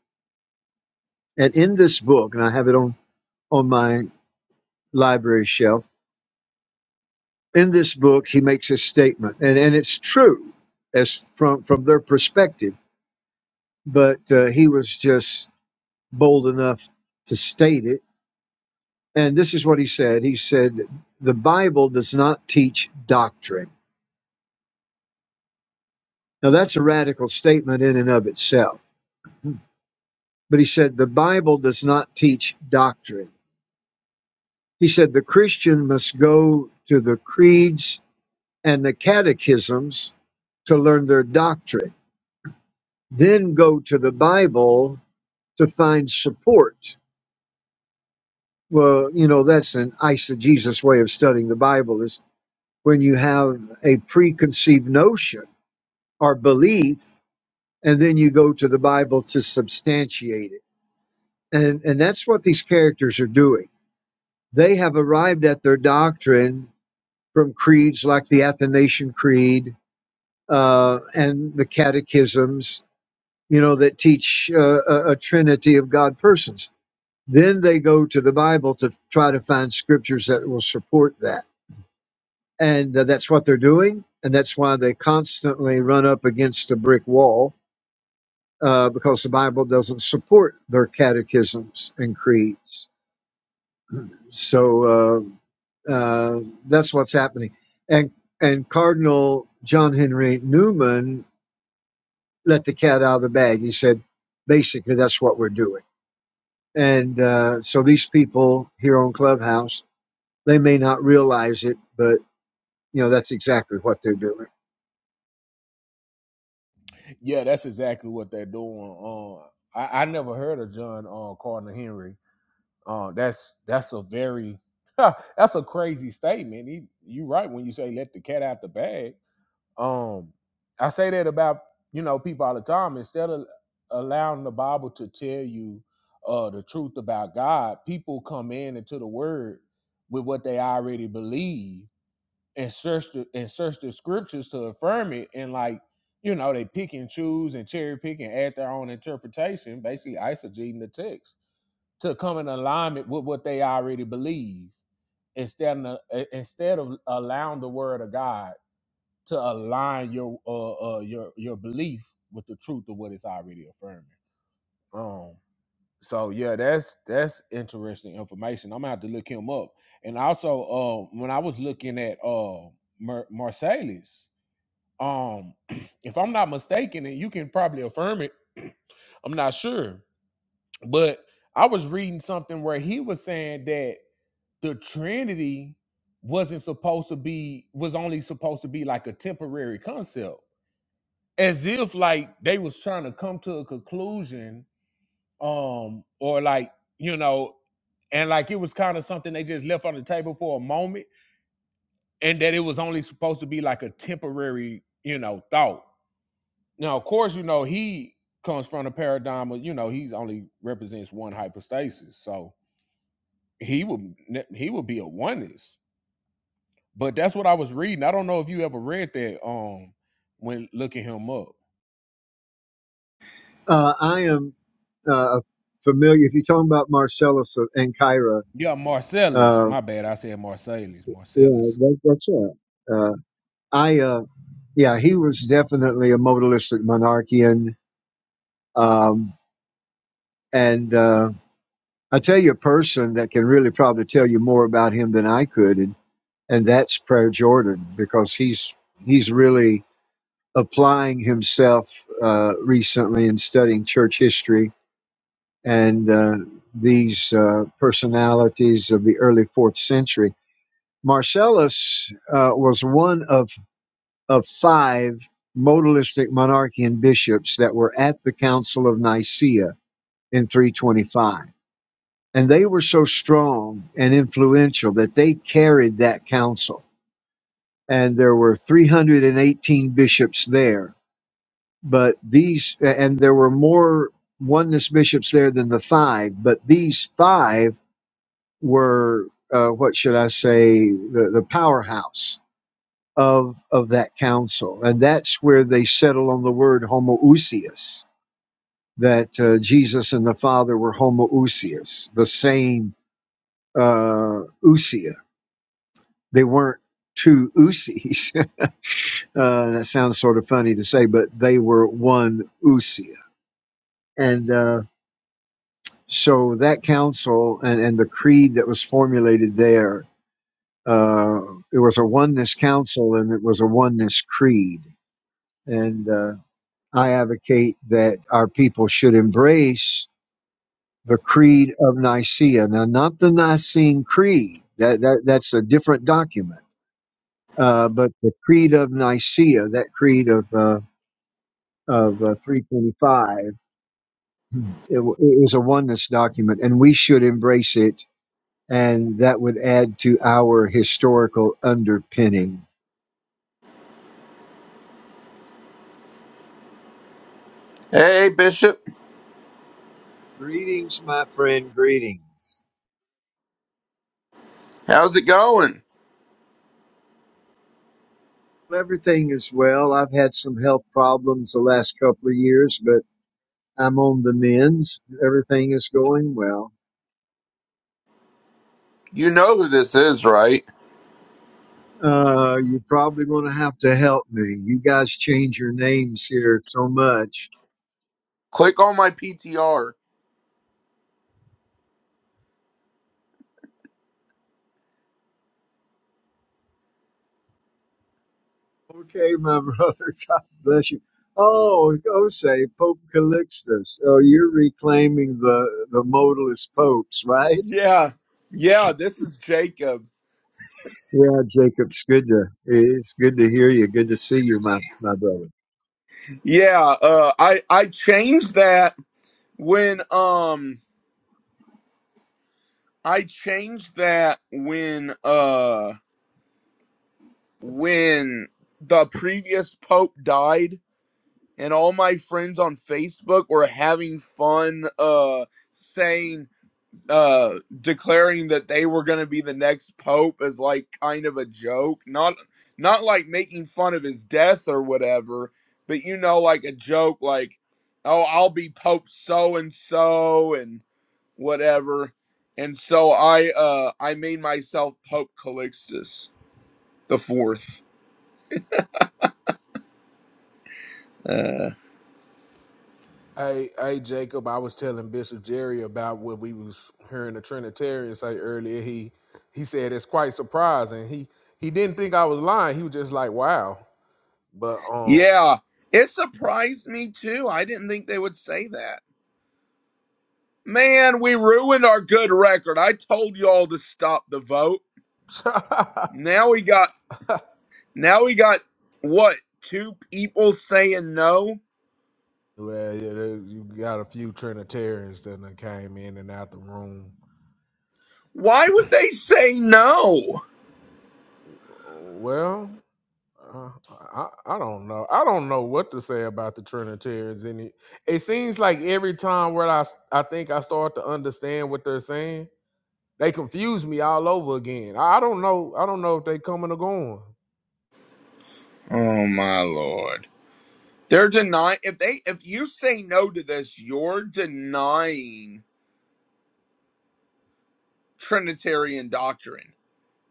And in this book, and I have it on, on my library shelf, in this book, he makes a statement, and, and it's true as from, from their perspective, but uh, he was just bold enough to state it. And this is what he said He said, The Bible does not teach doctrine. Now, that's a radical statement in and of itself. But he said, The Bible does not teach doctrine. He said, The Christian must go to the creeds and the catechisms to learn their doctrine, then go to the Bible to find support. Well, you know, that's an eisegesis way of studying the Bible is when you have a preconceived notion or belief, and then you go to the Bible to substantiate it. And, and that's what these characters are doing. They have arrived at their doctrine from creeds like the Athanasian Creed uh, and the catechisms you know, that teach uh, a, a trinity of God persons. Then they go to the Bible to try to find scriptures that will support that. And uh, that's what they're doing. And that's why they constantly run up against a brick wall uh, because the Bible doesn't support their catechisms and creeds. So uh, uh, that's what's happening. And, and Cardinal John Henry Newman let the cat out of the bag. He said, basically, that's what we're doing And uh, so these people here on Clubhouse, they may not realize it, but you know that's exactly what they're doing.
Yeah, that's exactly what they're doing. Um, I, I never heard of John uh, Cardinal Henry. Uh, that's that's a very that's a crazy statement. He, you right when you say let the cat out the bag. Um, I say that about you know people all the time. Instead of allowing the Bible to tell you uh, the truth about God, people come in into the Word with what they already believe and search the and search the scriptures to affirm it and like you know they pick and choose and cherry pick and add their own interpretation basically eisegeting the text to come in alignment with what they already believe instead of eh, instead of allowing the word of god to align your uh, uh your your belief with the truth of what it's already affirming um so yeah that's that's interesting information i'm gonna have to look him up and also uh when i was looking at uh Mer- marsalis um, if I'm not mistaken, and you can probably affirm it, I'm not sure, but I was reading something where he was saying that the Trinity wasn't supposed to be was only supposed to be like a temporary concept, as if like they was trying to come to a conclusion, um, or like you know, and like it was kind of something they just left on the table for a moment, and that it was only supposed to be like a temporary, you know, thought Now, of course, you know he comes from a paradigm of you know he's only represents one hypostasis, so he would ne- he would be a oneness. But that's what I was reading. I don't know if you ever read that. Um, when looking him up,
Uh, I am uh, familiar. If you're talking about Marcellus and Kyra,
yeah, Marcellus.
uh,
My bad, I said Marcellus.
yeah,
Marcellus.
that, that's right. Uh, I uh, yeah, he was definitely a modalistic monarchian, um, and uh, I tell you a person that can really probably tell you more about him than I could, and and that's Prayer Jordan because he's he's really applying himself uh, recently in studying church history and uh, these uh, personalities of the early fourth century. Marcellus uh, was one of, of five modalistic monarchian bishops that were at the Council of Nicaea in 325. And they were so strong and influential that they carried that council. And there were 318 bishops there but these and there were more oneness bishops there than the five but these five were uh, what should i say the, the powerhouse of of that council and that's where they settle on the word homoousios that uh, jesus and the father were homoousios the same uh ousia they weren't two ousies uh, that sounds sort of funny to say but they were one ousia and uh So that council and, and the creed that was formulated there, uh, it was a oneness council and it was a oneness creed. And uh, I advocate that our people should embrace the creed of Nicaea. Now, not the Nicene Creed, that, that, that's a different document, uh, but the creed of Nicaea, that creed of, uh, of uh, 325, it, it was a oneness document, and we should embrace it and that would add to our historical underpinning.
Hey Bishop,
Greetings, my friend, greetings.
how's it going?
Well, Everything is well. I've had some health problems the last couple of years, but I'm on the mends. Everything is going well.
You know who this is, right?
Uh, you're probably going to have to help me. You guys change your names here so much.
Click on my PTR.
Okay, my brother. God bless you. Oh, Osei, Pope Calixtus. Oh, you're reclaiming the, the modalist popes, right?
Yeah, yeah, this is Jacob.
Yeah, Jacob, it's good to it's good to hear you. Good to see you, my my brother.
Yeah, uh, I I changed that when um I changed that when uh when the previous pope died and all my friends on Facebook were having fun uh saying uh declaring that they were going to be the next pope as like kind of a joke not not like making fun of his death or whatever but you know like a joke like oh I'll be pope so and so and whatever. And so I uh I made myself Pope Calixtus the fourth.
Hey, hey, Jacob. I was telling Bishop Jerry about what we was hearing the Trinitarian say earlier. He he said it's quite surprising. He he didn't think I was lying. He was just like, "Wow." But um,
Yeah. It surprised me too. I didn't think they would say that. Man, we ruined our good record. I told y'all to stop the vote. Now we got now we got what? Two people saying no?
Well, yeah, there- you got a few Trinitarians that done came in and out the room.
Why would they say no?
Well, uh, I I don't know. I don't know what to say about the Trinitarians. Any, it seems like every time where I s- I think I start to understand what they're saying, they confuse me all over again. I, I don't know. I don't know if they coming or going.
Oh my lord. They're denying if they if you say no to this, you're denying Trinitarian doctrine.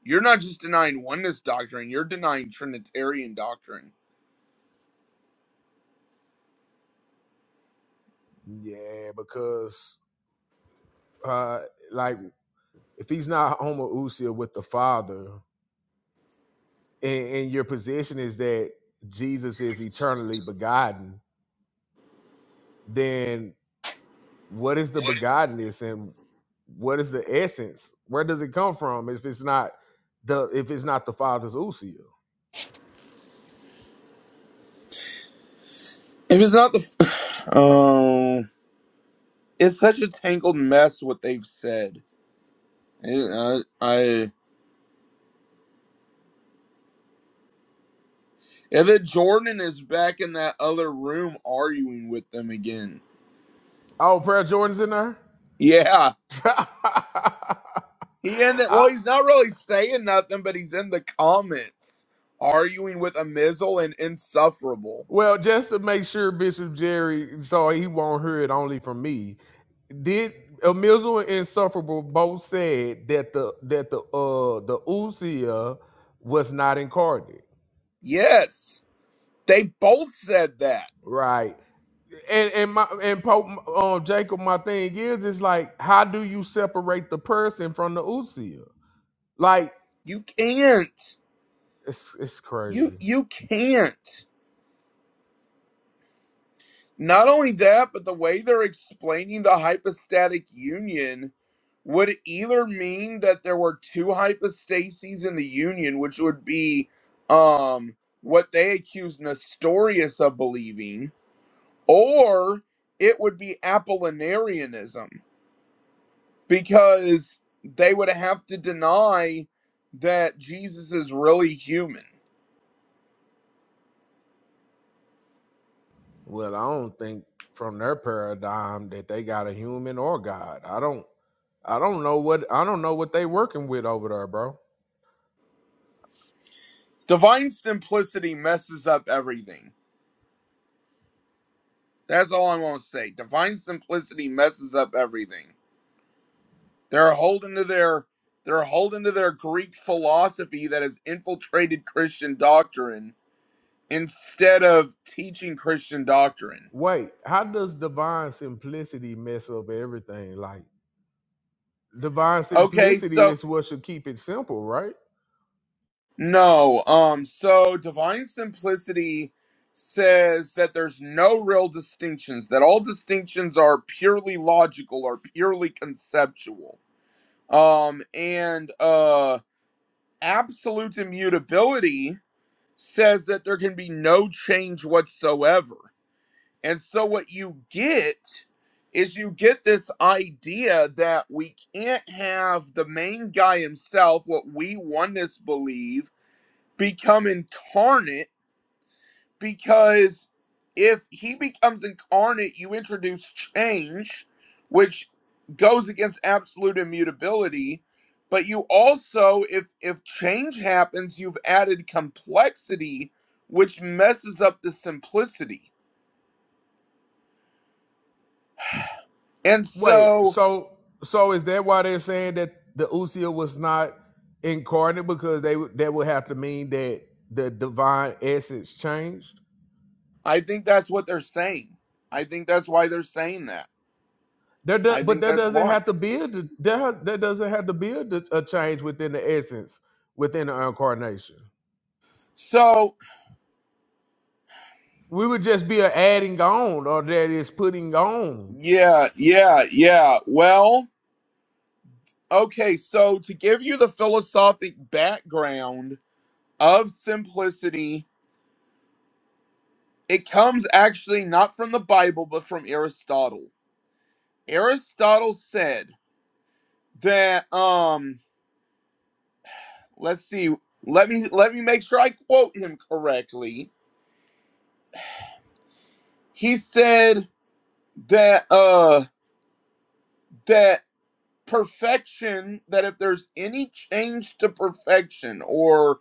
You're not just denying oneness doctrine, you're denying Trinitarian doctrine.
Yeah, because uh, like if he's not homoousia with the father. and, and your position is that Jesus is eternally begotten, then what is the begottenness and what is the essence? Where does it come from if it's not the if it's not the Father's usia?
If it's not the. Oh. it's such a tangled mess what they've said. I, I. And then Jordan is back in that other room arguing with them again.
Oh, prayer Jordan's in there.
Yeah. He ended. Well,
I,
he's not really saying nothing, but he's in the comments arguing with a Amizel and Insufferable.
Well, just to make sure Bishop Jerry so he won't hear it only from me, did Amizel and Insufferable both said that the that the uh the Usia was not incarnate,
Yes. They both said that.
right? And and my and Pope um Jacob, my thing is, is like, how do you separate the person from the Usia? Like,
You can't.
it's it's
You
crazy.
you can't. Not only that, but the way they're explaining the hypostatic union would either mean that there were two hypostases in the union, which would be um what they accuse Nestorius of believing, or it would be Apollinarianism, because they would have to deny that Jesus is really human.
Well, I don't think from their paradigm that they got a human or God. I don't I don't know what I don't know what they working with over there, bro.
Divine simplicity messes up everything That's all I want to say. Divine simplicity messes up everything. They're holding to their they're holding to their Greek philosophy that has infiltrated Christian doctrine instead of teaching Christian doctrine.
Wait, how does divine simplicity mess up everything? Like divine
Okay,
simplicity
so
is what should keep it simple, right?
no, um so divine simplicity says that there's no real distinctions, that all distinctions are purely logical or purely conceptual. Um and uh absolute immutability says that there can be no change whatsoever. And so what you get is you get this idea that we can't have the main guy himself, what we oneness believe, become incarnate because if he becomes incarnate, you introduce change, which goes against absolute immutability. But you also, if if change happens, you've added complexity, which messes up the simplicity. And
Wait,
so
so so is that why they're saying that the Usia was not incarnate because they would- that would have to mean that the divine essence changed?
I think that's what they're saying. I think that's why they're saying that.
There, do,
I
but
think
there
that's
doesn't
why.
have to be a d- there. There doesn't have to be a a change within the essence within the incarnation.
So
We would just be a adding on, or that is putting on.
yeah, yeah, yeah. Well, Okay, so to give you the philosophic background of simplicity, it comes actually not from the Bible but from Aristotle. Aristotle said that um let's see, let me let me make sure I quote him correctly. He said that uh that perfection that if there's any change to perfection or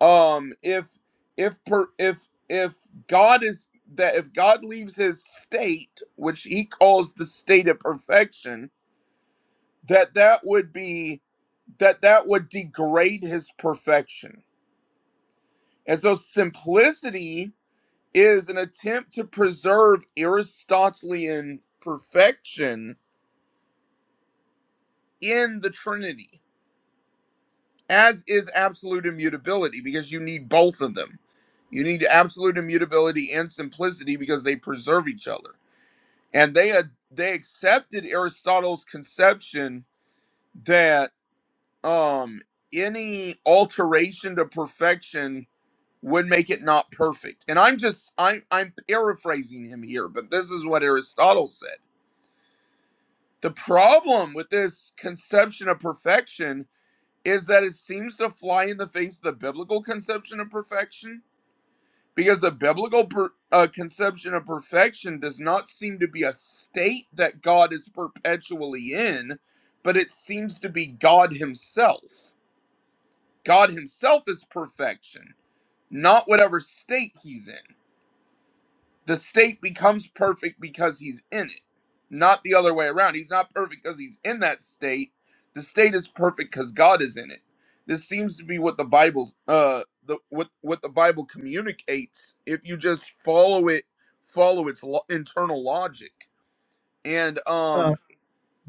um if if per, if if god is that if god leaves his state which he calls the state of perfection that that would be that that would degrade his perfection and so simplicity is an attempt to preserve aristotelian perfection in the trinity as is absolute immutability because you need both of them. You need absolute immutability and simplicity because they preserve each other. And they ad- they accepted Aristotle's conception that um any alteration to perfection would make it not perfect. And I'm just I'm I'm paraphrasing him here, but this is what Aristotle said. The problem with this conception of perfection is that it seems to fly in the face of the biblical conception of perfection because the biblical per, uh, conception of perfection does not seem to be a state that God is perpetually in, but it seems to be God Himself. God Himself is perfection, not whatever state He's in. The state becomes perfect because he's in it, not the other way around. He's not perfect because he's in that state. The state is perfect because God is in it. This seems to be what the Bible's uh the what what the Bible communicates if you just follow it follow its lo- internal logic. And
Uh,
um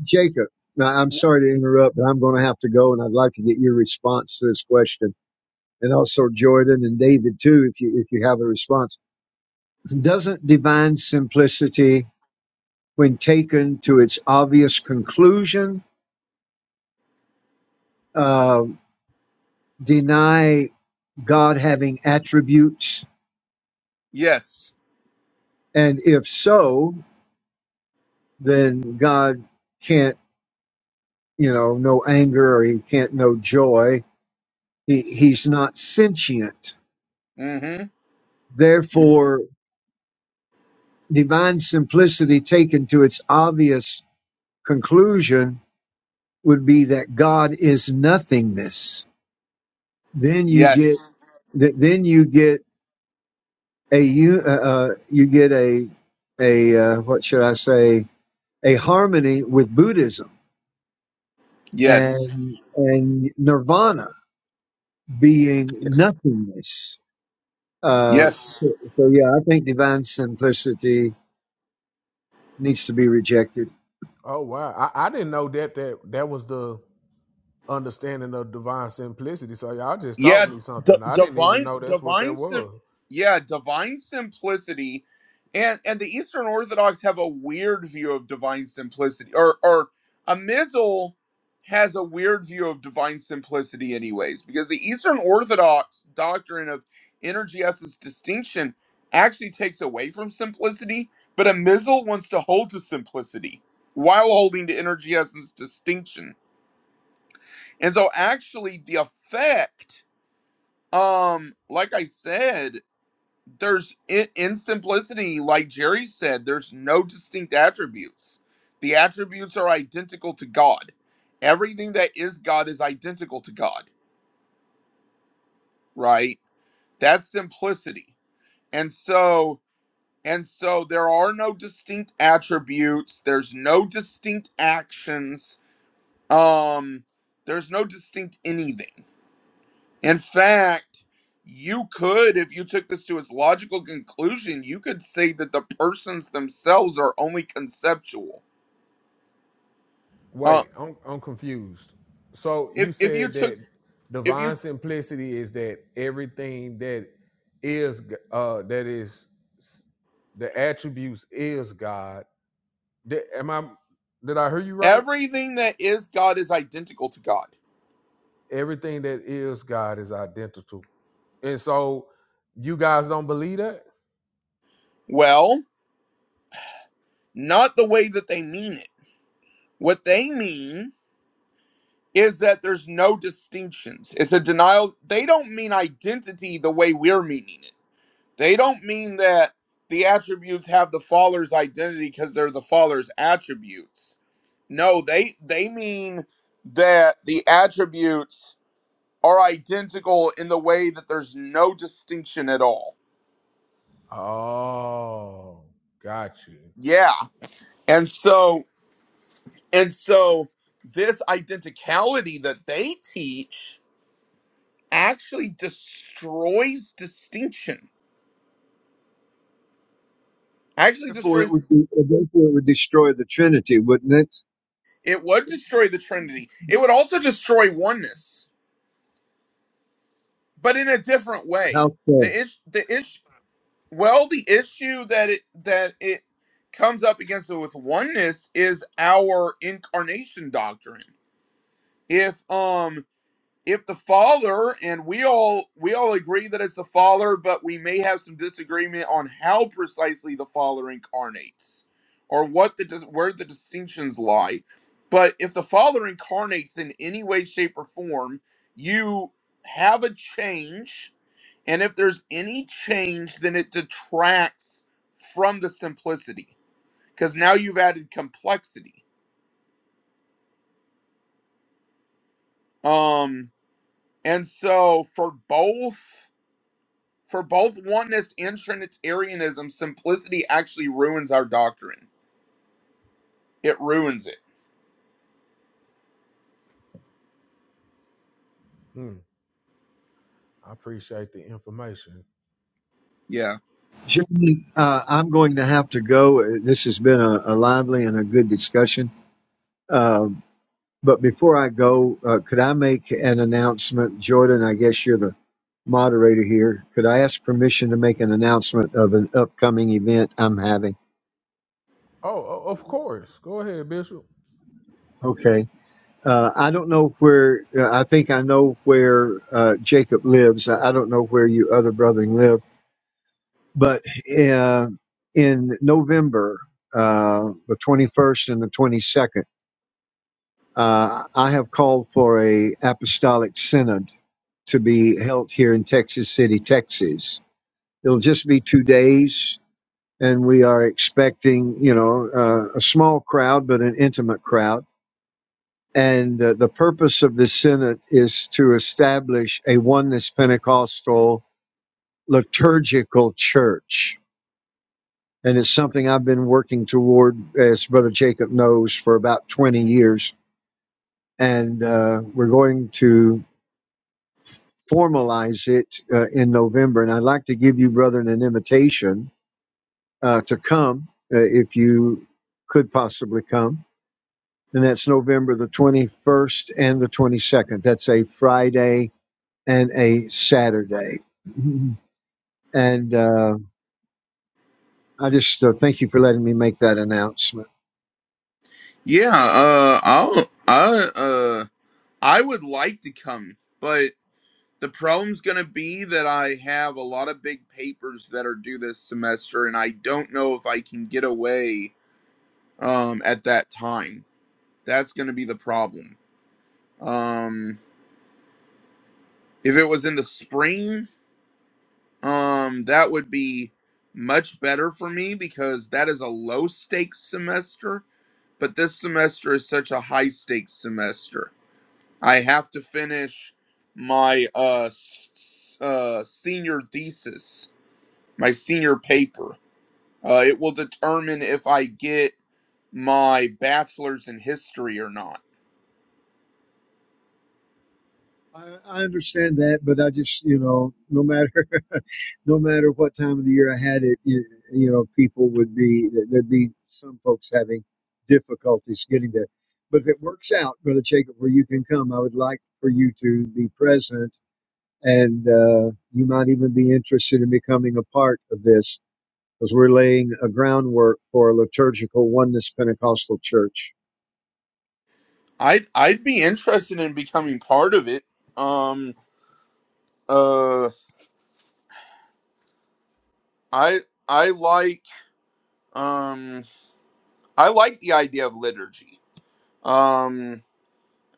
Jacob, now I'm
w-
sorry to interrupt, but I'm going to have to go, and I'd like to get your response to this question, and also Jordan and David too, if you if you have a response. Doesn't divine simplicity, when taken to its obvious conclusion, uh, deny God having attributes?
yes.
And if so, then God can't, you know, know anger or He can't know joy He, he's not sentient.
Mhm. mhm.
Therefore, divine simplicity taken to its obvious conclusion would be that God is nothingness. Then you get
Yes.
th- then you get a u- uh, uh, you get a a uh, what should I say a harmony with Buddhism
Yes.
and and nirvana being
Yes.
nothingness. Uh,
Yes.
so so yeah, I think divine simplicity needs to be rejected.
Oh wow, I, I didn't know that that that was the understanding of divine simplicity. So y'all just taught
yeah
me
d-
something. I didn't even
divine
know that's what that
divine sim-
was.
yeah divine simplicity and and the eastern orthodox have a weird view of divine simplicity or or a missile has a weird view of divine simplicity anyways because the eastern orthodox doctrine of energy essence distinction actually takes away from simplicity but a missile wants to hold to simplicity while holding to energy essence distinction and so actually the effect um, like I said, there's in, in simplicity, like Jerry said, there's no distinct attributes. The attributes are identical to God. Everything that is God is identical to God, right? That's simplicity. And so and so there are no distinct attributes, there's no distinct actions. Um, there's no distinct anything. In fact, you could, if you took this to its logical conclusion, you could say that the persons themselves are only conceptual. Uh,
Wait, I'm I'm confused. So you
if if you
said
took
that
if
divine
you
simplicity is that everything that is uh that is the attributes is God. Did, am I did I hear you right?
everything that is God is identical to God.
Everything that is God is identical. And so you guys don't believe that?
Well, not the way that they mean it. What they mean is that there's no distinctions. It's a denial. They don't mean identity the way we're meaning it. They don't mean that the attributes have the Father's identity because they're the Father's attributes No, they they mean that the attributes are identical in the way that there's no distinction at all.
Oh, got you.
Yeah. And so and so this identicality that they teach actually destroys distinction. Actually
Therefore, it
destroys
would be, therefore it would destroy the Trinity, wouldn't it?
it would destroy the trinity. It would also destroy oneness, but in a different way.
How so?
The issue the issue Well, the issue that it that it comes up against with oneness is our incarnation doctrine. If um if the Father and we all we all agree that it's the Father, but we may have some disagreement on how precisely the Father incarnates or what the dis- where the distinctions lie. But if the Father incarnates in any way, shape, or form, you have a change and if there's any change, then it detracts from the simplicity because now you've added complexity. Um, and so for both for both oneness and Trinitarianism, simplicity actually ruins our doctrine. It ruins it.
Hmm. I appreciate the information.
Yeah,
Gentlemen, uh, I'm going to have to go. Uh, This has been a, a lively and a good discussion. Um, but before I go, uh, could I make an announcement? Jordan, I guess you're the moderator here. Could I ask permission to make an announcement of an upcoming event I'm having?
Oh, o- of course. Go ahead, Bishop.
Okay. Uh, I don't know where, uh, I think I know where uh, Jacob lives. I I don't know where you other brethren live But uh, in November, uh, the 21st and the 22nd, uh, I have called for a apostolic synod to be held here in Texas City, Texas. It'll just be two days, and we are expecting, you know, uh, a small crowd but an intimate crowd. And uh, the purpose of this synod is to establish a oneness Pentecostal liturgical church and it's something I've been working toward, as Brother Jacob knows, for about 20 years. And uh, we're going to formalize it uh, in November. And I'd like to give you, brethren, an invitation uh, to come uh, if you could possibly come. And that's November the 21st and the 22nd. That's a Friday and a Saturday. And uh, I just uh, thank you for letting me make that announcement.
yeah. Uh, I'll, I, uh, I would like to come, but the problem's gonna be that I have a lot of big papers that are due this semester, and I don't know if I can get away um, at that time. That's going to be the problem. Um, if it was in the spring, um, that would be much better for me because that is a low stakes semester. But this semester is such a high stakes semester. I have to finish my uh, s- uh, senior thesis, my senior paper. Uh, it will determine if I get my bachelor's in history or not
I, I understand that, but I just, you know, no matter, no matter what time of the year I had it, you, you know, people would be, there'd be some folks having difficulties getting there. But if it works out, Brother Jacob, where you can come, I would like for you to be present and uh, you might even be interested in becoming a part of this because we're laying a groundwork for a liturgical oneness Pentecostal church.
I'd I'd be interested in becoming part of it. Um uh I I like um I like the idea of liturgy. Um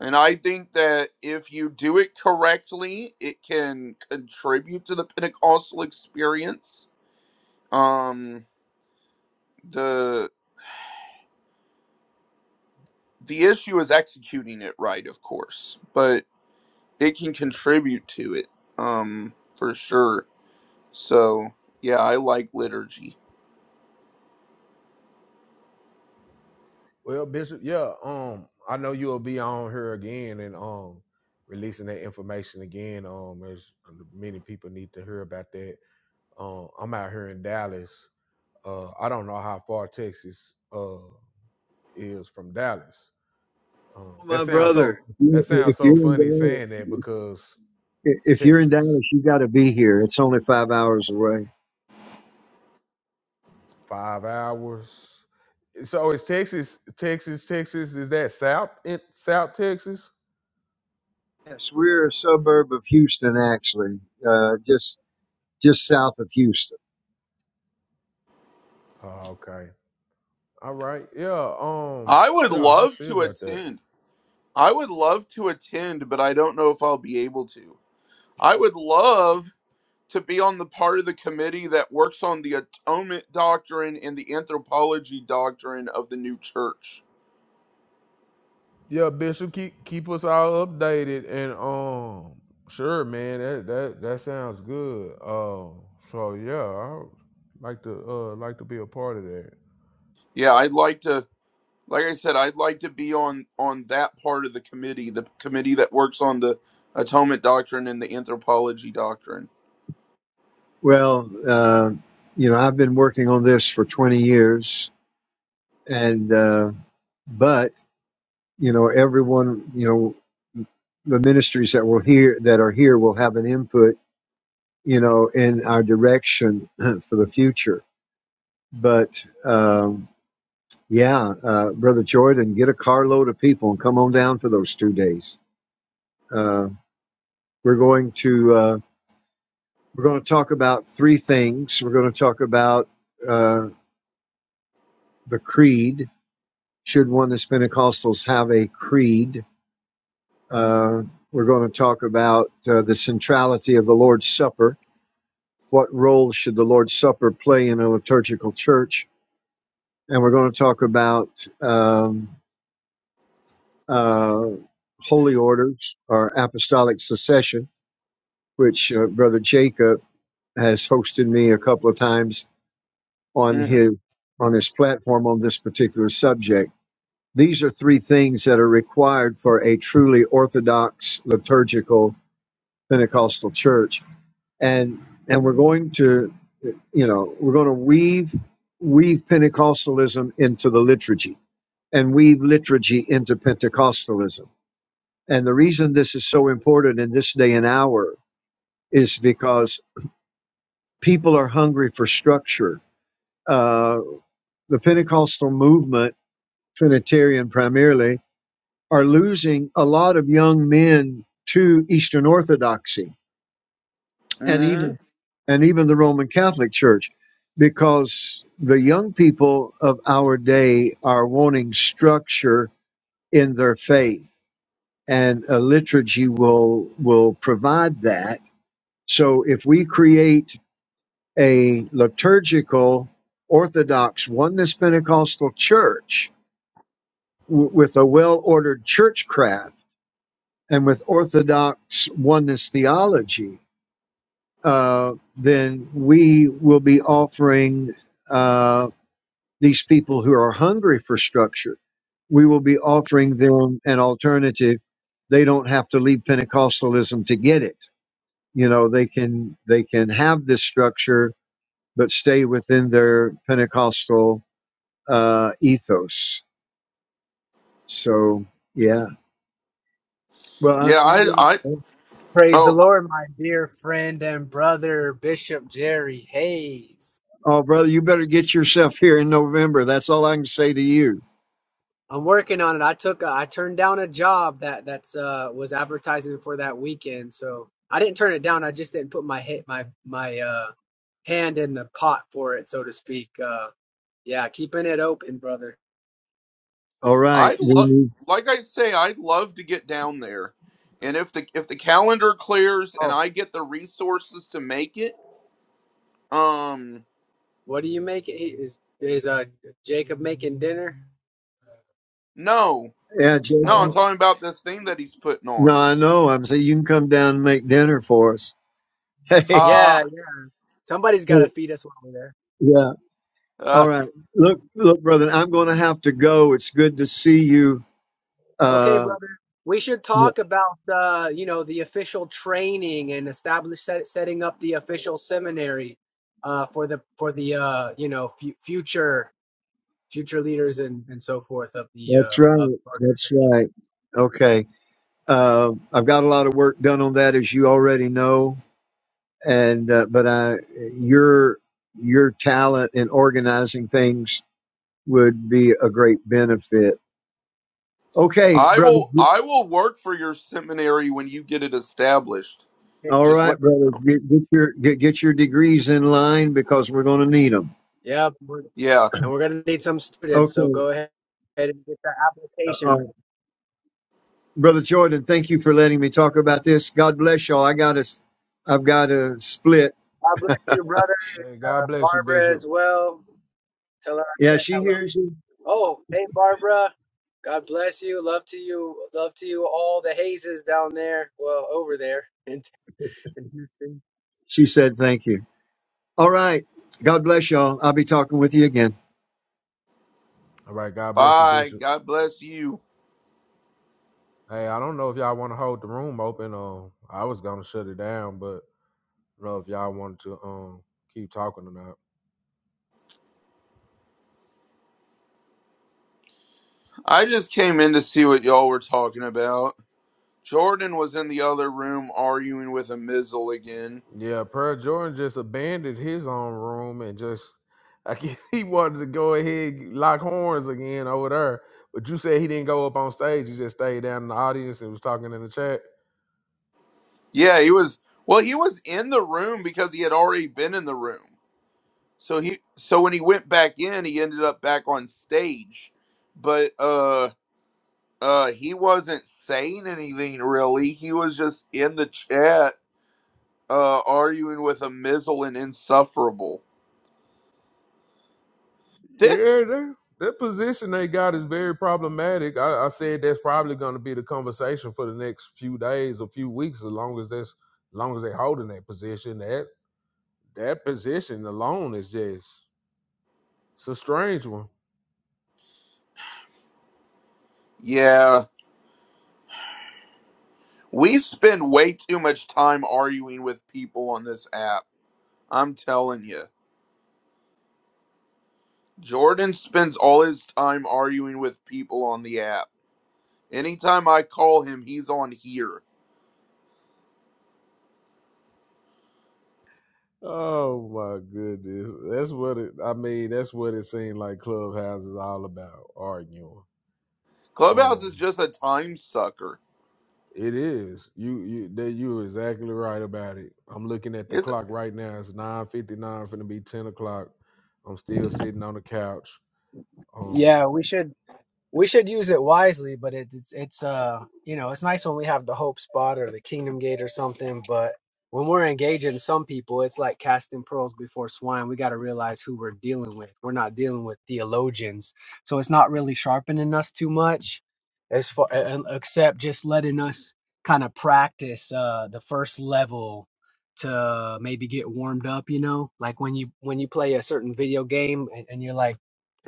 and I think that if you do it correctly, it can contribute to the Pentecostal experience. Um the the issue is executing it right, of course, but it can contribute to it. Um for sure. So, yeah, I like liturgy.
Well, Bishop, yeah, um, I know you'll be on here again and um releasing that information again. Um, as many people need to hear about that. Um, I'm out here in Dallas. Uh, I don't know how far Texas uh is from Dallas. Um, that
My
sounds
brother,
so
if
that
you're,
sounds
if you're
so
in
funny saying that
Dallas,
because
If you're in
Texas
Dallas, you got to be here. It's only five hours away.
five hours. So is Texas, Texas, Texas? Is that South in South Texas?
Yes, we're a suburb of Houston, actually, uh, just just south of Houston.
Oh, okay. All right. Yeah. Um.
I would
Yeah. I'll
love
see
to
about that.
attend. I would love to attend, but I don't know if I'll be able to. I would love to be on the part of the committee that works on the atonement doctrine and the anthropology doctrine of the new church.
Yeah, Bishop, keep keep us all updated and um. Sure, man. That that that sounds good. Um. So yeah, I like to uh like to be a part of that.
Yeah, I'd like to like I said, I'd like to be on on that part of the committee, the committee that works on the atonement doctrine and the anthropology doctrine.
Well, uh, you know, I've been working on this for 20 years, and uh, but you know, everyone, you know, the ministries that will here that are here will have an input, you know, in our direction for the future. But um, yeah, uh, brother Jordan, get a carload of people and come on down for those two days. Uh, we're going to uh, we're going to talk about three things. We're going to talk about uh, the creed. Should one as Pentecostals have a creed? Uh, we're going to talk about uh, the centrality of the Lord's Supper. What role should the Lord's Supper play in a liturgical church? And we're going to talk about um, uh, holy orders or apostolic succession, which uh, Brother Jacob has hosted me a couple of times on
hmm
his on his platform on this particular subject. These are three things that are required for a truly orthodox liturgical Pentecostal church, and and we're going to you know we're going to weave weave Pentecostalism into the liturgy and weave liturgy into Pentecostalism. And the reason this is so important in this day and hour is because people are hungry for structure. Uh, the Pentecostal movement Trinitarian primarily, are losing a lot of young men to Eastern Orthodoxy and
hmm
even and even the Roman Catholic Church, because the young people of our day are wanting structure in their faith, and a liturgy will will provide that. So if we create a liturgical Orthodox Oneness Pentecostal church w- with a well-ordered churchcraft and with Orthodox oneness theology, uh, then we will be offering uh, these people who are hungry for structure, we will be offering them an alternative. They don't have to leave Pentecostalism to get it. You know, they can they can have this structure, but stay within their Pentecostal uh, ethos. So yeah. Well,
Yeah,
I, I'm
I
going. to
I
Praise the
oh
Lord, my dear friend and brother, Bishop Jerry Hayes.
Oh, brother, you better get yourself here in November. That's all I can say to you.
I'm working on it. I took a, I turned down a job that that's uh was advertising for that weekend. So I didn't turn it down. I just didn't put my hit my my uh hand in the pot for it, so to speak. Uh yeah, keeping it open, brother.
All right.
I'd
We
lo-
need,
like I say, I'd love to get down there, and if the if the calendar clears and
Oh,
I get the resources to make it, um,
what do you make Is is uh Jacob making dinner?
no,
yeah,
no, I'm
Jacob.
Oh.
talking about this thing that he's putting
No,
on.
I know. I'm saying you can come down and make dinner for us. Hey,
Yeah,
Ha!
yeah. somebody's got to feed us while we're there.
yeah. All
Uh,
right. Look, look, brother, I'm going to have to go. It's good to see you.
Okay,
Uh,
brother. We should
yeah,
talk about uh, you know, the official training and establish set, setting up the official seminary uh for the for the uh, you know, fu future future leaders and and so forth of the uh
that's
of
right.
the
That's right. Okay. Uh, I've got a lot of work done on that, as you already know. And, uh, but I, your, your talent in organizing things would be a great benefit. Okay,
I
brother.
will, I will work for your seminary when you get it established.
organization.
All
Just let
right,
me
brother.
know.
Get, get your get, get your degrees in line because we're going to need them.
Yep. We're,
Yeah.
and we're going to need some students, so
Okay,
go ahead and get that
uh,
application.
uh,
ready.
brother Jordan. Thank you for letting me talk about this. God bless y'all. I got to. I've got to split.
God bless you, brother.
Hey, God
Uh,
bless you,
Barbara
Bishop.
as well. Tell her I
Yeah,
said
she
hello.
hears you.
Oh, hey Barbara. God bless you. Love to you. Love to you all the hazes down there. Well, over there. in in
She said thank you. All right. God bless y'all. I'll be talking with you again.
All right. God bless you,
Bye.
Bishop.
God bless you.
Hey, I don't know if y'all want to hold the room open. Um, I was gonna shut it down, but I don't know if y'all wanted to um keep talking or not.
I just came in to see what y'all were talking about. Jordan was in the other room arguing with a mizzle again.
Yeah, Per Jordan just abandoned his own room and just I guess he wanted to go ahead and lock horns again over there. But you said he didn't go up on stage; he just stayed down in the audience and was talking in the chat.
Yeah, he was. Well, he was in the room because he had already been in the room. So he so when he went back in, he ended up back on stage, but uh uh he wasn't saying anything really. He was just in the chat uh arguing with a mizzle and insufferable. This
Yeah, that that position they got is very problematic. I, I said that's probably going to be the conversation for the next few days, a few weeks, as long as that's as long as they holding that position. That that position alone is just it's a strange one.
yeah, we spend way too much time arguing with people on this app. I'm telling you. Jordan spends all his time arguing with people on the app. Anytime I call him, he's on here.
Oh my goodness. That's what it I mean, that's what it seemed like Clubhouse is all about, arguing.
Clubhouse
Um
is just a time sucker.
it is. You you that you're exactly right about it. I'm looking at the
Is it?
clock right now. It's nine fifty nine, finna be ten o'clock. I'm still sitting on the couch. Um
Yeah, we should we should use it wisely, but it, it's it's uh you know it's nice when we have the hope spot or the kingdom gate or something, but when we're engaging some people, it's like casting pearls before swine. We got to realize who we're dealing with. We're not dealing with theologians, so it's not really sharpening us too much, as far a- except just letting us kind of practice uh the first level to maybe get warmed up. You know, like when you when you play a certain video game and, and you're like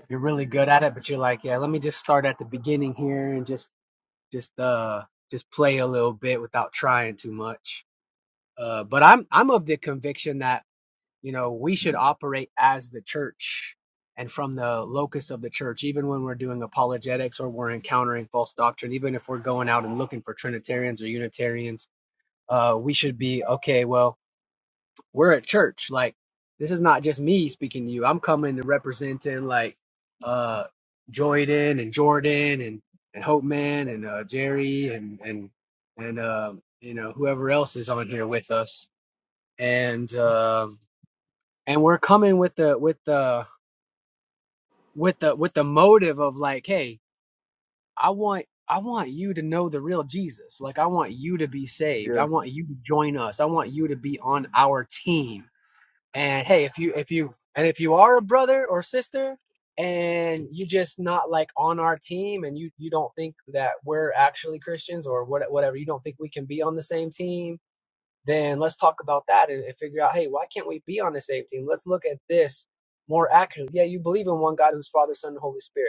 you're really good at it, but you're like, yeah, let me just start at the beginning here and just just uh just play a little bit without trying too much. Uh, but I'm I'm of the conviction that you know we should operate as the church and from the locus of the church, even when we're doing apologetics or we're encountering false doctrine, even if we're going out and looking for Trinitarians or Unitarians, uh, we should be okay. Well, we're at church. Like this is not just me speaking to you. I'm coming to representing like uh Joyden and Jordan and and Hope Man and uh Jerry and and and um you know whoever else is on here with us. And um and we're coming with the with the with the with the motive of like, hey, I want I want you to know the real Jesus. Like I want you to be saved. I
Yeah.
want you to join us. I want you to be on our team And hey, if you if you and if you are a brother or sister and you are just not like on our team and you you don't think that we're actually Christians or what whatever, you don't think we can be on the same team, then let's talk about that and, and figure out, hey, why can't we be on the same team? Let's look at this more accurately. Yeah, you believe in one God who's Father, Son, and Holy Spirit.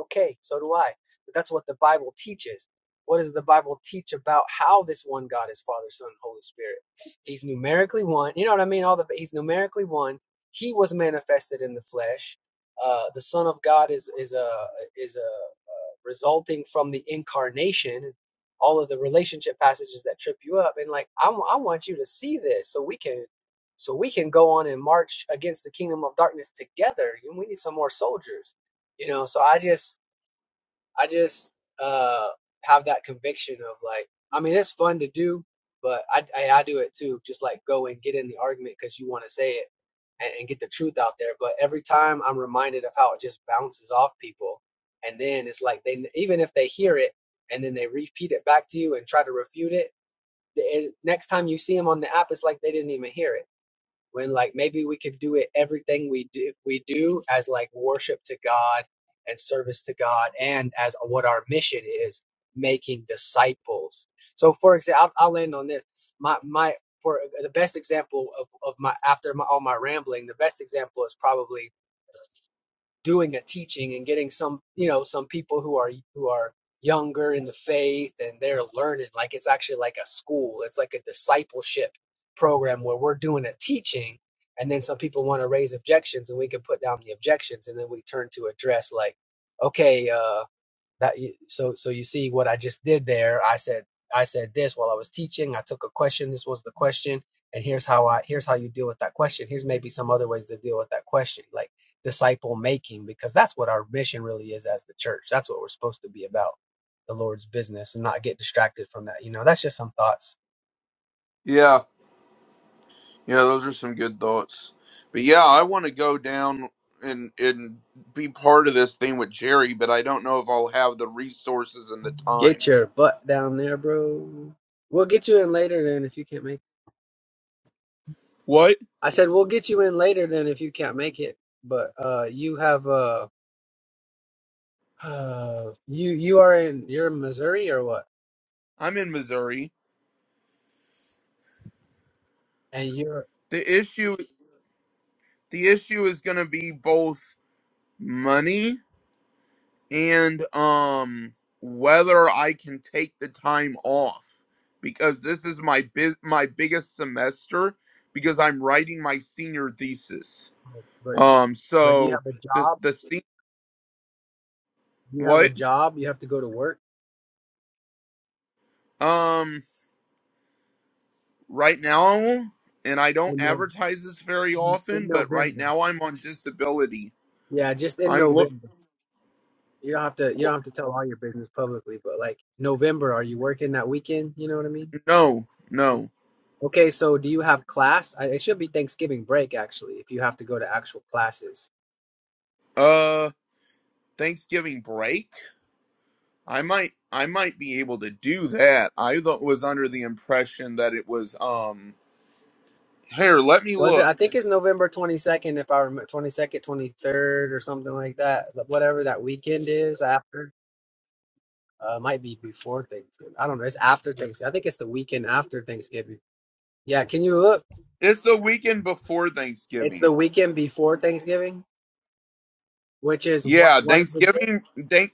Okay, so do I. But that's what the Bible teaches. What does the Bible teach about how this one God is Father, Son, and Holy Spirit? He's numerically one. You know what I mean? All the he's numerically one. He was manifested in the flesh. Uh, the Son of God is is a is a resulting from the incarnation. All of the relationship passages that trip you up, and like I, I want you to see this so we can so we can go on and march against the kingdom of darkness together. And we need some more soldiers you know so i just I just uh have that conviction of like, I mean, it's fun to do, but I I, I do it too. Just like go and get in the argument because you want to say it and, and get the truth out there. But every time I'm reminded of how it just bounces off people, and then it's like they even if they hear it and then they repeat it back to you and try to refute it. The, eh, next time you see them on the app, it's like they didn't even hear it when like maybe we could do it everything we do we do as like worship to God and service to God and as what our mission is making disciples. So for example, I'll, I'll end on this. My my for the best example of, of my after my all my rambling, the best example is probably doing a teaching and getting some you know some people who are who are younger in the faith and they're learning like it's actually like a school it's like a discipleship program where we're doing a teaching and then some people want to raise objections and we can put down the objections and then we turn to address like okay uh that so so you see what I just did there. I said I said this while I was teaching. I took a question. This was the question, and here's how I here's how you deal with that question. Here's maybe some other ways to deal with that question, like disciple making, because that's what our mission really is as the church. That's what we're supposed to be about, the Lord's business, and not get distracted from that. You know, that's just some thoughts.
Yeah. Yeah, those are some good thoughts. But yeah, I want to go down and and be part of this thing with Jerry, but I don't know if I'll have the resources and the
Get
time.
your butt down there, bro. We'll get you in later then if you can't make. it.
What?
I said we'll get you in later then if you can't make it. But uh, you have uh Uh, you you are in you're in Missouri or what?
I'm in Missouri.
And you're
The issue the issue is going to be both money and um whether I can take the time off because this is my biz- my biggest semester because I'm writing my senior thesis.
oh, but
Um
but do you
so
have a
the
job?
the se-
Do you have a
what
job? You have to go to work
um right now and I don't
in, No-
advertise this very
in, in
often but right
November.
now I'm on disability.
Yeah, just in
I'm look
November. You don't have to you don't
w-
have to tell all your business publicly, but like November, are you working that weekend? You know what I mean?
no, no.
Okay, so do you have class? I, it should be Thanksgiving break actually, if you have to go to actual classes.
Uh Thanksgiving break I might I might be able to do that. I thought was under the impression that it was um here, let me
Was it?
look.
I think it's November 22nd, if I remember, 22nd, 23rd, or something like that. Whatever that weekend is after. Uh, it might be before Thanksgiving. I don't know. It's after Thanksgiving. I think it's the weekend after Thanksgiving. Yeah, can you look?
It's the weekend before
It's the
Thanksgiving.
weekend before Thanksgiving, which is what
Yeah,
what is the day?
Thanksgiving thank,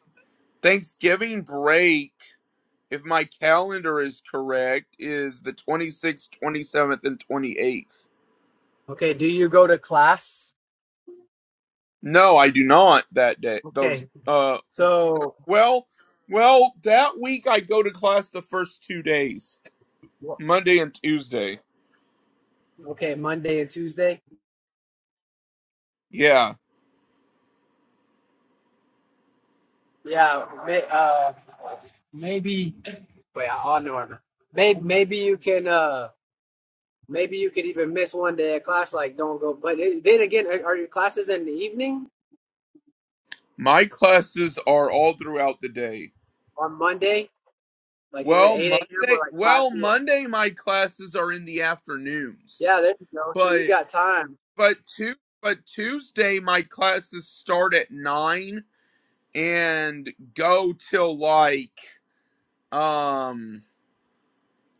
Thanksgiving break, if my calendar is correct, is the 26th, 27th and 28th.
Okay, do you go to class?
No, I do not that day. Those
Okay.
uh
So
well, well, that week I go to class the first 2 days,
wha-
Monday and Tuesday.
okay, Monday and Tuesday.
Yeah.
Yeah, may, uh maybe wait, I will know. Maybe maybe you can uh maybe you could even miss one day of class like don't go but it, then again are, are your classes in the evening
My classes are all throughout the day.
on Monday? Like is it
Well,
8 a.m. or
Monday,
like 5
well,
p.m.?
Monday my classes are in the afternoons.
Yeah, there you go. So you
But
got time.
but tu- but Tuesday my classes start at 9 and go till like um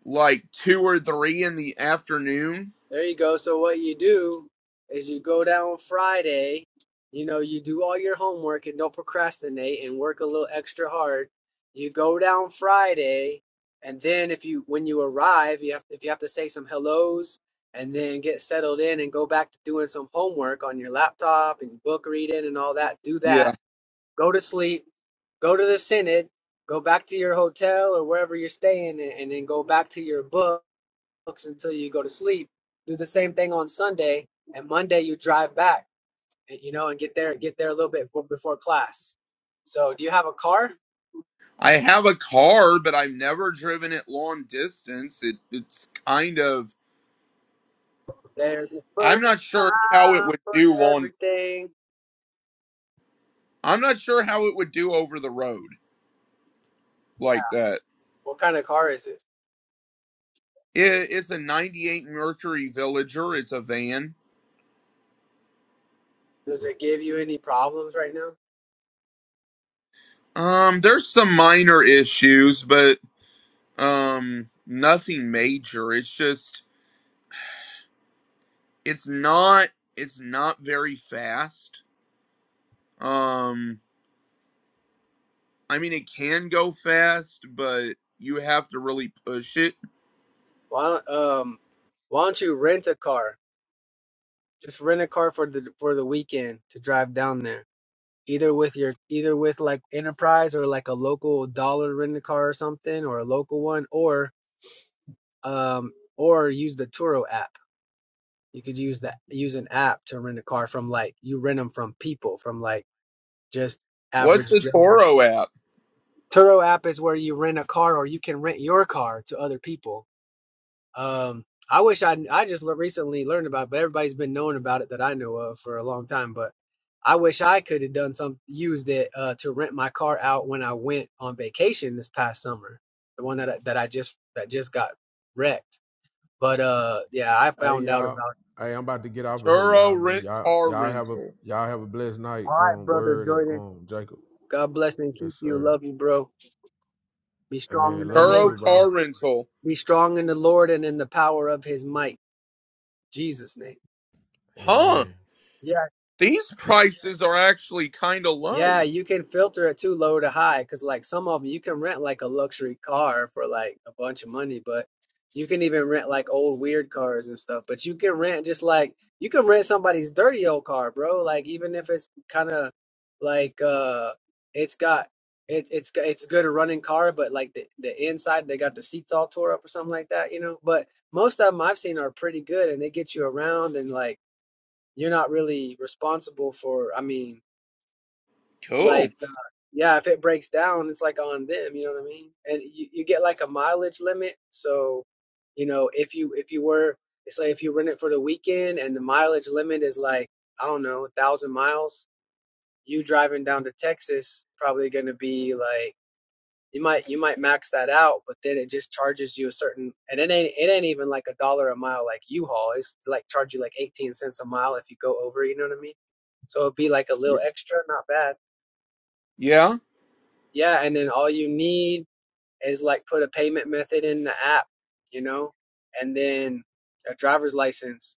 like 2 or 3 in the afternoon.
There you go. So what you do is you go down Friday, you know, you do all your homework and don't procrastinate and work a little extra hard. You go down Friday, and then if you when you arrive, you have if you have to say some hellos and then get settled in and go back to doing some homework on your laptop and book reading and all that, do
Yeah.
that. Go to sleep, go to the synod, go back to your hotel or wherever you're staying and, and then go back to your book books until you go to sleep. Do the same thing on Sunday, and Monday you drive back, and, you know, and get there, get there a little bit before, before class. So, do you have a car?
I have a car, but I've never driven it long distance. It it's kind of
There's a
I'm
first
not
time
sure how it would
for
do long
everything.
I'm not sure how it would do over the road
Yeah.
like that.
What kind of car is it?
It, it's a 98 Mercury Villager. It's a van.
Does it give you any problems right now?
Um, there's some minor issues, but um, nothing major. It's just it's not it's not very fast. Um, I mean it can go fast, but you have to really push it.
Why don't, um, why don't you rent a car? Just rent a car for the for the weekend to drive down there. Either with your either with like Enterprise or like a local dollar rent a car or something or a local one, or um, or use the Turo app. You could use that use an app to rent a car from like you rent them from people from like just
What's
average
the
Joe.
Toro app?
Turo app is where you rent a car or you can rent your car to other people. Um, I wish I I just le- recently learned about, it, but everybody's been knowing about it that I know of for a long time. But I wish I could have done some used it uh, to rent my car out when I went on vacation this past summer, the one that I, that I just that just got wrecked. But uh, yeah, I
Hey
found out
y'all.
about.
Hey, I'm about to get off of here, y'all,
Turo
man.
Rent
Y'all
Car
y'all have a
Rental.
y'all have a blessed night,
All right,
um,
brother
word and
Jordan.
um Jacob.
God bless and keep
Yes,
you.
sir.
Love you, bro. Be strong in
Amen.
the
Love you
Lord.
Turo
too, bro.
Car Rental.
Be strong in the Lord and in the power of his might. Jesus' name.
Huh?
Amen.
These prices are actually kind of
Yeah,
low.
you can filter it too low to high because like some of them you can rent like a luxury car for like a bunch of money, but you can even rent like old weird cars and stuff. But you can rent just like you can rent somebody's dirty old car, bro. Like even if it's kind of like uh it's got it, it's g- it's good a running car, but like the the inside they got the seats all tore up or something like that, you know. But most of them I've seen are pretty good and they get you around and like you're not really responsible for, I mean
Cool.
like, uh, yeah, if it breaks down, it's like on them. You know what I mean? And you, you get like a mileage limit. So, you know, if you if you were, it's like if you rent it for the weekend and the mileage limit is like I don't know, a thousand miles. You driving down to Texas probably going to be like you might you might max that out, but then it just charges you a certain and it ain't it ain't even like a dollar a mile like U-Haul. It's like charge you like eighteen cents a mile if you go over. You know what I mean? So it'd be like a
Y-
little extra, not bad.
Yeah.
Yeah, and then all you need is like put a payment method in the app, you know, and then a driver's license.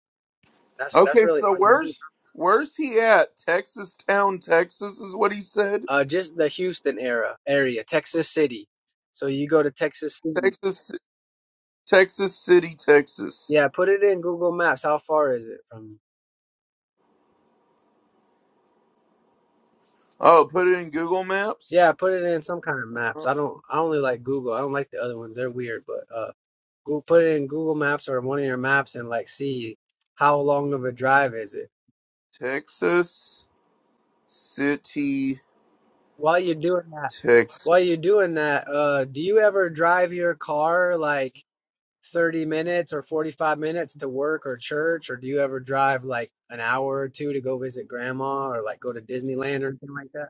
That's that's
Okay,
really
so
all you need.
where's where's he at? Texas Town, Texas is what he said.
Uh, just the Houston era area, Texas City. So you go to Texas City.
Texas Texas City, Texas.
Yeah, put it in Google Maps. How far is it from? you?
Oh, put it in Google Maps.
Yeah, put it in some kind of maps.
Uh,
I don't. I only like Google. I don't like the other ones. They're weird. But uh, go put it in Google Maps or one of your maps and like see how long of a drive is it.
Texas City,
While you're doing that.
Texas.
While you're doing that, uh, do you ever drive your car like 30 minutes or 45 minutes to work or church, or do you ever drive like an hour or two to go visit grandma or like go to Disneyland or anything like that?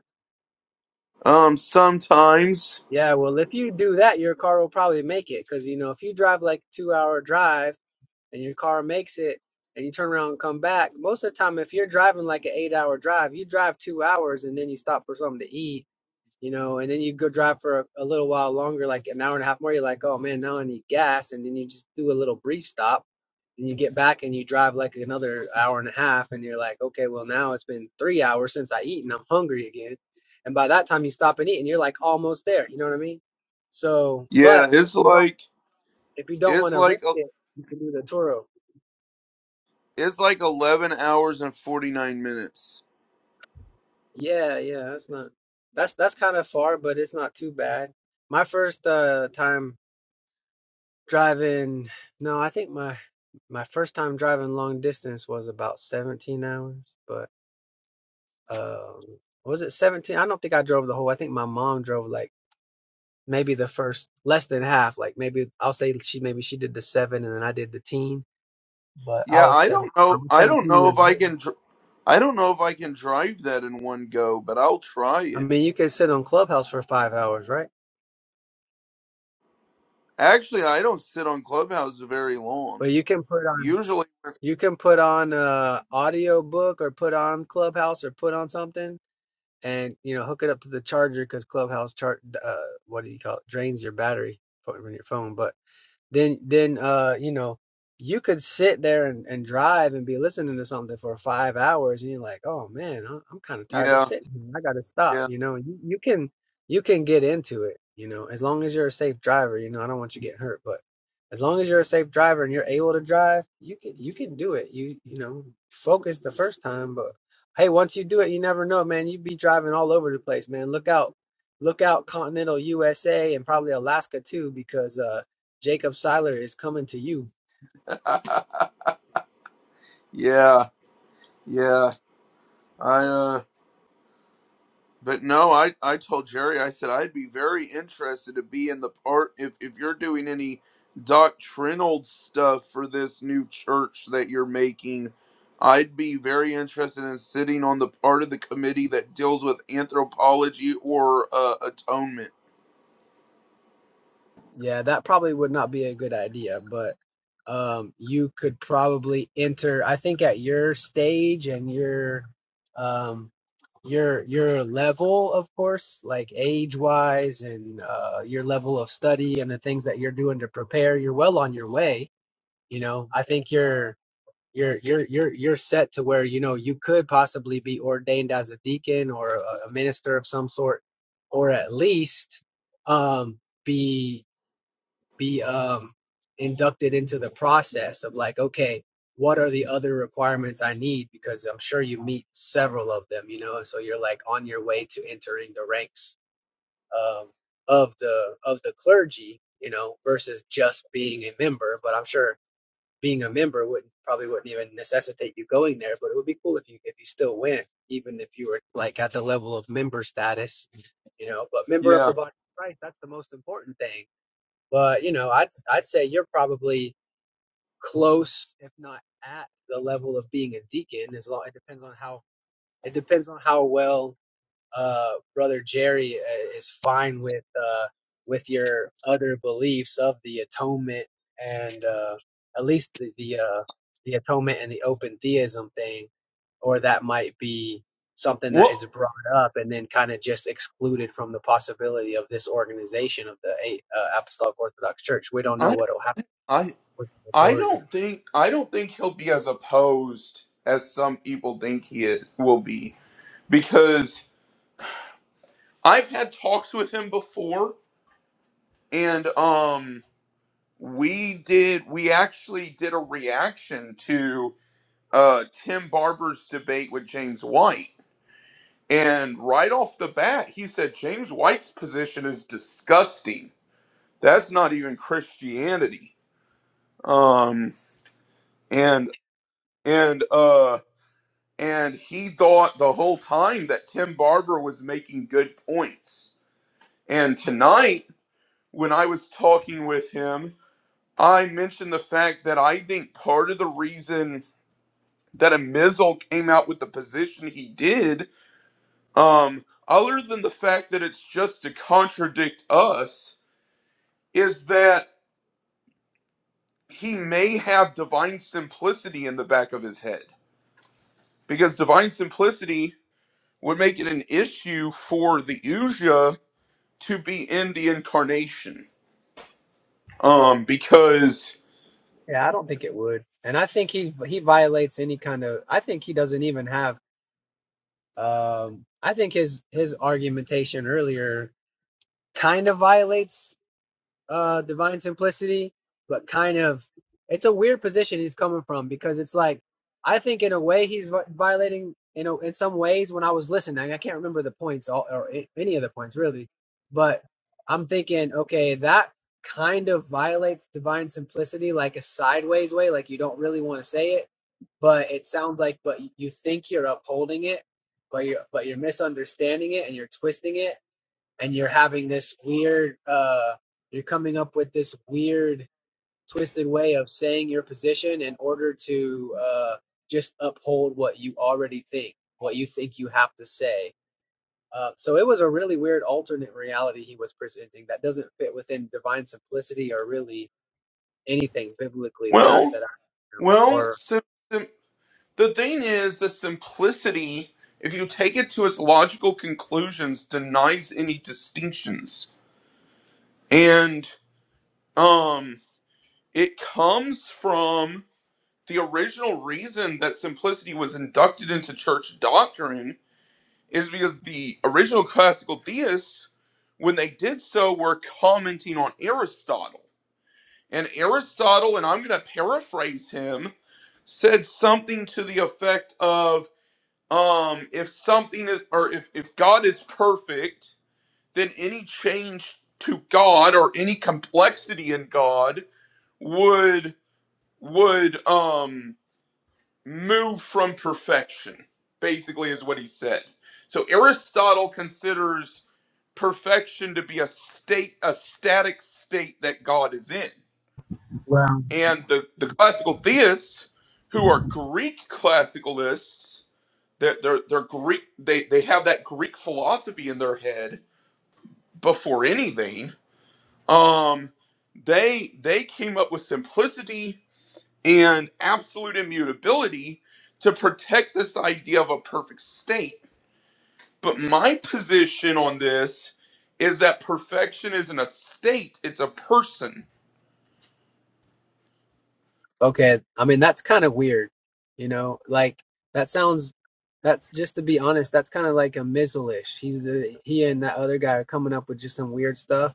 Um sometimes
Yeah, well, if you do that, your car will probably make it because you know if you drive like two hour drive and your car makes it and you turn around and come back, most of the time if you're driving like an eight hour drive, you drive two hours and then you stop for something to eat you know, and then you go drive for a, a little while longer, like an hour and a half more. You're like, oh man, now I need gas. And then you just do a little brief stop and you get back and you drive like another hour and a half. And you're like, okay, well, now it's been three hours since I eat and I'm hungry again. And by that time you stop and eat and you're like almost there. You know what I mean? So,
yeah,
but if
it's
you don't,
like
if you don't
it's
want to risk
like a-
it, you can do the Toro.
it's like 11 hours and 49 minutes.
Yeah, yeah, that's not, that's, that's kind of far, but it's not too bad. My first uh, time Driving, no, I think my my first time driving long distance was about 17 hours, but um was it 17? I don't think I drove the whole. I think my mom drove like maybe the first less than half, like maybe I'll say she maybe she did the 7 and then I did the teen, but I
Yeah,
was
I
7
don't
I
know.
was
I don't
17
know
years
if I
old.
can I don't know if I can drive that in one go, but I'll try
I
it.
mean, you can sit on Clubhouse for 5 hours, right?
Actually, I don't sit on Clubhouse very long.
But you can put on
Usually,
you can put on a audio book or put on Clubhouse or put on something and you know hook it up to the charger because Clubhouse chart uh, what do you call it drains your battery from your phone. But then then uh you know you could sit there and, and drive and be listening to something for five hours and you're like oh man I- i'm kind of tired of
yeah,
sitting here. i gotta stop
yeah,
you know you, you can you can get into it you know as long as you're a safe driver you know i don't want you getting hurt but as long as you're a safe driver and you're able to drive you can you can do it you you know focus the first time but hey once you do it you never know man you'd be driving all over the place man look out look out continental usa and probably alaska too because uh Jacob Siler is coming to you.
yeah, yeah. I uh but no, I I told Jerry I said I'd be very interested to be in the part if if you're doing any doctrinal stuff for this new church that you're making, I'd be very interested in sitting on the part of the committee that deals with anthropology or uh, atonement.
Yeah, that probably would not be a good idea, but um, you could probably enter. I think at your stage and your um, your your level, of course, like age wise and uh, your level of study and the things that you're doing to prepare, you're well on your way. You know, I think you're you're you're you're you're set to where you know you could possibly be ordained as a deacon or a, a minister of some sort or at least um be be um inducted into the process of like okay what are the other requirements i need because i'm sure you meet several of them you know and so you're like on your way to entering the ranks um of the of the clergy you know versus just being a member but i'm sure being a member wouldn't probably wouldn't even necessitate you going there, but it would be cool if you if you still went, even if you were like at the level of member status, you know. But member of the
Yeah.
body of Christ, that's the most important thing. But you know, I'd I'd say you're probably close, if not at the level of being a deacon. As long it depends on how it depends on how well uh, brother Jerry uh, is fine with uh, with your other beliefs of the atonement and uh, at least the the, uh, the atonement and the open theism thing, or that might be something that is
What?
brought up and then kind of just excluded from the possibility of this organization of the eight, uh, Apostolic Orthodox Church. We don't know
I
what will happen
I
with the
I
majority.
don't think I don't think he'll be as opposed as some people think he is, will be because I've had talks with him before and um we did we actually did a reaction to uh Tim Barber's debate with James White and right off the bat he said James White's position is disgusting. That's not even Christianity. Um and and uh And he thought the whole time that Tim Barber was making good points. And tonight, when I was talking with him, I mentioned the fact that I think part of the reason that a Mizzle came out with the position he did, um, other than the fact that it's just to contradict us, is that he may have divine simplicity in the back of his head. Because divine simplicity would make it an issue for the Uja to be in the incarnation. Um, because
Yeah, I don't think it would, and I think he he violates any kind of. I think he doesn't even have Um, I think his his argumentation earlier kind of violates uh divine simplicity, but kind of it's a weird position he's coming from because it's like I think in a way he's violating you know in some ways when I was listening I can't remember the points all, or any of the points really, but I'm thinking okay that kind of violates divine simplicity like a sideways way like you don't really want to say it but it sounds like but you think you're upholding it but you're but you're misunderstanding it and you're twisting it and you're having this weird uh you're coming up with this weird twisted way of saying your position in order to uh just uphold what you already think what you think you have to say uh, so it was a really weird alternate reality he was presenting that doesn't fit within divine simplicity or really anything biblically that i
well,
that i
well,
or
sim- sim- the thing is the simplicity. If you take it to its logical conclusions, denies any distinctions, and um, it comes from the original reason that simplicity was inducted into church doctrine is because the original classical theists, when they did so, were commenting on Aristotle And Aristotle, and I'm going to paraphrase him, said something to the effect of um, if something is, or if, if God is perfect, then any change to God or any complexity in God would would um, move from perfection. Basically, is what he said. So Aristotle considers perfection to be a state, a static state that God is in
well.
and the, the classical theists who are greek classicalists they're, they're, they're greek they, they have that greek philosophy in their head before anything um they they came up with simplicity and absolute immutability to protect this idea of a perfect state but my position on this is that perfection isn't a state it's a person
Okay, I mean that's kind of weird, you know. Like that sounds. That's just to be honest. That's kind of like a Mizzle-ish. He's a, he and that other guy are coming up with just some weird stuff.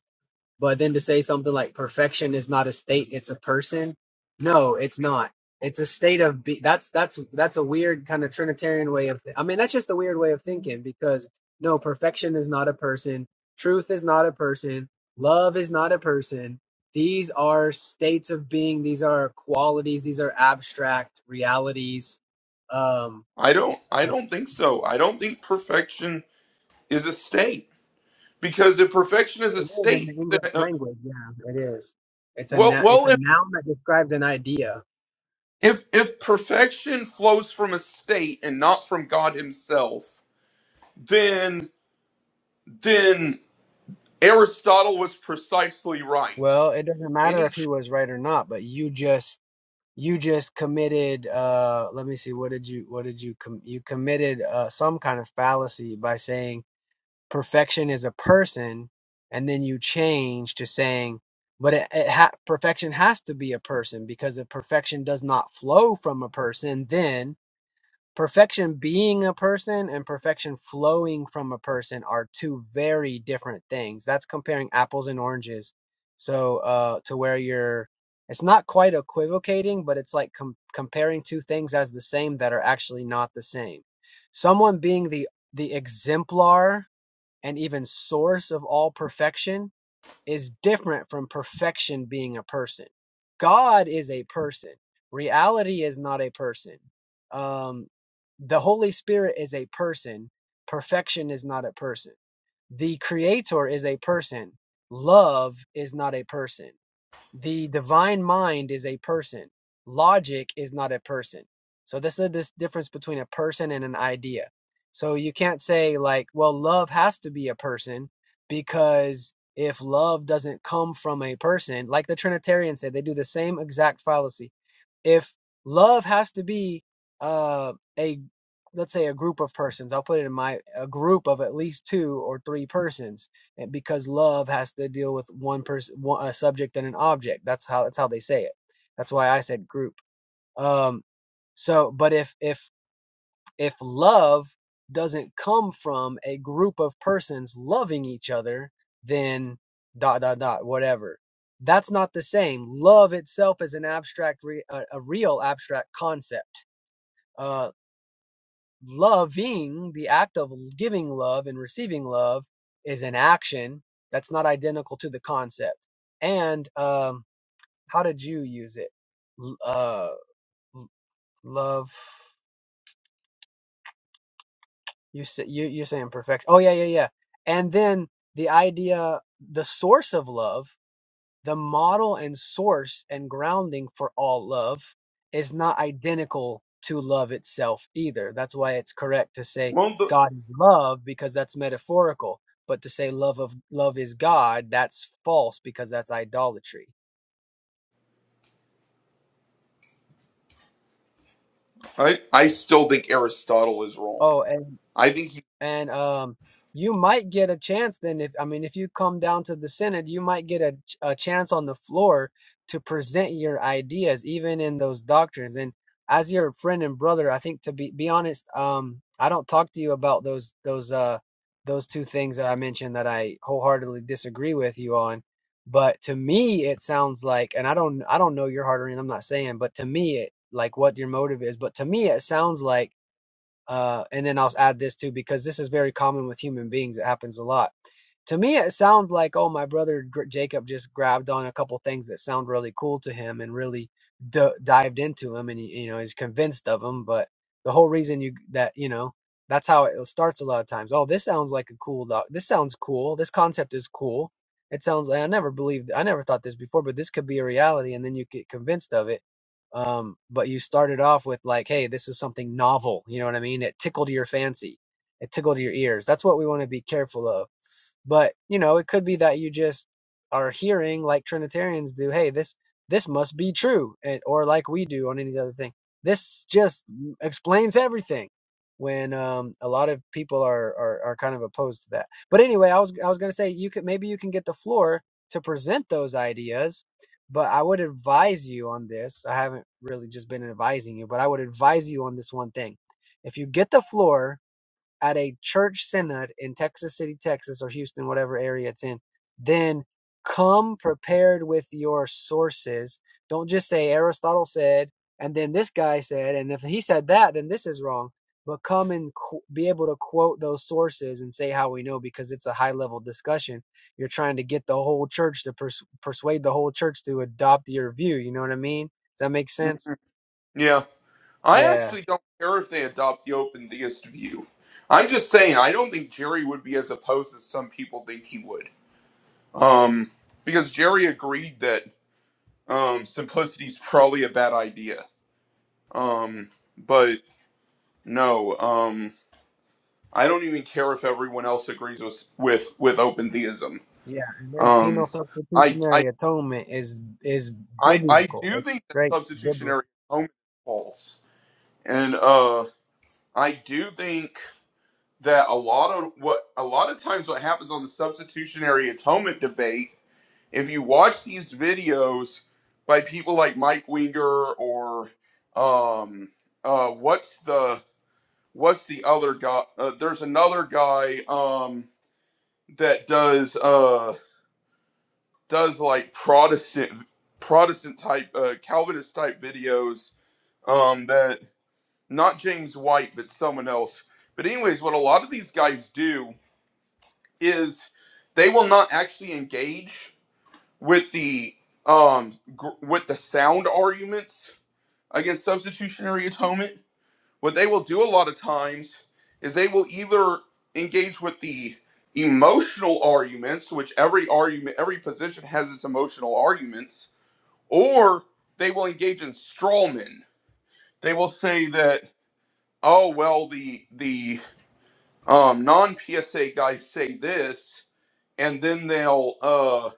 But then to say something like perfection is not a state, it's a person. No, it's not. It's a state of be- that's that's that's a weird kind of trinitarian way of Th- I mean that's just a weird way of thinking because no, perfection is not a person. Truth is not a person. Love is not a person. These are states of being. These are qualities. These are abstract realities. Um,
i don't i don't think so i don't think perfection is a state because if perfection is a
it is in the
state then,
English
uh,
language. Yeah, it is. It's a
well
nou- it's
well
a
if
noun that describes an idea
if if perfection flows from a state and not from god himself then then aristotle was precisely right
Well, it doesn't matter
any
if he
ch-
was right or not, but you just you just committed uh let me see what did you what did you com- you committed uh some kind of fallacy by saying perfection is a person and then you change to saying but it, it ha- perfection has to be a person because if perfection does not flow from a person then perfection being a person and perfection flowing from a person are two very different things. That's comparing apples and oranges. So uh to where you're it's not quite equivocating, but it's like com- comparing two things as the same that are actually not the same. Someone being the the exemplar and even source of all perfection is different from perfection being a person. God is a person. Reality is not a person. Um, the Holy Spirit is a person. Perfection is not a person. The Creator is a person. Love is not a person. The divine mind is a person. Logic is not a person. So this is this difference between a person and an idea. So you can't say like, well, love has to be a person because if love doesn't come from a person, like the Trinitarians say, they do the same exact fallacy if love has to be uh, a let's say a group of persons i'll put it in my a group of at least two or three persons because love has to deal with one person, one, a subject and an object. That's how that's how they say it. That's why I said group. Um, so, but if if if love doesn't come from a group of persons loving each other, then dot dot dot whatever. That's not the same. Love itself is an abstract, re- a, a real abstract concept. Uh, Loving, the act of giving love and receiving love, is an action that's not identical to the concept. And um, how did you use it? L- Uh, l- love. You say, you you're saying perfection. Oh yeah, yeah, yeah. And then the idea, the source of love the model and source and grounding for all love is not identical to love itself either. That's why it's correct to say
well the,
God is love because that's metaphorical, but to say love of love is God, that's false because that's idolatry.
i i still think aristotle is wrong
Oh, and.
i think he
and um you might get a chance then if i mean if you come down to the synod you might get a, a chance on the floor to present your ideas even in those doctrines and as your friend and brother i think to be be honest um i don't talk to you about those those uh those two things that i mentioned that i wholeheartedly disagree with you on but to me it sounds like and i don't i don't know your heart or anything i'm not saying but to me it like what your motive is but to me it sounds like uh, and then I'll add this too, because this is very common with human beings. It happens a lot. To me, it sounds like, oh, my brother Jacob just grabbed on a couple things that sound really cool to him and really d- dived into him, and you know, he's convinced of them. But the whole reason you that you know that's how it starts a lot of times. Oh, this sounds like a cool doc. This sounds cool. This concept is cool. It sounds like I never believed, I never thought this before, but this could be a reality, and then you get convinced of it um, but you started off with like, hey, this is something novel. You know what I mean? It tickled your fancy, it tickled your ears. That's what we want to be careful of. But, you know, it could be that you just are hearing like Trinitarians do, hey, this this must be true, and, or like we do on any other thing. This just explains everything. When um, a lot of people are, are are kind of opposed to that. But anyway, I was I was gonna say you could maybe you can get the floor to present those ideas but I would advise you on this. I haven't really just been advising you, but I would advise you on this one thing. If you get the floor at a church synod in Texas City, Texas, or Houston, whatever area it's in, then come prepared with your sources. Don't just say Aristotle said, and then this guy said, and if he said that, then this is wrong. But come and qu- be able to quote those sources and say how we know because it's a high level discussion. You're trying to get the whole church to pers- persuade the whole church to adopt your view. You know what I mean? Does that make sense?
yeah i
Yeah.
actually don't care if they adopt the open theist view i'm just saying i don't think jerry would be as opposed as some people think he would um because jerry agreed that Um, simplicity's probably a bad idea. Um, but no, um, I don't even care if everyone else agrees with with, with open theism.
Yeah, and then penal
Um, I, I
substitutionary atonement is is
I I
biblical.
do
It's
think that
great biblical.
substitutionary atonement is false, and uh, I do think that a lot of what a lot of times what happens on the substitutionary atonement debate, if you watch these videos by people like Mike Winger or um, uh, what's the what's the other guy? Uh, there's another guy um, that does uh, does like Protestant Protestant type uh, Calvinist type videos. Um, that not James White, but someone else. But anyways, what a lot of these guys do is they will not actually engage with the um gr- with the sound arguments against substitutionary atonement what they will do a lot of times is they will either engage with the emotional arguments which every argument every position has its emotional arguments or they will engage in straw men they will say that oh well the the um, non psa guys say this and then they'll uh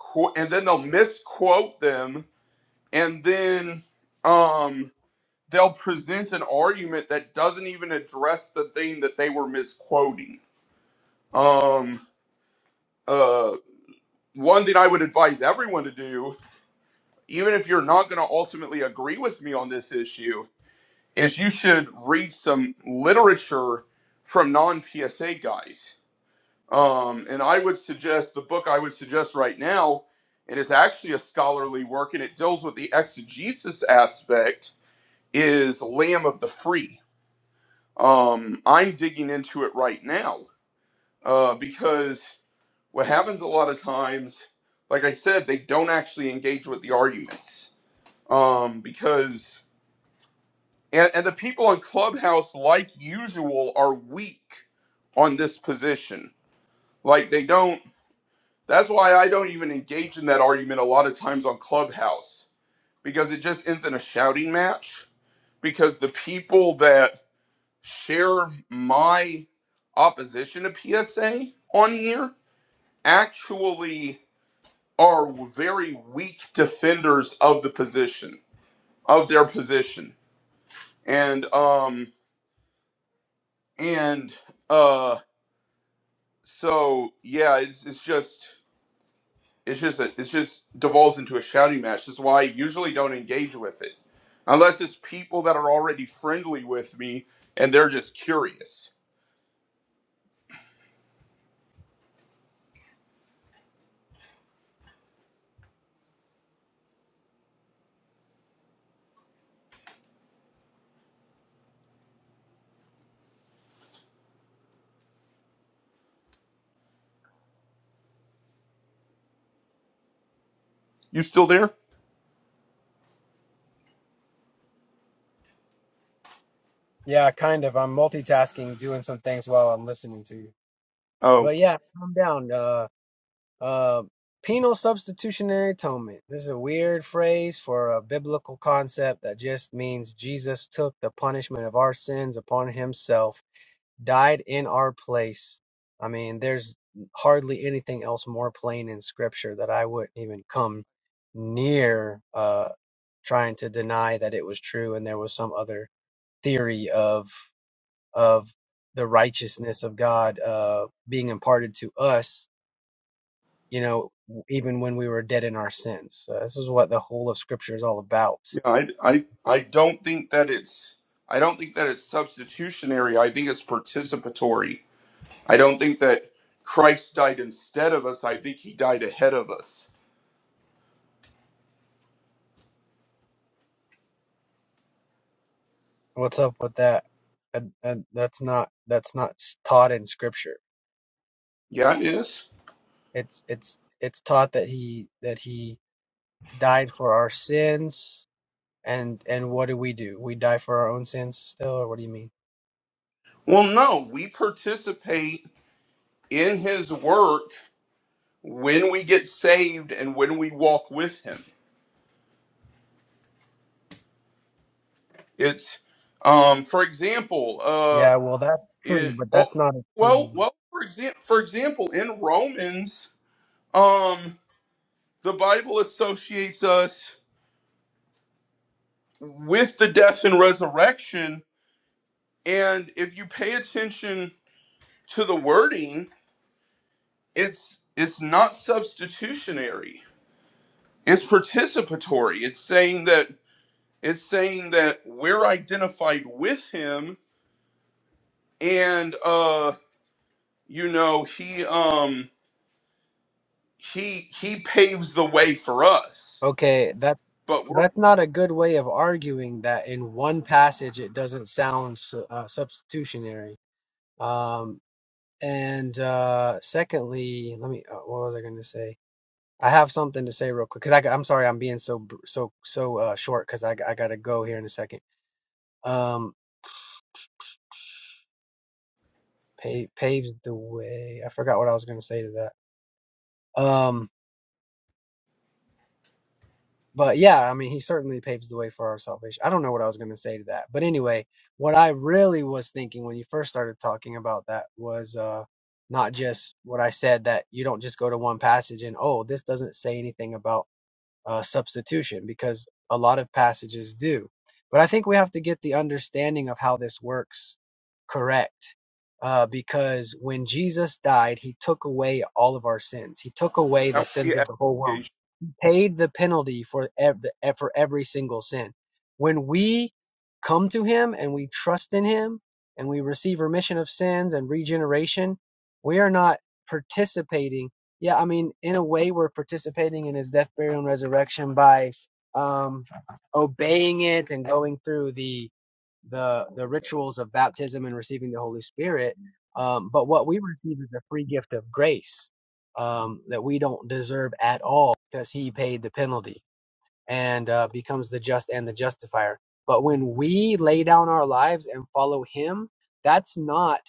qu- and then they'll misquote them and then um, they'll present an argument that doesn't even address the thing that they were misquoting. Um, uh, one thing I would advise everyone to do, even if you're not going to ultimately agree with me on this issue, is you should read some literature from non PSA guys. Um, and I would suggest the book I would suggest right now, and it's actually a scholarly work and it deals with the exegesis aspect, is Lamb of the Free um, I'm digging into it right now uh, because what happens a lot of times, like I said, they don't actually engage with the arguments um, because and, and the people on Clubhouse, like usual, are weak on this position. Like they don't. That's why I don't even engage in that argument a lot of times on Clubhouse because it just ends in a shouting match because the people that share my opposition to PSA on here actually are very weak defenders of the position of their position and um and uh so yeah it's, it's just it's just a, it's just devolves into a shouting match that's why i usually don't engage with it unless it's people that are already friendly with me and they're just curious you still there
Yeah, kind of. I'm multitasking, doing some things while I'm listening to you.
oh
But yeah, calm down. Uh, uh, penal substitutionary atonement. This is a weird phrase for a biblical concept that just means Jesus took the punishment of our sins upon himself died in our place. I mean, there's hardly anything else more plain in scripture that I wouldn't even come near uh, trying to deny that it was true and there was some other theory of of the righteousness of God uh, being imparted to us, you know, even when we were dead in our sins. Uh, this is what the whole of scripture is all about.
Yeah, I, I I don't think that it's I don't think that it's substitutionary. I think it's participatory. I don't think that Christ died instead of us. I think he died ahead of us.
What's up with that? Uh, uh, that's not that's not s- taught in scripture.
Yeah, it is.
It's it's it's taught that he that he died for our sins and and what do we do? We die for our own sins still or what do you mean?
Well, no, we participate in his work when we get saved and when we walk with him. It's um for example, uh
Yeah, well that's true,
it
but
oh,
that's not
well,
atonement.
well for example, for example in Romans um the Bible associates us with the death and resurrection and if you pay attention to the wording it's it's not substitutionary it's participatory it's saying that it's saying that we're identified with him and uh you know he um he he paves the way for us
Okay, that's
but we're
that's not a good way of arguing that in one passage it doesn't sound su- uh, substitutionary. Um and uh secondly, let me uh, what was I going to say? I have something to say real quick because I, am sorry I'm being so br- so so uh, short because I, g- I gotta go here in a second. Um, pa- paves the way. I forgot what I was going to say to that. Um, but yeah, I mean, he certainly paves the way for our salvation. I don't know what I was going to say to that, but anyway, what I really was thinking when you first started talking about that was uh, not just what I said that you don't just go to one passage and oh, this doesn't say anything about uh, substitution because a lot of passages do. But I think we have to get the understanding of how this works correct uh, because when Jesus died, he took away all of our sins, he took away
that
the
would be
sins of the whole world
excommunication.
paid the penalty for ev- eh, for every single sin. When we come to him and we trust in him and we receive remission of sins and regeneration, we are not participating. Yeah, I mean, in a way, we're participating in his death, burial, and resurrection by um, obeying it and going through the the the rituals of baptism and receiving the Holy Spirit. Um, but what we receive is a free gift of grace um, that we don't deserve at all because he paid the penalty and uh, becomes the just and the justifier. But when we lay down our lives and follow him, that's not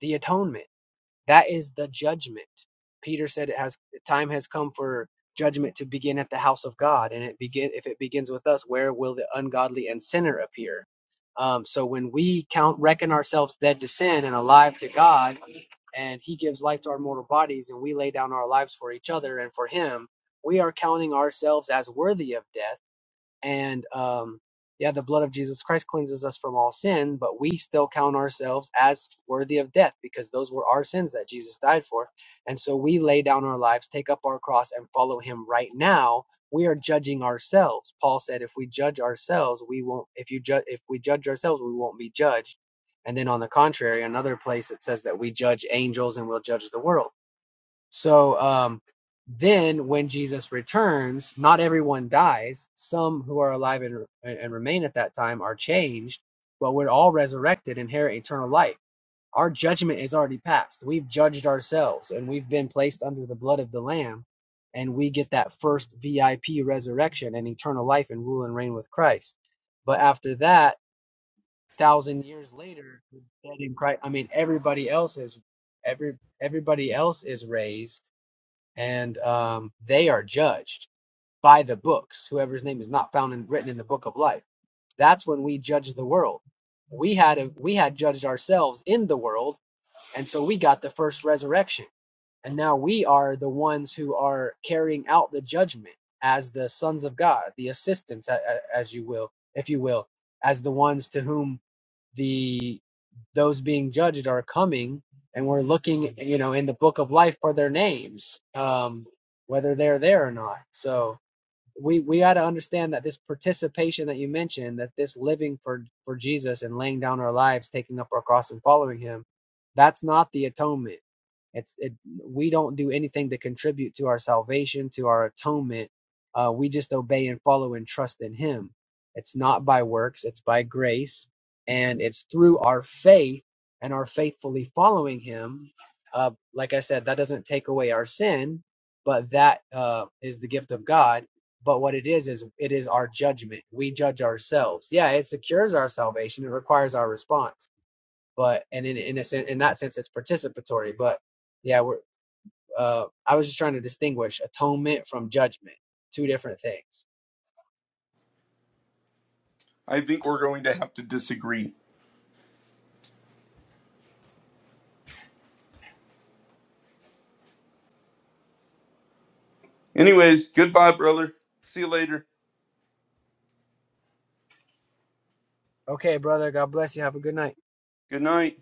the atonement. That is the judgment. Peter said it has time has come for judgment to begin at the house of God, and it begin if it begins with us, where will the ungodly and sinner appear? Um, so when we count reckon ourselves dead to sin and alive to God, and he gives life to our mortal bodies and we lay down our lives for each other and for him we are counting ourselves as worthy of death and um, yeah, the blood of Jesus Christ cleanses us from all sin, but we still count ourselves as worthy of death because those were our sins that Jesus died for. And so we lay down our lives, take up our cross, and follow him right now. We are judging ourselves. Paul said, if we judge ourselves, we won't, if you judge, if we judge ourselves, we won't be judged. And then on the contrary, another place it says that we judge angels and we'll judge the world. So um, then, when Jesus returns, not everyone dies. Some who are alive and, and remain at that time are changed, but we're all resurrected, and inherit eternal life. Our judgment is already passed. We've judged ourselves, and we've been placed under the blood of the Lamb, and we get that first VIP resurrection and eternal life and rule and reign with Christ. But after that, thousand years later, dead in Christ. I mean, everybody else is every everybody else is raised and um, they are judged by the books. Whoever's name is not found and written in the book of life. That's when we judge the world. We had a, we had judged ourselves in the world, and so we got the first resurrection, and now we are the ones who are carrying out the judgment as the sons of God, the assistants, as you will, if you will, as the ones to whom the those being judged are coming and we're looking you know in the book of life for their names um whether they're there or not so we we got to understand that this participation that you mentioned that this living for for jesus and laying down our lives taking up our cross and following him that's not the atonement it's it we don't do anything to contribute to our salvation to our atonement uh we just obey and follow and trust in him it's not by works it's by grace and it's through our faith and our faithfully following him uh like i said that doesn't take away our sin but that uh is the gift of god but what it is is it is our judgment. We judge ourselves. Yeah, it secures our salvation. It requires our response. But and in in a sense, in that sense, it's participatory. But yeah, we're. Uh, I was just trying to distinguish atonement from judgment. Two different things.
i think we're going to have to disagree anyways goodbye brother see you later
Okay, brother. God bless you. Have a good night.
good night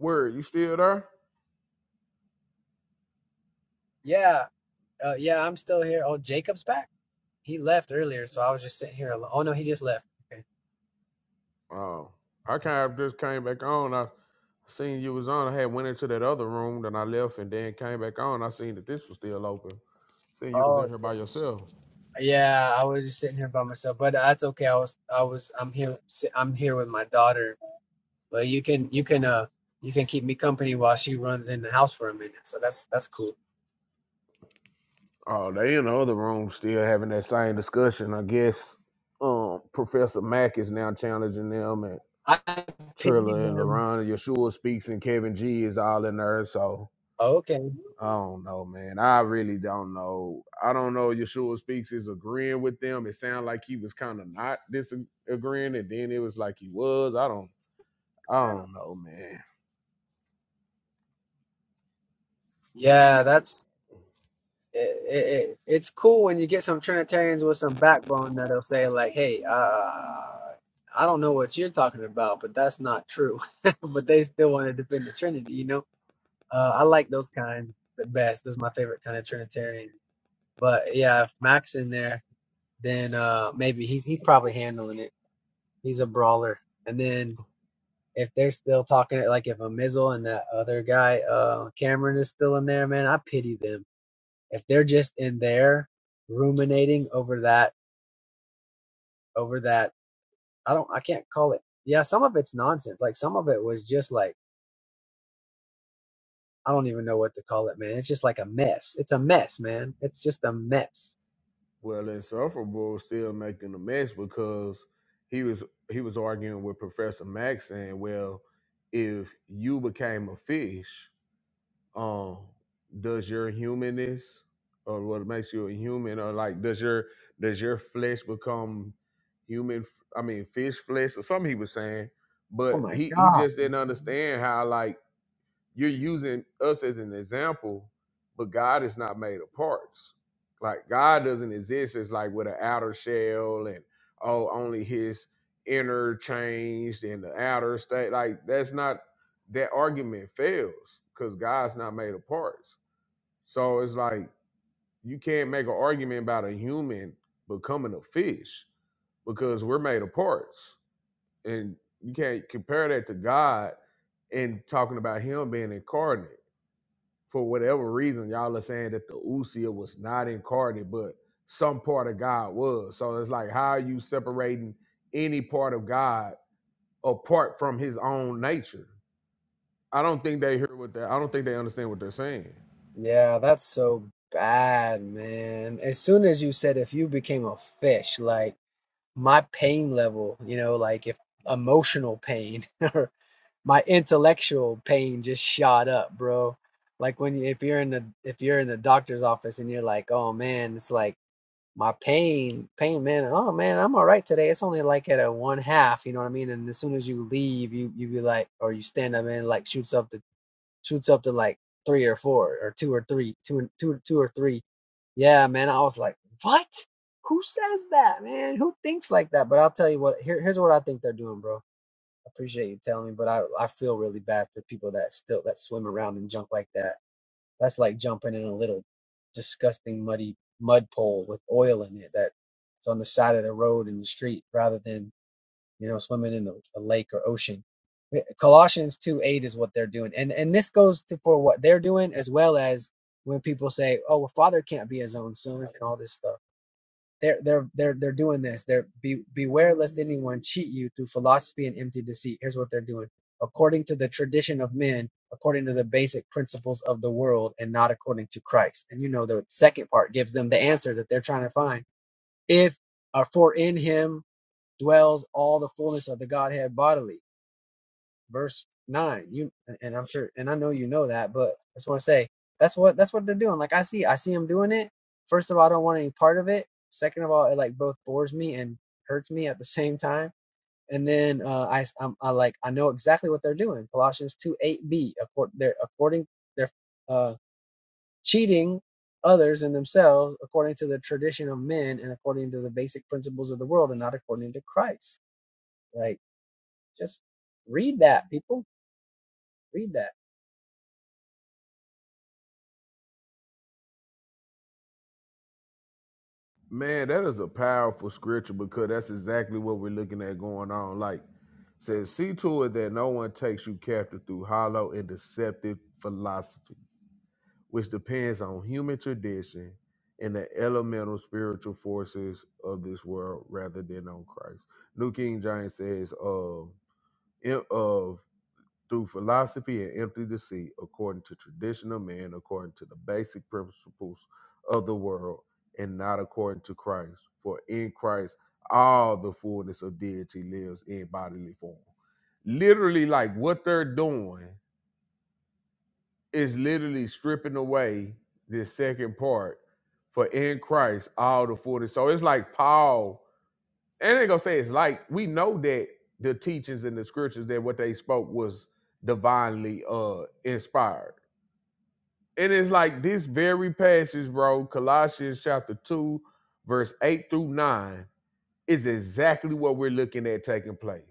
Word, you still there?
Yeah. Uh, yeah, I'm still here. Oh, Jacob's back. He left earlier, so I was just sitting here alone. Oh no, he just left. Okay.
Oh, I kind of just came back on. I seen you was on. I had went into that other room, then I left, and then came back on. I seen that this was still open. Seen you was
Oh
in here
yeah.
by yourself.
Yeah, I was just sitting here by myself, but that's okay. I was, I was, I'm here. si- I'm here with my daughter But you can you can uh you can keep me company while she runs in the house for a minute. So that's that's cool.
Oh, they in the other room still having that same discussion. I guess um, Professor Mack is now challenging them, and
I pity
Trilla and
them.
LaRon and Yeshua speaks, and Kevin G is all in there. So
Okay.
I don't know, man. I really don't know. I don't know. Yeshua speaks is agreeing with them. It sounded like he was kind of not disagreeing, and then it was like he was. I don't. I don't know, man.
Yeah, that's it, it, it- it's cool when you get some Trinitarians with some backbone that'll say like, "Hey, uh, I don't know what you're talking about, but that's not true." but they still want to defend the Trinity, you know. Uh, I like those kind the best. Those is my favorite kind of Trinitarian. But yeah, if Mac's in there, then uh, maybe he's he's probably handling it. He's a brawler. And then if they're still talking, like if a Mizzle and that other guy, uh, Cameron is still in there, man, I pity them. If they're just in there ruminating over that, over that, I don't, I can't call it. Yeah, some of it's nonsense. Like some of it was just like, I don't even know what to call it, man. It's just like a mess. It's a mess, man. It's just a mess.
Well, insufferable is still making a mess because he was he was arguing with Professor Max saying, well, if you became a fish. Um, does your humanness or what makes you a human or like does your does your flesh become human f- i mean fish flesh or something he was saying
Oh
but
my
he he
God.
just didn't
man.
understand how like you're using us as an example, but God is not made of parts. Like God doesn't exist as like with an outer shell and oh, only his inner changed and the outer state. Like that's not that argument fails because God's not made of parts. So it's like you can't make an argument about a human becoming a fish because we're made of parts. And you can't compare that to God and talking about him being incarnate for whatever reason, y'all are saying that the Usia was not incarnate, but some part of God was. So it's like, how are you separating any part of God apart from his own nature? I don't think they hear what they I don't think they understand what they're saying.
Yeah, that's so bad, man. As soon as you said if you became a fish, like, my pain level, you know, like if emotional pain or my intellectual pain just shot up, bro. Like when you, if you're in the if you're in the doctor's office and you're like, "Oh man, it's like my pain, pain man. Oh man, I'm all right today. It's only like at a one half, you know what I mean?" And as soon as you leave, you you be like or you stand up and like shoots up to shoots up to like three or four or two or three, two and two, two or three. Yeah, man. I was like, what? Who says that, man? Who thinks like that? But I'll tell you what. Here, here's what I think they're doing, bro. I appreciate you telling me, but I, I feel really bad for people that still that swim around and jump like that. That's like jumping in a little disgusting muddy mud pole with oil in it that's on the side of the road and the street, rather than you know, swimming in a, lake or ocean. Eh, Colossians 2 8 is what they're doing. And and this goes to for what they're doing as well as when people say, Oh, well, father can't be his own son and all this stuff. They're they're they're they're doing this. They're be beware lest anyone cheat you through philosophy and empty deceit. Here's what they're doing. According to the tradition of men, according to the basic principles of the world, and not according to Christ. And you know the second part gives them the answer that they're trying to find. If or for in him dwells all the fullness of the Godhead bodily. Verse nine. You and I'm sure, and I know you know that, but I just want to say that's what that's what they're doing. Like I see, I see them doing it. First of all, I don't want any part of it. Second of all, it like both bores me and hurts me at the same time. And then uh, i s- I'm, I like I know exactly what they're doing. Colossians two eight b. According they're according they're uh, cheating others and themselves according to the tradition of men and according to the basic principles of the world and not according to Christ. Like just read that, people. Read that.
Man, that is a powerful scripture because that's exactly what we're looking at going on. Like says, see to it that no one takes you captive through hollow and deceptive philosophy which depends on human tradition and the elemental spiritual forces of this world rather than on Christ. New King James says, of, in- of through philosophy and empty deceit, according to tradition of man, according to the basic principles of the world, and not according to Christ. For in Christ, all the fullness of deity lives in bodily form. Literally, like what they're doing it's literally stripping away this second part for in Christ all the fullness. So it's like Paul, and they gonna say it's like we know that the teachings and the scriptures that what they spoke was divinely uh inspired. And it's like this very passage, bro, Colossians chapter 2, verse 8 through 9, is exactly what we're looking at taking place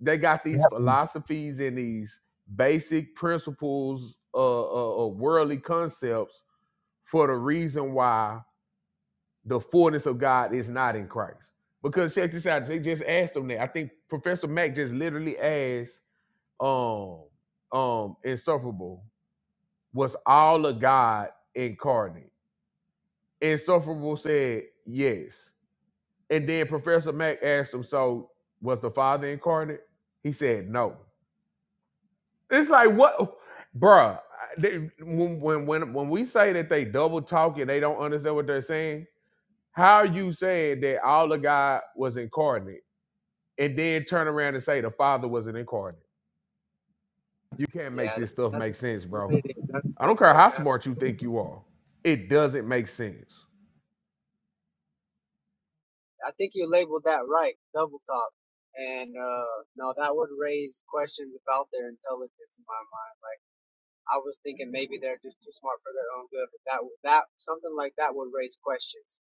they got these
Yeah.
philosophies and these basic principles uh, uh, uh, worldly concepts for the reason why the fullness of God is not in Christ. Because check this out, they just asked them that. I think Professor Mack just literally asked um um Insufferable, was all of God incarnate? Insufferable said yes. And then Professor Mack asked him, so was the Father incarnate? He said no. It's like what, bruh. they- when, when when when we say that they double talk and they don't understand what they're saying, how are you saying that all the God was incarnate and then turn around and say the Father wasn't incarnate? You can't make
Yeah,
this
that's
stuff
that's
make sense,
exactly
bro.
what it is. That's
I don't
double
care how
exactly.
smart you
double
think
talk.
you are, it doesn't make sense.
I think you labeled that right, double talk. And uh no, that would raise questions about their intelligence in my mind. I was thinking maybe they're just too smart for their own good, but that would- that something like that would raise questions.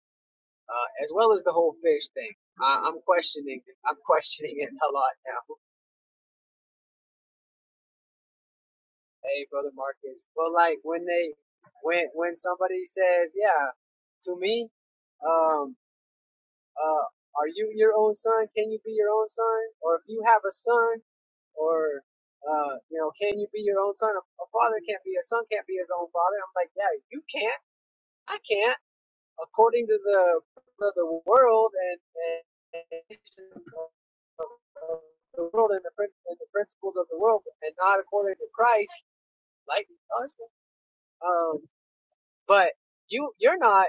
Uh, as well as the whole fish thing. I, I'm questioning I'm questioning it a lot now. Hey brother Marcus. But like when they when when somebody says, Yeah, to me um, uh, are you your own son? Can you be your own son? Or if you have a son, or uh, you know, can you be your own son? A, a father can't be a son can't be his own father. I'm like, yeah, you can't. I can't. According to the of the world and, and of the world and the, and the principles of the world, and not according to Christ, like us. Um, but you you're not.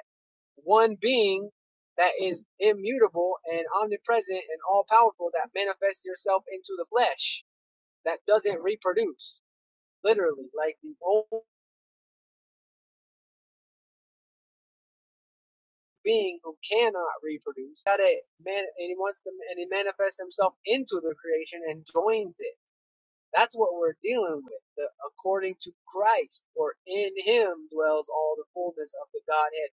one being that is immutable and omnipresent and all powerful that manifests yourself into the flesh that doesn't reproduce literally like the old being who cannot reproduce that it man and he wants to and he manifests himself into the creation and joins it that's what we're dealing with the, according to christ for in him dwells all the fullness of the godhead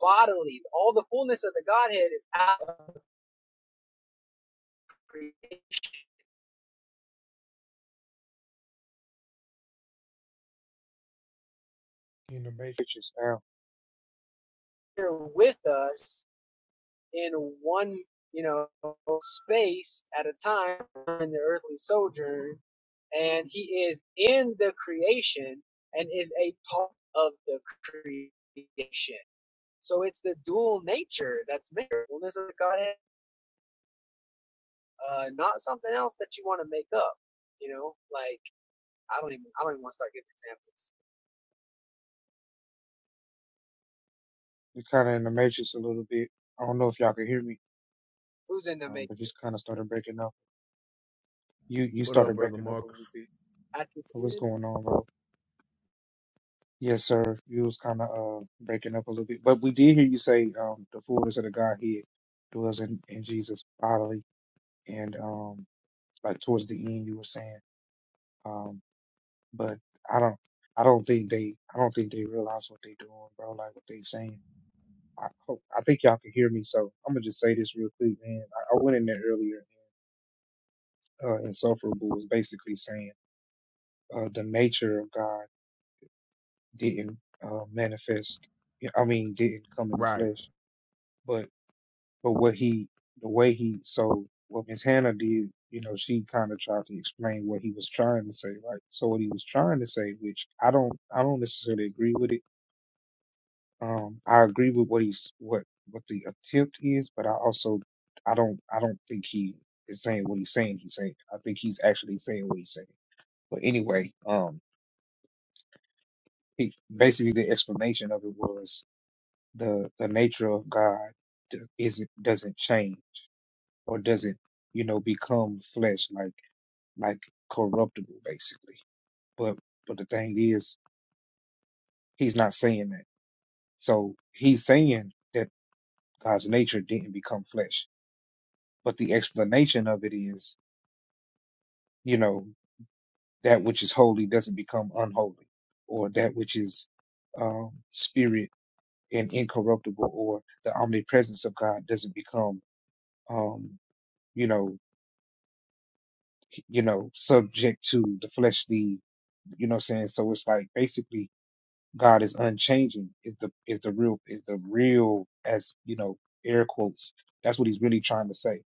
bodily all the fullness of the godhead is out of the creation
In the matrix now,
here with us in one, you know, space at a time during the earthly sojourn, and he is in the creation and is a part of the creation. So it's the dual nature that's made fullness of the Godhead, uh, not something else that you want to make up. You know, like I don't even I don't even want to start giving examples.
you're kind of in the matrix a little bit. I don't know if y'all can hear me,
Who's in the
um,
making?
but just kind of started breaking up. You, you
What up,
started
brother
breaking up a
Marcus?
little bit. What's
Athanasian?
going on, bro? Yes, sir. You was kind of uh breaking up a little bit, but we did hear you say um the fullness of the Godhead dwells in, in Jesus bodily, and um like towards the end you were saying. Um, but I don't, I don't think they, I don't think they realize what they are doing, bro. Like what they saying. I hope, I think y'all can hear me. So I'm gonna just say this real quick, man. I, I went in there earlier. Uh, insufferable was basically saying uh, the nature of God didn't uh, manifest. yeah, I mean, didn't come in the
Right,
flesh, but but what he, the way he, so what Miss Hannah did, you know, she kind of tried to explain what he was trying to say, right? So what he was trying to say, which I don't, I don't necessarily agree with it Um, I agree with what he's what what the attempt is, but I also I don't I don't think he is saying what he's saying. He's saying I think he's actually saying what he's saying. But anyway, um, he, basically the explanation of it was the the nature of God d- isn't doesn't change or doesn't you know become flesh like like corruptible basically. But but the thing is, he's not saying that. So he's saying that God's nature didn't become flesh But the explanation of it is, you know, that which is holy doesn't become unholy, or that which is um, spirit and incorruptible, or the omnipresence of God doesn't become, um, you know, you know, subject to the fleshly, you know, what I'm saying. So it's like basically God is unchanging. Is the is the real is the real as you know air quotes. That's what he's really trying to say.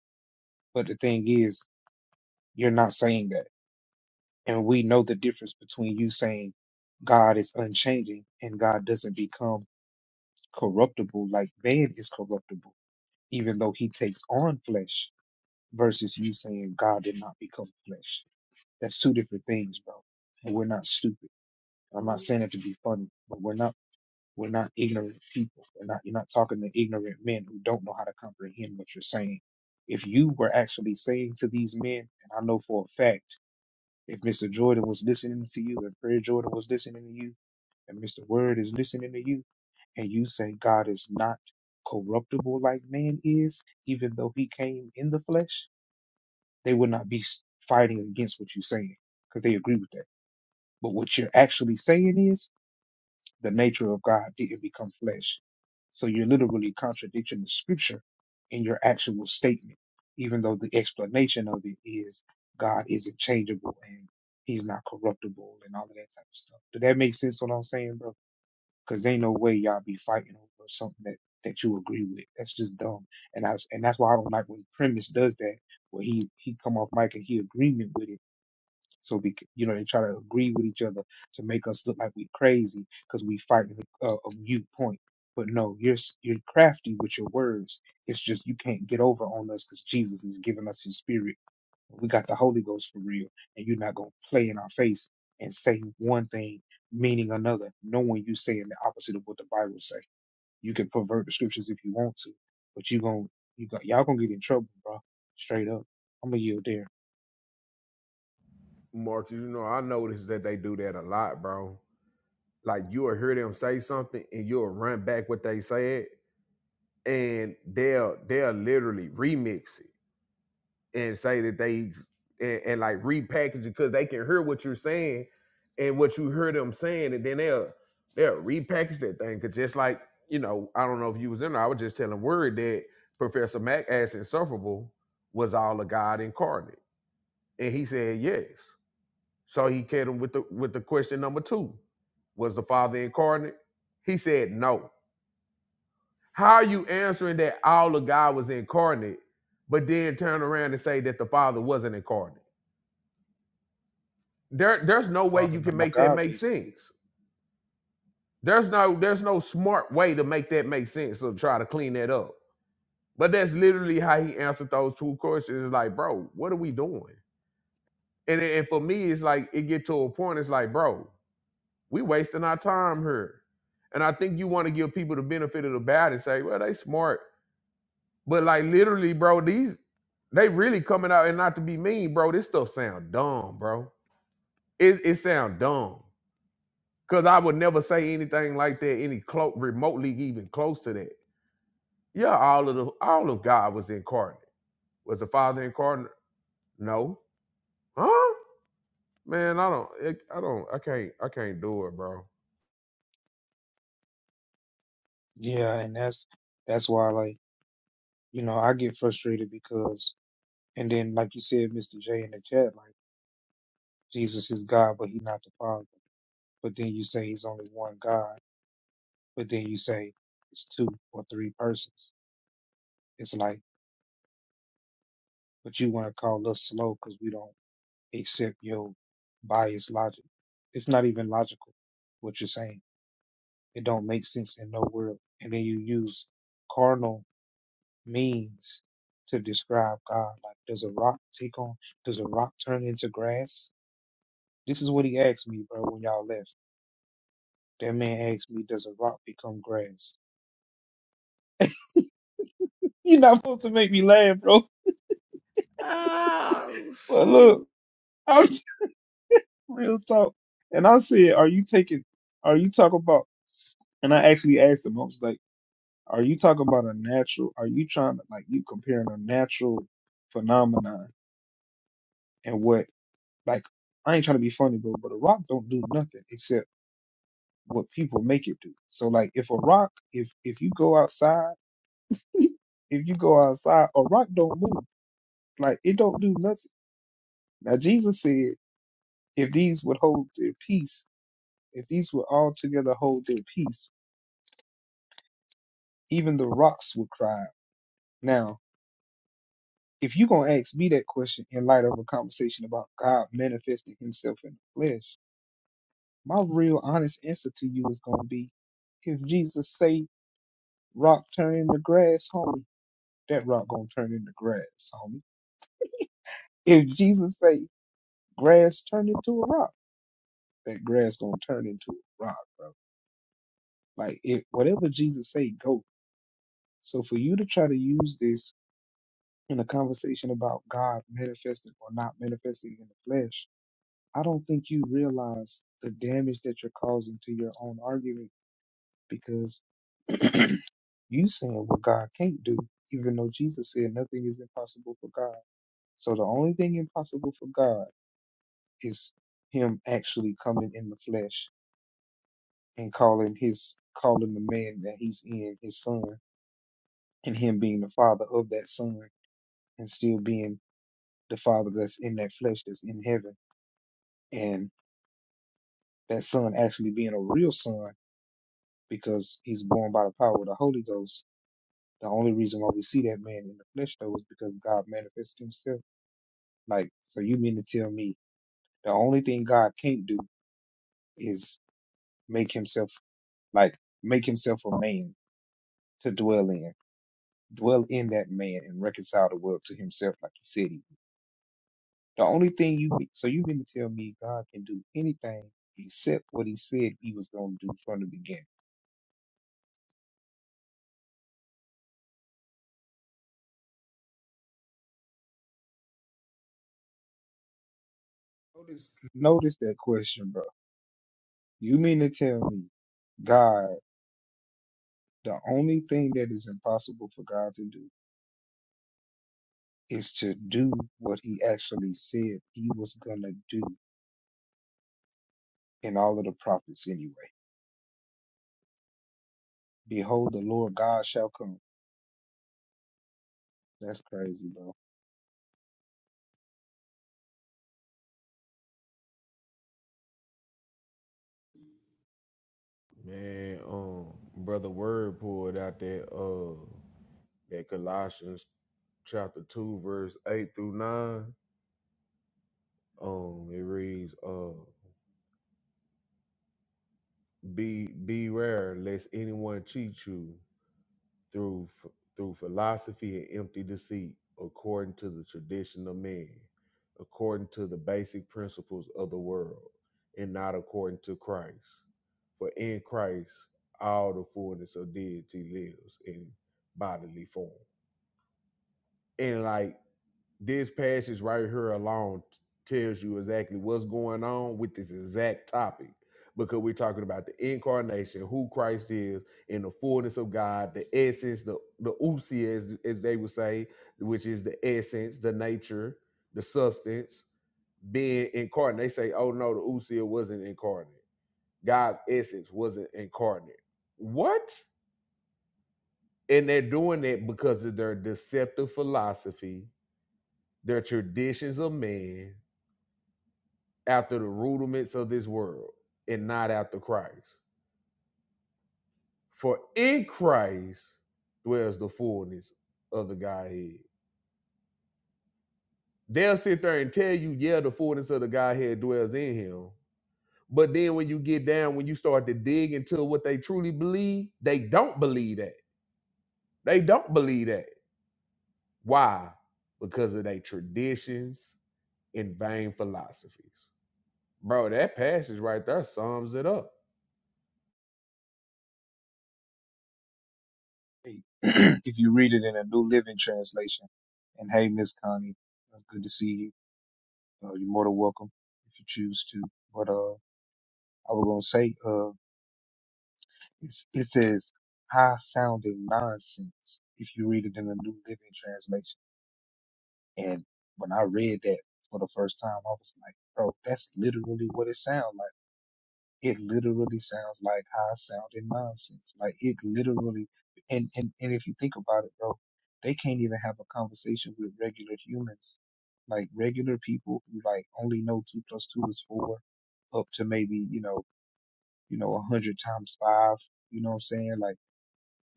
But the thing is, you're not saying that And we know the difference between you saying God is unchanging and God doesn't become corruptible like man is corruptible, even though he takes on flesh, versus you saying God did not become flesh. That's two different things, bro. And we're not stupid. I'm not saying it to be funny, but we're not we're not ignorant people. We're not you're not talking to ignorant men who don't know how to comprehend what you're saying. If you were actually saying to these men, and I know for a fact if Mr. Jordan was listening to you, if Prayer Jordan was listening to you, and Mr. Word is listening to you, and you say God is not corruptible like man is, even though he came in the flesh, they would not be s- fighting against what you're saying because they agree with that. But what you're actually saying is the nature of God didn't become flesh. So you're literally contradicting the scripture in your actual statement, even though the explanation of it is God is unchangeable and he's not corruptible and all of that type of stuff. Does that make sense what I'm saying, bro? Because ain't no way y'all be fighting over something that, that you agree with. That's just dumb. And I and that's why I don't like when premise does that, where he he come off mic and he agreement with it so we, c- you know, they try to agree with each other to make us look like we are crazy because we fighting a, a mute point. But no, you're s- you're crafty with your words. It's just you can't get over on us because Jesus is giving us His Spirit. We got the Holy Ghost for real, and you're not gonna play in our face and say one thing meaning another, knowing you saying the opposite of what the Bible say. You can pervert the scriptures if you want to, but you gon' you got y'all gonna get in trouble, bro. Straight up, I'm gonna yield there.
Marcus. You know I noticed that they do that a lot, bro. Like you'll hear them say something and you'll run back what they said and they'll they'll literally remix it and say that they and, and like repackage it because they can hear what you're saying and what you hear them saying, and then they'll they'll repackage that thing. Cause just like you know, I don't know if you was in there, I was just telling word that Professor Mac asked insufferable was all a God incarnate, and he said yes. So he kept him with the with the question number two: Was the Father incarnate? He said no. How are you answering that all of God was incarnate, but then turn around and say that the Father wasn't incarnate? There, there's no way
Father,
you
not
can
My
make that
God,
make
basically.
sense. There's no, there's no smart way to make that make sense. So try to clean that up. But that's literally how he answered those two questions. It's like, bro, what are we doing? And and for me, it's like it get to a point. It's like, bro, we wasting our time here. And I think you want to give people the benefit of the doubt and say, well, they smart But like literally, bro, these they really coming out and not to be mean, bro. This stuff sound dumb, bro. It it sound dumb. Cause I would never say anything like that, any clo- remotely even close to that. Yeah, all of the all of God was incarnate. Was the Father incarnate? No. Huh? Man, I don't. It, I don't. I can't. I can't do it, bro.
Yeah, and that's that's why like, you know, I get frustrated because and then like you said, Mr. J in the chat, like Jesus is God, but he's not the Father. But then you say he's only one God, but then you say it's two or three persons. It's like, but you want to call us slow because we don't accept your biased logic. It's not even logical what you're saying. It don't make sense in no world. And then you use carnal means to describe God. Like, does a rock take on, does a rock turn into grass? This is what he asked me, bro, when y'all left. That man asked me, does a rock become grass? You're not supposed to make me laugh, bro.
Ah,
But look,
shoot.
I'm just real talk. And I said, are you taking, are you talking about, and I actually asked him, I was like, are you talking about a natural, are you trying to, like, you comparing a natural phenomenon and what, like, I ain't trying to be funny, bro, but a rock don't do nothing except what people make it do. So like if a rock, if if you go outside, if you go outside, a rock don't move. Like it don't do nothing. Now Jesus said, if these would hold their peace, if these would all together hold their peace, even the rocks would cry. out. Now, if you gonna ask me that question in light of a conversation about God manifesting himself in the flesh, my real honest answer to you is gonna be if Jesus say rock turn into grass, homie, that rock gonna turn into grass, homie If Jesus say grass turn into a rock, that grass gonna turn into a rock, bro. Like if whatever Jesus say, go. So for you to try to use this in a conversation about God manifesting or not manifesting in the flesh, I don't think you realize the damage that you're causing to your own argument because you saying what God can't do, even though Jesus said nothing is impossible for God. So the only thing impossible for God is him actually coming in the flesh and calling his calling the man that he's in his son and him being the father of that son and still being the father that's in that flesh that's in heaven and that son actually being a real son because he's born by the power of the Holy Ghost. The only reason why we see that man in the flesh though is because God manifested himself. Like so you mean to tell me the only thing God can't do is make himself like make himself a man to dwell in. dwell in that man and reconcile the world to himself like he said he would. The only thing you so you mean to tell me God can do anything except what he said he was gonna do from the beginning. Notice notice that question, bro. You mean to tell me God the only thing that is impossible for God to do is to do what he actually said he was gonna do in all of the prophets anyway. Behold the Lord God shall come. That's crazy, bro.
Man, um, brother Word pulled out that uh that Colossians chapter 2, verse 8 through 9. Um, it reads, uh, be beware, lest anyone cheat you through ph- through philosophy and empty deceit, according to the tradition of men, according to the basic principles of the world, and not according to Christ. For in Christ all the fullness of deity lives in bodily form. And like This passage right here alone t- tells you exactly what's going on with this exact topic because we're talking about the incarnation, who Christ is, and the fullness of God, the essence, the the usia, as, as they would say, which is the essence, the nature, the substance, being incarnate. They say, oh no, the usia wasn't incarnate. God's essence wasn't incarnate. What? And they're doing that because of their deceptive philosophy, their traditions of man, after the rudiments of this world and not after Christ. For in Christ dwells the fullness of the Godhead. They'll sit there and tell you, yeah, the fullness of the Godhead dwells in him. But then when you get down, when you start to dig into what they truly believe, they don't believe that. They don't believe that. Why? Because of their traditions and vain philosophies. Bro, that passage right there sums it up.
eight, if you read it in a New Living Translation. And hey, Miss Connie, uh, good to see you. Uh, you're more than welcome if you choose to. But uh, I was gonna say, uh, it's, it says high sounding nonsense if you read it in a New Living Translation. And when I read that for the first time, I was like, bro, that's literally what it sounds like. it literally sounds like high sounding nonsense. Like it literally, and, and, and if you think about it, bro, they can't even have a conversation with regular humans. Like regular people who like only know two plus two is four up to maybe, you know, you know, a hundred times five, you know what I'm saying? Like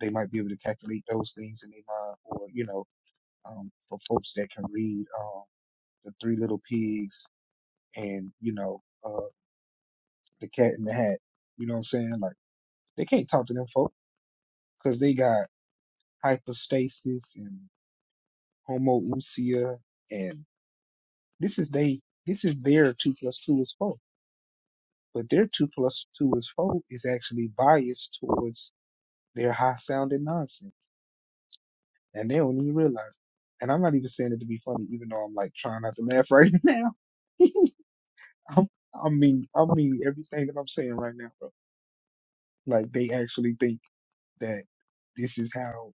they might be able to calculate those things in their mind or, you know, um, for folks that can read, um, the three little pigs and, you know, uh, the cat in the hat, you know what I'm saying? Like, they can't talk to them folks because they got hypostasis and homoousia, and this is they this is their two plus two is four, but their two plus two is four is actually biased towards their high sounding nonsense, and they don't even realize. It. And I'm not even saying it to be funny, even though I'm like trying not to laugh right now. I'm, I mean, I mean everything that I'm saying right now, bro. Like they actually think that this is how.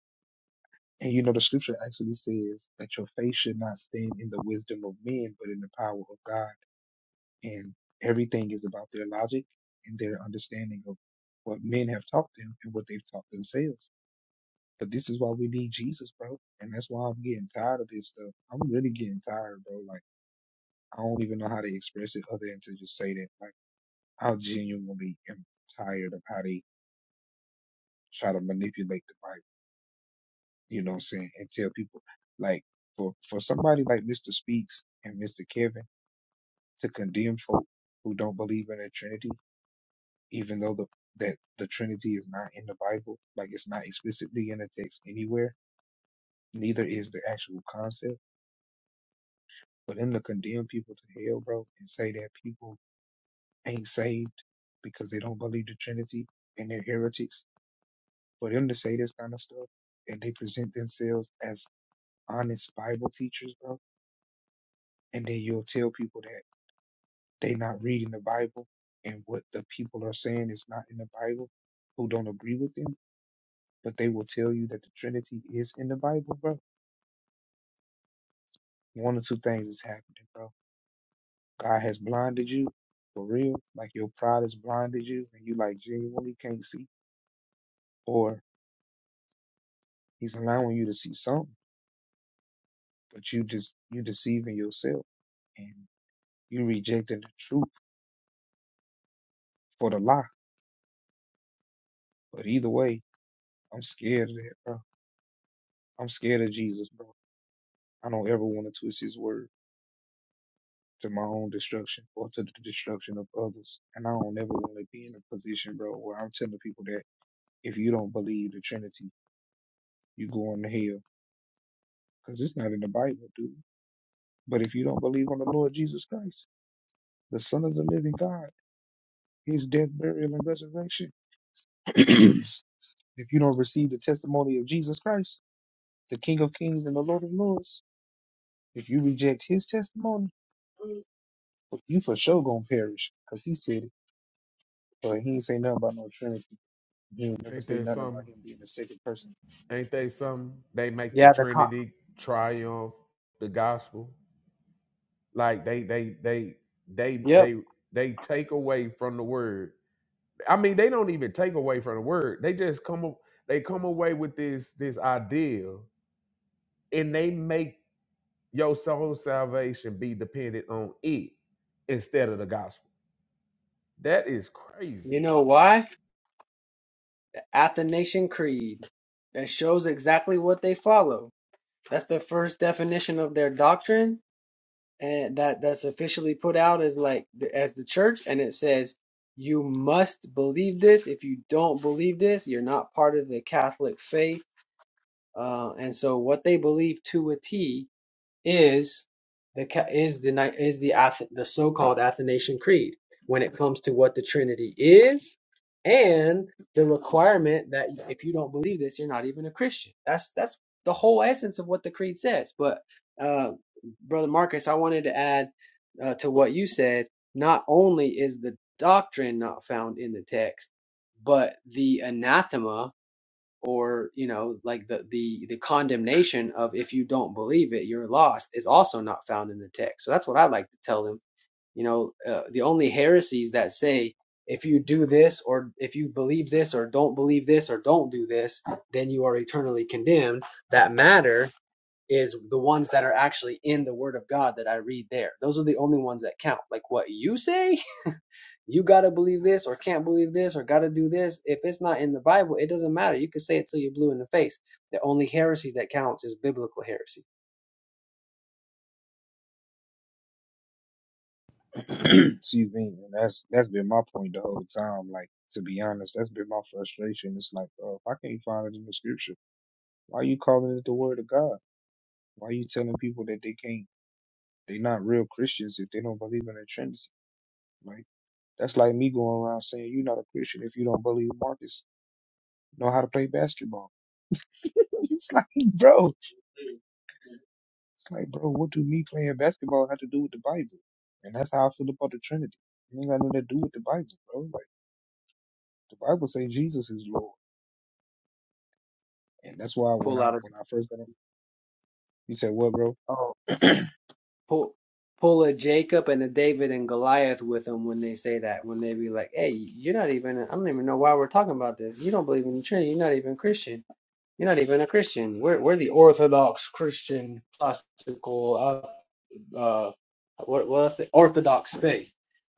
And you know, the scripture actually says that your faith should not stand in the wisdom of men, but in the power of God. And everything is about their logic and their understanding of what men have taught them and what they've taught themselves. But this is why we need Jesus, bro. And that's why I'm getting tired of this stuff. I'm really getting tired, bro. Like, I don't even know how to express it other than to just say that. Like, I genuinely am tired of how they try to manipulate the Bible. you know what I'm saying, and tell people like for for somebody like Mr. Speaks and Mr. Kevin to condemn folk who don't believe in the Trinity, even though the that the Trinity is not in the Bible, like it's not explicitly in the text anywhere, neither is the actual concept. But them to condemn people to hell, bro, and say that people ain't saved because they don't believe the Trinity and they're heretics, for them to say this kind of stuff and they present themselves as honest Bible teachers, bro, and then you'll tell people that. They not reading the Bible, and what the people are saying is not in the Bible. Who don't agree with them, but they will tell you that the Trinity is in the Bible, bro. One of two things is happening, bro. God has blinded you for real, like your pride has blinded you, and you like genuinely can't see, or He's allowing you to see something, but you just you deceiving yourself and you rejecting the truth for the lie. But either way, I'm scared of that, bro. I'm scared of Jesus, bro. I don't ever want to twist his word. to my own destruction or to the destruction of others. And I don't ever want to be in a position, bro, where I'm telling people that if you don't believe the Trinity, you going to hell. Because it's not in the Bible, dude. But if you don't believe on the Lord Jesus Christ, the Son of the living God, his death, burial, and resurrection, if you don't receive the testimony of Jesus Christ, the King of kings and the Lord of lords, if you reject his testimony, you for sure going to perish. Because he said it. But he ain't say nothing about no Trinity. You'll never
Ain't
say
that
nothing
something?
about him being the second person.
Ain't they something? They make the
Yeah, the con-
Trinity triumph the gospel. Like they they they they
Yep.
they they take away from the word. I mean, they don't even take away from the word. They just come up they come away with this this idea and they make your soul salvation be dependent on it instead of the gospel. That is
You
crazy.
know why? The Athanasian Creed that shows exactly what they follow. That's the first definition of their doctrine, and that that's officially put out as like as the church, and it says you must believe this. If you don't believe this, you're not part of the Catholic faith. Uh, and so, what they believe to a T is the is the is the the so-called Athanasian Creed when it comes to what the Trinity is and the requirement that if you don't believe this you're not even a Christian. That's that's the whole essence of what the creed says. But uh, brother Marcus, I wanted to add uh, to what you said. Not only is the doctrine not found in the text, but the anathema or you know like the the the condemnation of if you don't believe it you're lost is also not found in the text so that's what i like to tell them you know uh, the only heresies that say if you do this or if you believe this or don't believe this or don't do this then you are eternally condemned that matter is the ones that are actually in the word of god that i read there those are the only ones that count like what you say you gotta believe this or can't believe this or gotta do this. If it's not in the Bible, it doesn't matter. You can say it till you're blue in the face. The only heresy that counts is biblical heresy.
Excuse me. And that's that's been my point the whole time. Like to be honest, that's been my frustration. It's like, oh, if I can't find it in the scripture, why you calling it the word of God? Why you telling people that they can't they not real Christians if they don't believe in the Trinity? Like that's like me going around saying you're not a Christian if you don't believe Marcus know how to play basketball. it's like, bro. It's like, bro, what do me playing basketball have to do with the Bible? And that's how I feel about the Trinity. It ain't got nothing to do with the Bible, bro. Like the Bible say Jesus is Lord, and that's why when
Pull
I
out a
when I first got him, he said, "What, bro?"
oh pull pull a Jacob and a David and Goliath with them when they say that. When they be like, "Hey, you're not even. I don't even know why we're talking about this. You don't believe in the Trinity. You're not even Christian. You're not even a Christian. We're we're the Orthodox Christian classical uh, uh, what was the Orthodox faith,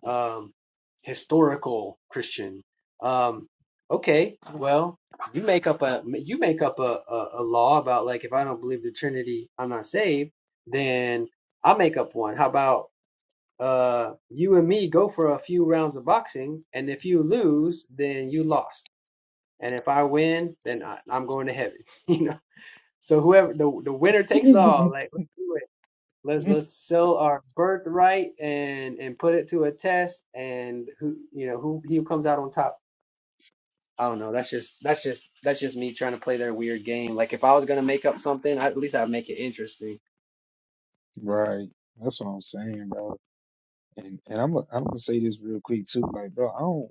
um, historical Christian. Um, okay, well, you make up a you make up a, a, a law about like if I don't believe the Trinity, I'm not saved. Then I make up one. How about uh, you and me go for a few rounds of boxing, and if you lose, then you lost, and if I win, then I, I'm going to heaven. You know, so whoever the the winner takes all. Like, let's do it. Let, let's sell our birthright and and put it to a test and who you know who who comes out on top i don't know that's just that's just that's just me trying to play their weird game like if i was going to make up something I, at least i'd make it interesting
right. That's what I'm saying, bro. And and I'm i I'm gonna say this real quick too, like, bro, I don't.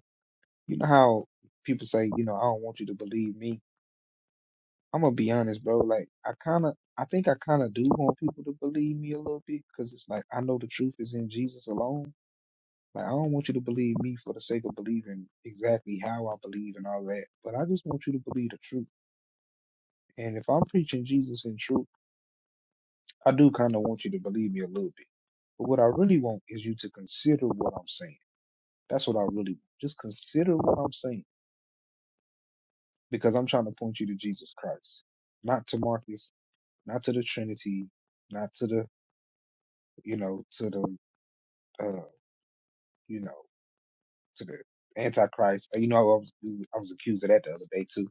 You know how people say, you know, I don't want you to believe me. I'm gonna be honest, bro. Like, I kind of, I think I kind of do want people to believe me a little bit, cause it's like I know the truth is in Jesus alone Like, I don't want you to believe me for the sake of believing exactly how I believe and all that, but I just want you to believe the truth. And if I'm preaching Jesus in truth, I do kind of want you to believe me a little bit. But what I really want is you to consider what I'm saying. That's what I really want. Just consider what I'm saying because I'm trying to point you to Jesus Christ, not to Marcus, not to the Trinity, not to the, you know, to the, uh, you know, to the Antichrist. You know, I was, I was accused of that the other day too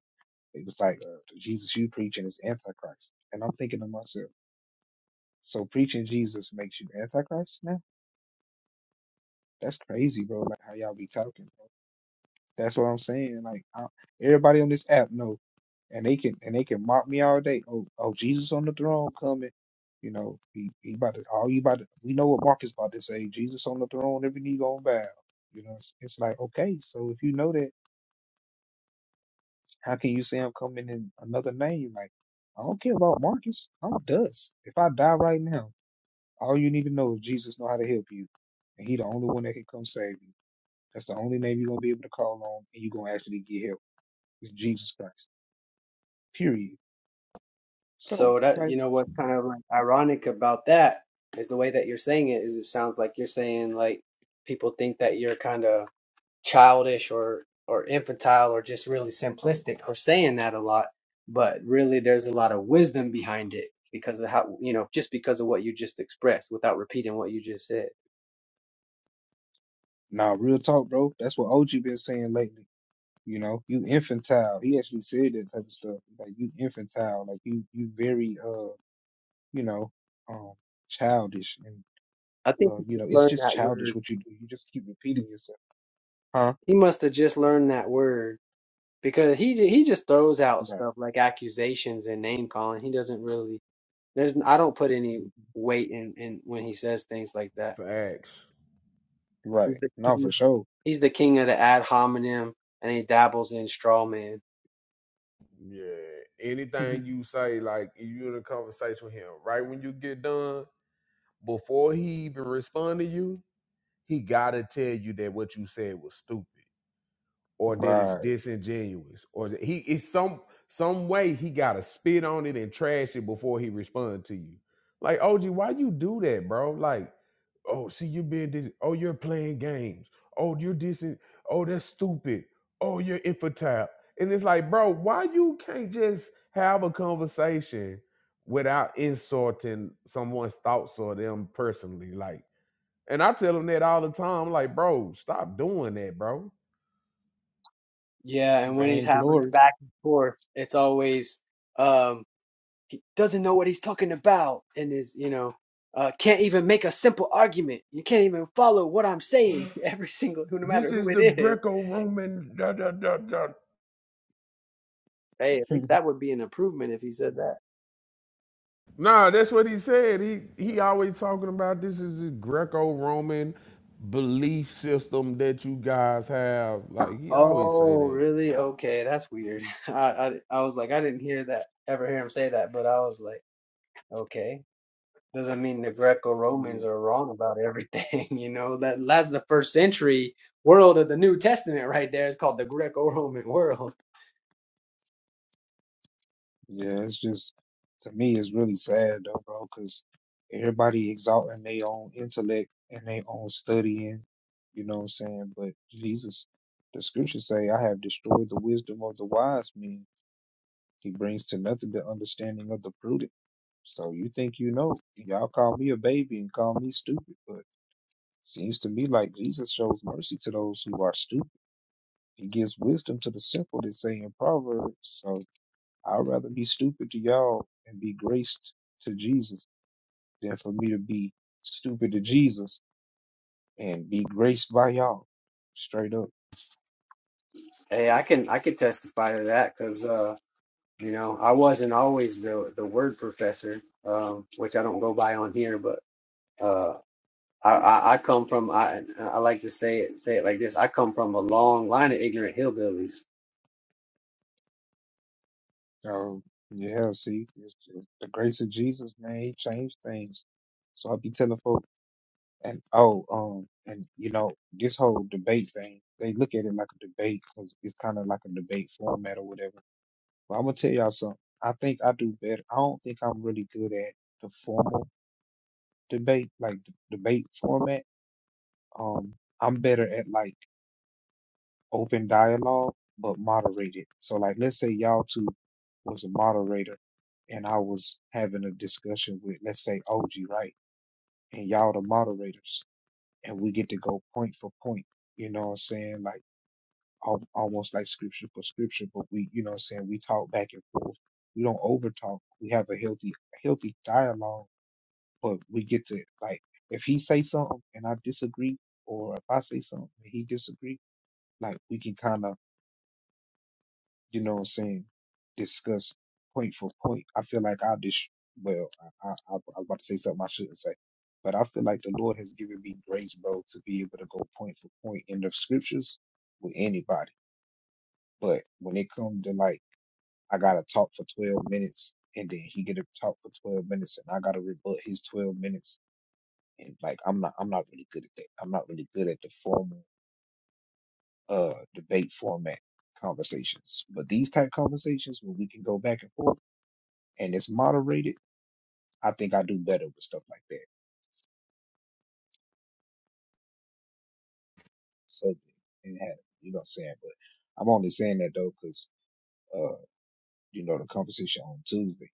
They was like, uh, the Jesus you preaching is antichrist. And I'm thinking to myself, so preaching Jesus makes you antichrist now? That's crazy, bro. Like how y'all be talking, bro. That's what I'm saying. Like I, everybody on this app know, and they can and they can mock me all day. Oh, oh, Jesus on the throne coming. You know, he, he about to, all you about to, we know what Mark is about to say. Jesus on the throne, every knee gonna bow. You know, it's, it's like, okay, so if you know that. How can you say I'm coming in another name? Like, I don't care about Marcus. I'm dust. If I die right now, all you need to know is Jesus know how to help you. And he the only one that can come save you. That's the only name you're gonna be able to call on and you're gonna actually get help. It's Jesus Christ. Period. So
so that
like
you know what's kind of like ironic about that is the way that you're saying it is it sounds like you're saying like people think that you're kind of childish or or infantile or just really simplistic for saying that a lot but really there's a lot of wisdom behind it because of how you know just because of what you just expressed without repeating what you just said
nah, real talk, bro. That's what OG been saying lately. You know, you infantile. He actually said that type of stuff. Like you infantile. Like you you very uh, you know, um childish and.
i think
Uh,
he
you
just
know, it's
learned
just
that
childish
word
what you do. You just keep repeating yourself. Huh?
he must have just learned that word because he ju- he just throws out
Right.
stuff like accusations and name calling he doesn't really there's i don't put any
Mhm.
weight in, in when he says things like that
Facts.
he's
Right.
the
No,
king
for sure.
he's the king of the ad hominem and he dabbles in straw man.
Yeah. Anything you say, like you in a conversation with him, right when you get done, before he even respond to you, he gotta tell you that what you said was stupid or that it's
Right.
disingenuous or that he it's some some way he gotta spit on it and trash it before he respond to you like og why you do that bro like oh see you being dis oh you're playing games oh you're dissing oh that's stupid oh you're infantile and it's like bro why you can't just have a conversation without insulting someone's thoughts or them personally like and i tell them that all the time like bro stop doing that bro
Yeah, and when he's having
Vainglory.
it back and forth, it's always um doesn't know what he's talking about and is, you know, uh can't even make a simple argument. You can't even follow what I'm saying every single no
This
matter who
is
it
the
is.
Greco-Roman da da da da.
Hey, at
right.
least that would be an improvement if he said that.
Nah, that's what he said. He he
Right.
always talking about this is the Greco-Roman belief system that you guys have. Like he always say
Oh,
that.
really? Okay, that's weird. I I, I was like I didn't hear that ever hear him say that, but I was like, okay. doesn't mean the
Yeah.
Greco-Romans are wrong about everything. You know that that's the first century world of the New Testament right there. It's called the Greco-Roman world.
Yeah. It's just, to me, it's really sad though, bro, because everybody exalting their own intellect and their own studying. You know what I'm saying? But Jesus, the scriptures say, I have destroyed the wisdom of the wise men. He brings to nothing the understanding of the prudent. So you think you know. Y'all call me a baby and call me stupid, but seems to me like Jesus shows mercy to those who are stupid. He gives wisdom to the simple, they say in Proverbs. So I'd rather be stupid to y'all and be graced to Jesus than for me to be stupid to Jesus and be graced by y'all. Straight up.
Hey, I can I can testify to that because uh, you know I wasn't always the the word professor, um, which I don't go by on here, but uh, I, I I come from I I like to say it say it like this. I come from a long line of ignorant hillbillies.
So yeah, see, it's, it's the grace of Jesus, man, he changed things. So I be telling folks. And oh, um, and you know, this whole debate thing, they look at it like a debate because it's kind of like a debate format or whatever. But I'm gonna tell y'all something. I think I do better. I don't think I'm really good at the formal debate, like the debate format. Um, I'm better at like open dialogue, but moderated. So like, let's say y'all two was a moderator and I was having a discussion with, let's say OG, right? And y'all the moderators. and we get to go point for point. You know what I'm saying? Like al- almost like scripture for scripture, but we, you know what I'm saying? We talk back and forth. We don't over talk. We have a healthy, healthy dialogue, but we get to like, if he say something and I disagree, or if I say something and he disagree, like we can kind of you know what I'm saying, discuss point for point. I feel like I just, well, I, I, I was about to say something I shouldn't say, but I feel like the Lord has given me grace, bro, to be able to go point for point in the scriptures with anybody. But when it comes to like, I gotta talk for 12 minutes and then he get to talk for 12 minutes and I gotta rebut his 12 minutes. And like, I'm not, I'm not really good at that. I'm not really good at the formal, uh, debate format conversations. But these type conversations where we can go back and forth and it's moderated, I think I do better with stuff like that. So it had, you know what I'm saying? But I'm only saying that though, cause, uh, you know, the conversation on Tuesday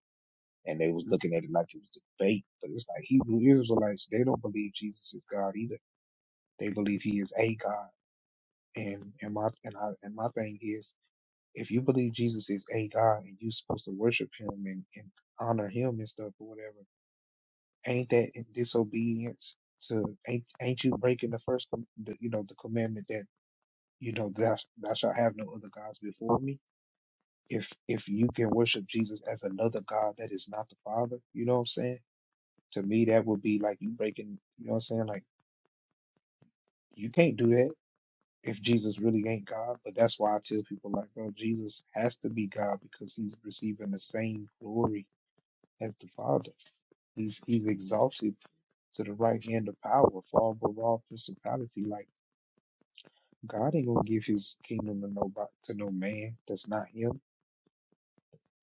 and they was looking at it like it was a debate, but it's like Hebrew Israelites, they don't believe Jesus is God either. They believe he is a God. And, and my, and I, and my thing is, if you believe Jesus is a God and you're supposed to worship him and, and honor him and stuff or whatever, Ain't that in disobedience to? Ain't ain't you breaking the first, com- the, you know, the commandment that you know thou, thou shalt have no other gods before me? If if you can worship Jesus as another God that is not the Father, you know what I'm saying? To me, that would be like you breaking. You know what I'm saying? Like you can't do that if Jesus really ain't God. But that's why I tell people like, bro, Jesus has to be God because he's receiving the same glory as the Father. He's he's exalted to the right hand of power, far above all principality. Like God ain't gonna give his kingdom to no to no man that's not him.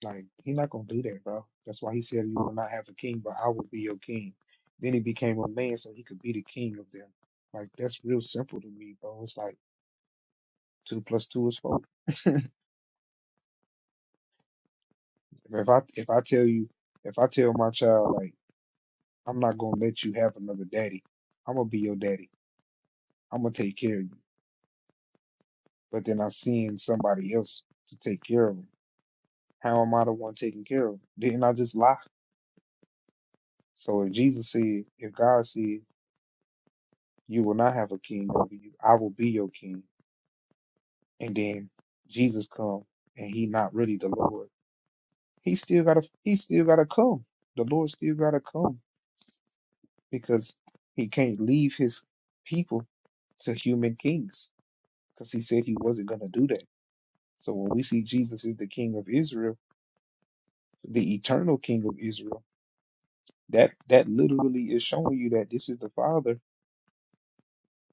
Like he not gonna do that, bro. That's why he said you will not have a king, but I will be your king. Then he became a man so he could be the king of them. Like that's real simple to me, bro. It's like two plus two is four. If I if I tell you if I tell my child like I'm not gonna let you have another daddy, I'm gonna be your daddy. I'm gonna take care of you. but then I seen somebody else to take care of them. How am I the one taking care of them? Didn't I just lie? So if Jesus said, if God said, you will not have a king over you, I will be your king, and then Jesus come and he not really the Lord, he still gotta he still gotta come. The Lord still gotta come because he can't leave his people to human kings because he said he wasn't gonna do that. So when we see Jesus is the King of Israel, the eternal King of Israel. That that literally is showing you that this is the Father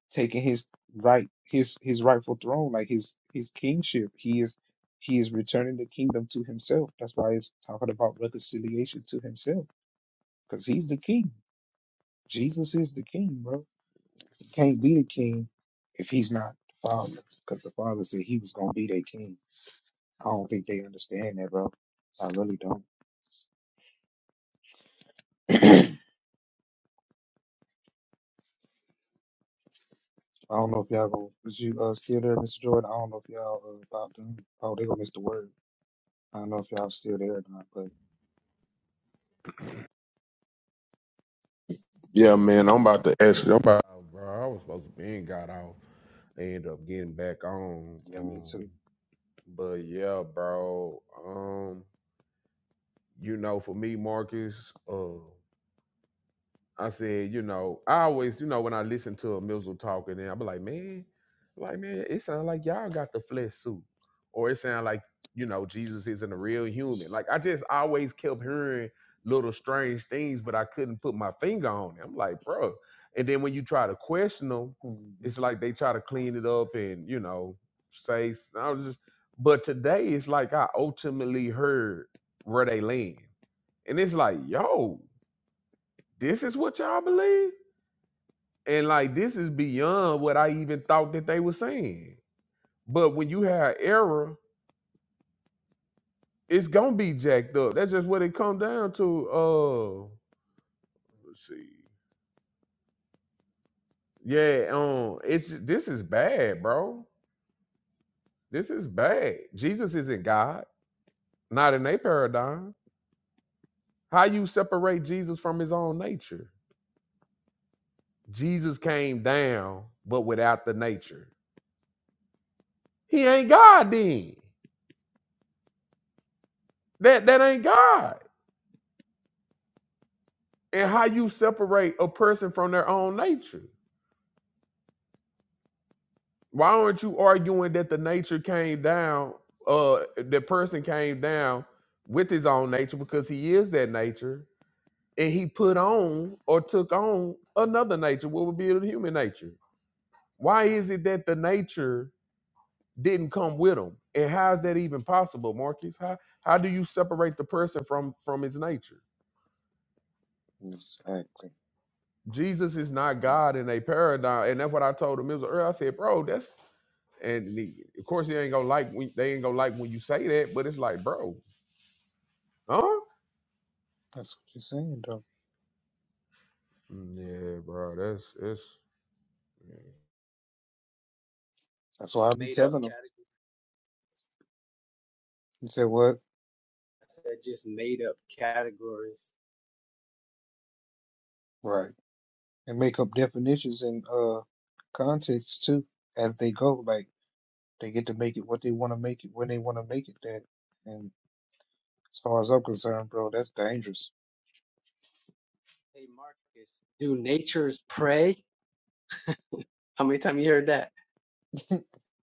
taking his right his his rightful throne, like his his kingship. He is he is returning the kingdom to himself. That's why it's talking about reconciliation to himself, because he's the king. Jesus is the king, bro. He can't be the king if he's not the Father, because the Father said he was gonna be their king. I don't think they understand that, bro. I really don't. I don't know if y'all gonna was you uh still there, Mr. Jordan. I don't know if y'all uh, about done. Oh, they gonna miss the word. I don't know if y'all still there or not, but
Yeah, man, I'm about to actually. I'm about. Oh, bro, I was supposed to be in got off. They end up getting back on.
yeah, me
Um,
too.
but yeah, bro. Um, you know, for me, Marcus. uh, I said, you know, I always, you know, when I listen to a Mizzle talking, and I'm like, man, like man, it sounds like y'all got the flesh suit, or it sounds like you know Jesus isn't a real human. Like I just always kept hearing little strange things, but I couldn't put my finger on it. I'm like, bro. And then when you try to question them, it's
Mm-hmm.
like they try to clean it up and you know say s- I was just. But today, it's like I ultimately heard where they land, and it's like, yo, this is what y'all believe and like this is beyond what I even thought that they were saying. But when you have error, it's gonna be jacked up. That's just what it come down to. Uh let's see. Yeah, um, it's this is bad, bro. This is bad. Jesus isn't God, not in their paradigm. How you separate Jesus from his own nature? Jesus came down, but without the nature. He ain't God then. That that ain't God. And how you separate a person from their own nature. Why aren't you arguing that the nature came down, uh the person came down with his own nature because he is that nature and he put on or took on another nature, what would be the human nature? Why is it that the nature didn't come with him? And how is that even possible, Marcus? How how do you separate the person from from his nature?
Exactly.
Jesus is not God in a paradigm, and that's what I told him. It was earlier. I said, bro, that's and he- of course he ain't gonna like when they ain't gonna like when you say that, but it's like, bro, huh?
That's what you're saying, though.
Yeah, bro, that's it's
That's why I be
Made up
telling them.
categories.
You say what?
I said just made up categories.
Right. And make up definitions and uh contexts too as they go. Like they get to make it what they want to make it when they want to make it. That and as far as I'm concerned, bro, that's dangerous.
Hey, Marcus, do natures pray? How many times you heard that?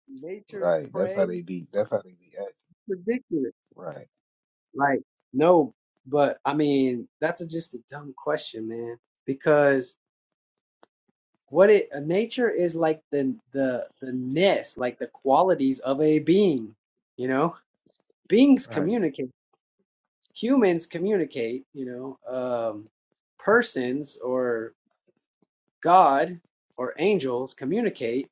Nature's
Right. That's how
prey?
they be. That's how they be acting.
Ridiculous.
Right.
Like, no, but I mean, that's a, just a dumb question, man. Because what it uh, nature is like the the the ness, like the qualities of a being. You know, beings
Right.
communicate. Humans communicate. You know, um, persons or God or angels communicate,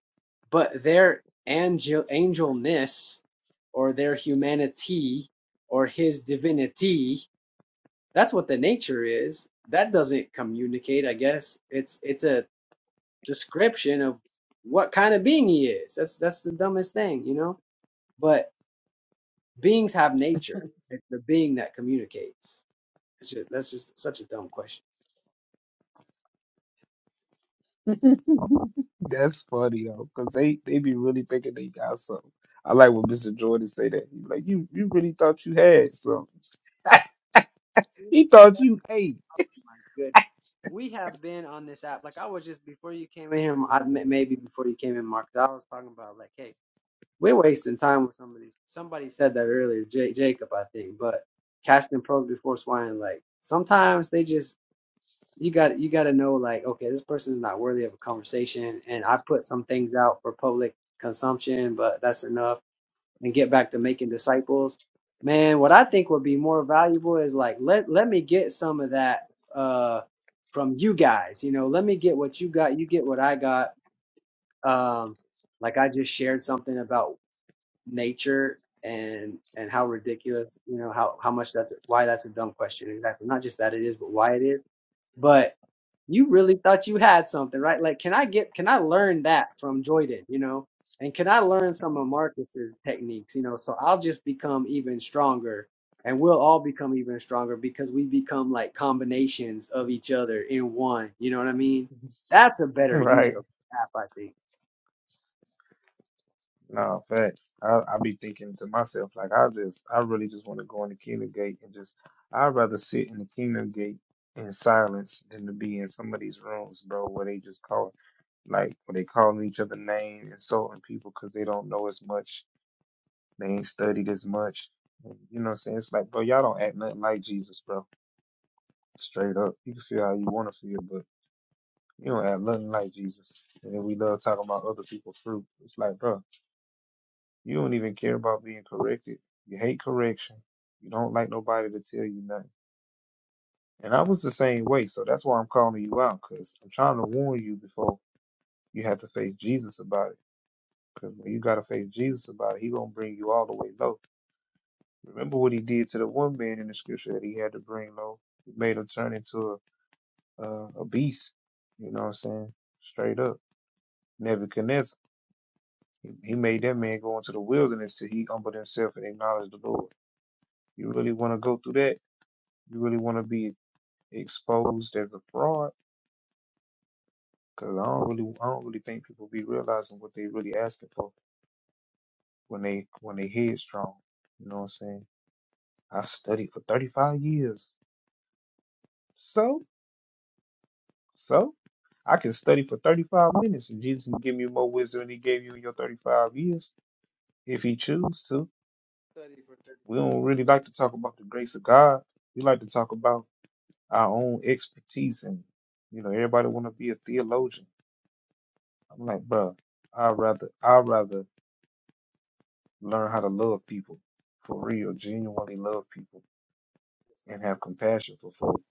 but their angel angelness or their humanity or his divinity, that's what the nature is. That doesn't communicate, I guess. It's it's a description of what kind of being he is. That's that's the dumbest thing, you know? But beings have nature. It's the being that communicates. It's ju- that's just such a dumb question.
That's funny though, because they, they be really thinking they got something. I like when Mr. Jordan say that. He like, you you really thought you had something. he thought you ate.
good. We have been on this app. Like I was just before you came in here. I m- maybe before you came in, Mark. I was talking about like, hey, we're wasting time with some of these. Somebody said that earlier, J- Jacob, I think. But casting pearls before swine. Like sometimes they just you got you got to know like, okay, this person is not worthy of a conversation. And I put some things out for public consumption, but that's enough and get back to making disciples. Man, what I think would be more valuable is like let let me get some of that uh from you guys. You know, let me get what you got, you get what I got. Um like I just shared something about nature and and how ridiculous, you know, how how much that's why that's a dumb question exactly. Not just that it is, but why it is but you really thought you had something, right? Like, can I get, can I learn that from Jordan, you know? And can I learn some of Marcus's techniques, you know? So I'll just become even stronger and we'll all become even stronger because we become like combinations of each other in one, you know what I mean? That's a better use
Right.
of the app, I think.
No, facts. I I be thinking to myself, like I just I really just want to go in the kingdom gate and just I'd rather sit in the kingdom gate in silence than to be in some of these rooms, bro, where they just call like where they calling each other name, insulting people because they don't know as much They ain't studied as much. And, You know what I'm saying? It's like, bro, y'all don't act nothing like Jesus, bro. Straight up. You can feel how you want to feel, but you don't act nothing like Jesus. And then we love talking about other people's fruit. It's like, bro, you don't even care about being corrected. You hate correction. You don't like nobody to tell you nothing. And I was the same way, so that's why I'm calling you out, because I'm trying to warn you before you have to face Jesus about it. Because when you got to face Jesus about it, he going to bring you all the way low. Remember what he did to the one man in the scripture that he had to bring low. He made him turn into a, a, a beast. You know what I'm saying? Straight up. Nebuchadnezzar. He he made that man go into the wilderness till he humbled himself and acknowledged the Lord. You really want to go through that? You really want to be exposed as a fraud? Because I don't really, I don't really think people be realizing what they really asking for when they when they headstrong. You know what I'm saying? I studied for 35 years. So? So I can study for 35 minutes and Jesus can give me more wisdom than he gave you in your 35 years if he chooses to.
Study for 30
We don't really like to talk about the grace of God. We like to talk about our own expertise and you know, everybody wanna be a theologian. I'm like, bro, i rather i rather learn how to love people for real, genuinely love people and have
disciples.
compassion for folk.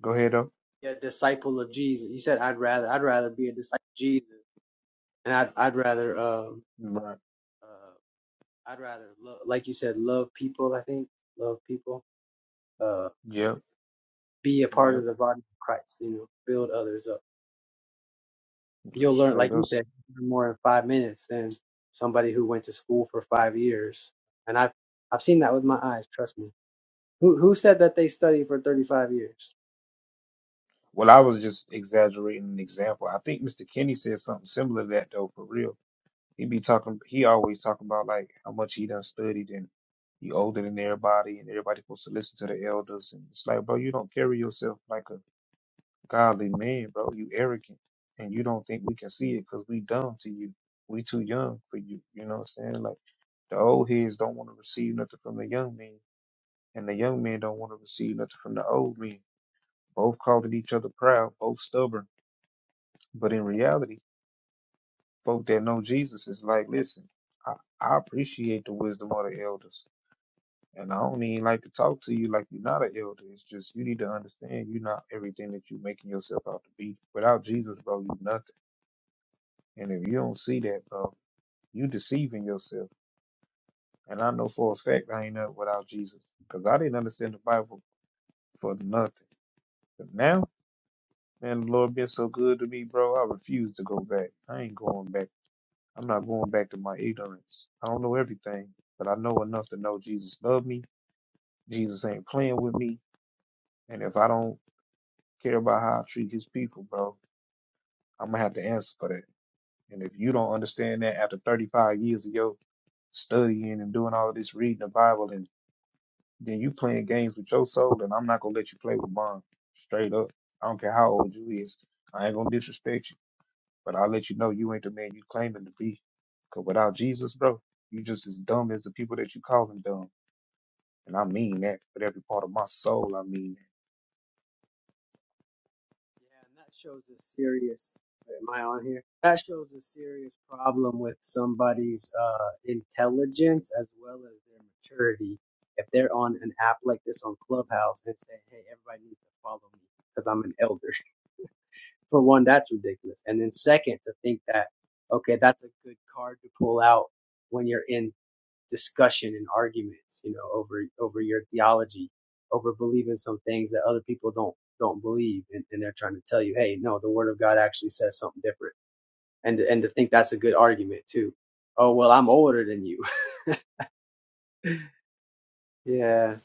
Go ahead though.
Be a disciple of Jesus. You said I'd rather, I'd rather be a disciple of Jesus and I'd, I'd rather, um,
Right.
uh. I'd rather, love, like you said, love people. I think love people. Uh,
Yep,
be a part
yep.
of the body of Christ. You know, build others up. You'll learn,
Straight
like
up.
you said, more in five minutes than somebody who went to school for five years. And I've I've seen that with my eyes. Trust me. Who who said that they studied for thirty five years?
Well, I was just exaggerating an example. I think Mr. Kenny said something similar to that though, for real. He be talking, he always talk about like how much he done studied and he older than everybody and everybody supposed to listen to the elders. And it's like, bro, you don't carry yourself like a godly man, bro. You arrogant and you don't think we can see it because we dumb to you. We too young for you. You know what I'm saying? Like the old heads don't want to receive nothing from the young men and the young men don't want to receive nothing from the old men. Both calling each other proud, both stubborn But in reality, folk that know Jesus is like, listen, I, I appreciate the wisdom of the elders. And I don't even like to talk to you like you're not an elder. It's just you need to understand you're not everything that you're making yourself out to be. Without Jesus, bro, you nothing. And if you don't see that, bro, you deceiving yourself. And I know for a fact I ain't nothing without Jesus. Because I didn't understand the Bible for nothing. But now, man, the Lord been so good to me, bro, I refuse to go back. I ain't going back I'm not going back to my ignorance. I don't know everything, but I know enough to know Jesus loved me. Jesus ain't playing with me. And if I don't care about how I treat his people, bro, I'm gonna have to answer for that. And if you don't understand that after 35 years of your studying and doing all this reading the Bible, and then you playing games with your soul, then I'm not gonna let you play with mine. Straight up. I don't care how old you is. I ain't gonna disrespect you. But I'll let you know you ain't the man you claiming to be. Cause without Jesus, bro, you just as dumb as the people that you calling dumb. And I mean that with every part of my soul. I mean
Yeah, and that shows a serious. Am I on here? That shows a serious problem with somebody's uh, intelligence as well as their maturity. If they're on an app like this on Clubhouse and say, "Hey, everybody needs to follow me because I'm an elder," for one, that's ridiculous. And then second, to think that okay, that's a good card to pull out when you're in discussion and arguments, you know, over over your theology, over believing some things that other people don't don't believe, and, and they're trying to tell you, hey, no, the Word of God actually says something different, and and to think that's a good argument too. Oh well, I'm older than you. yeah,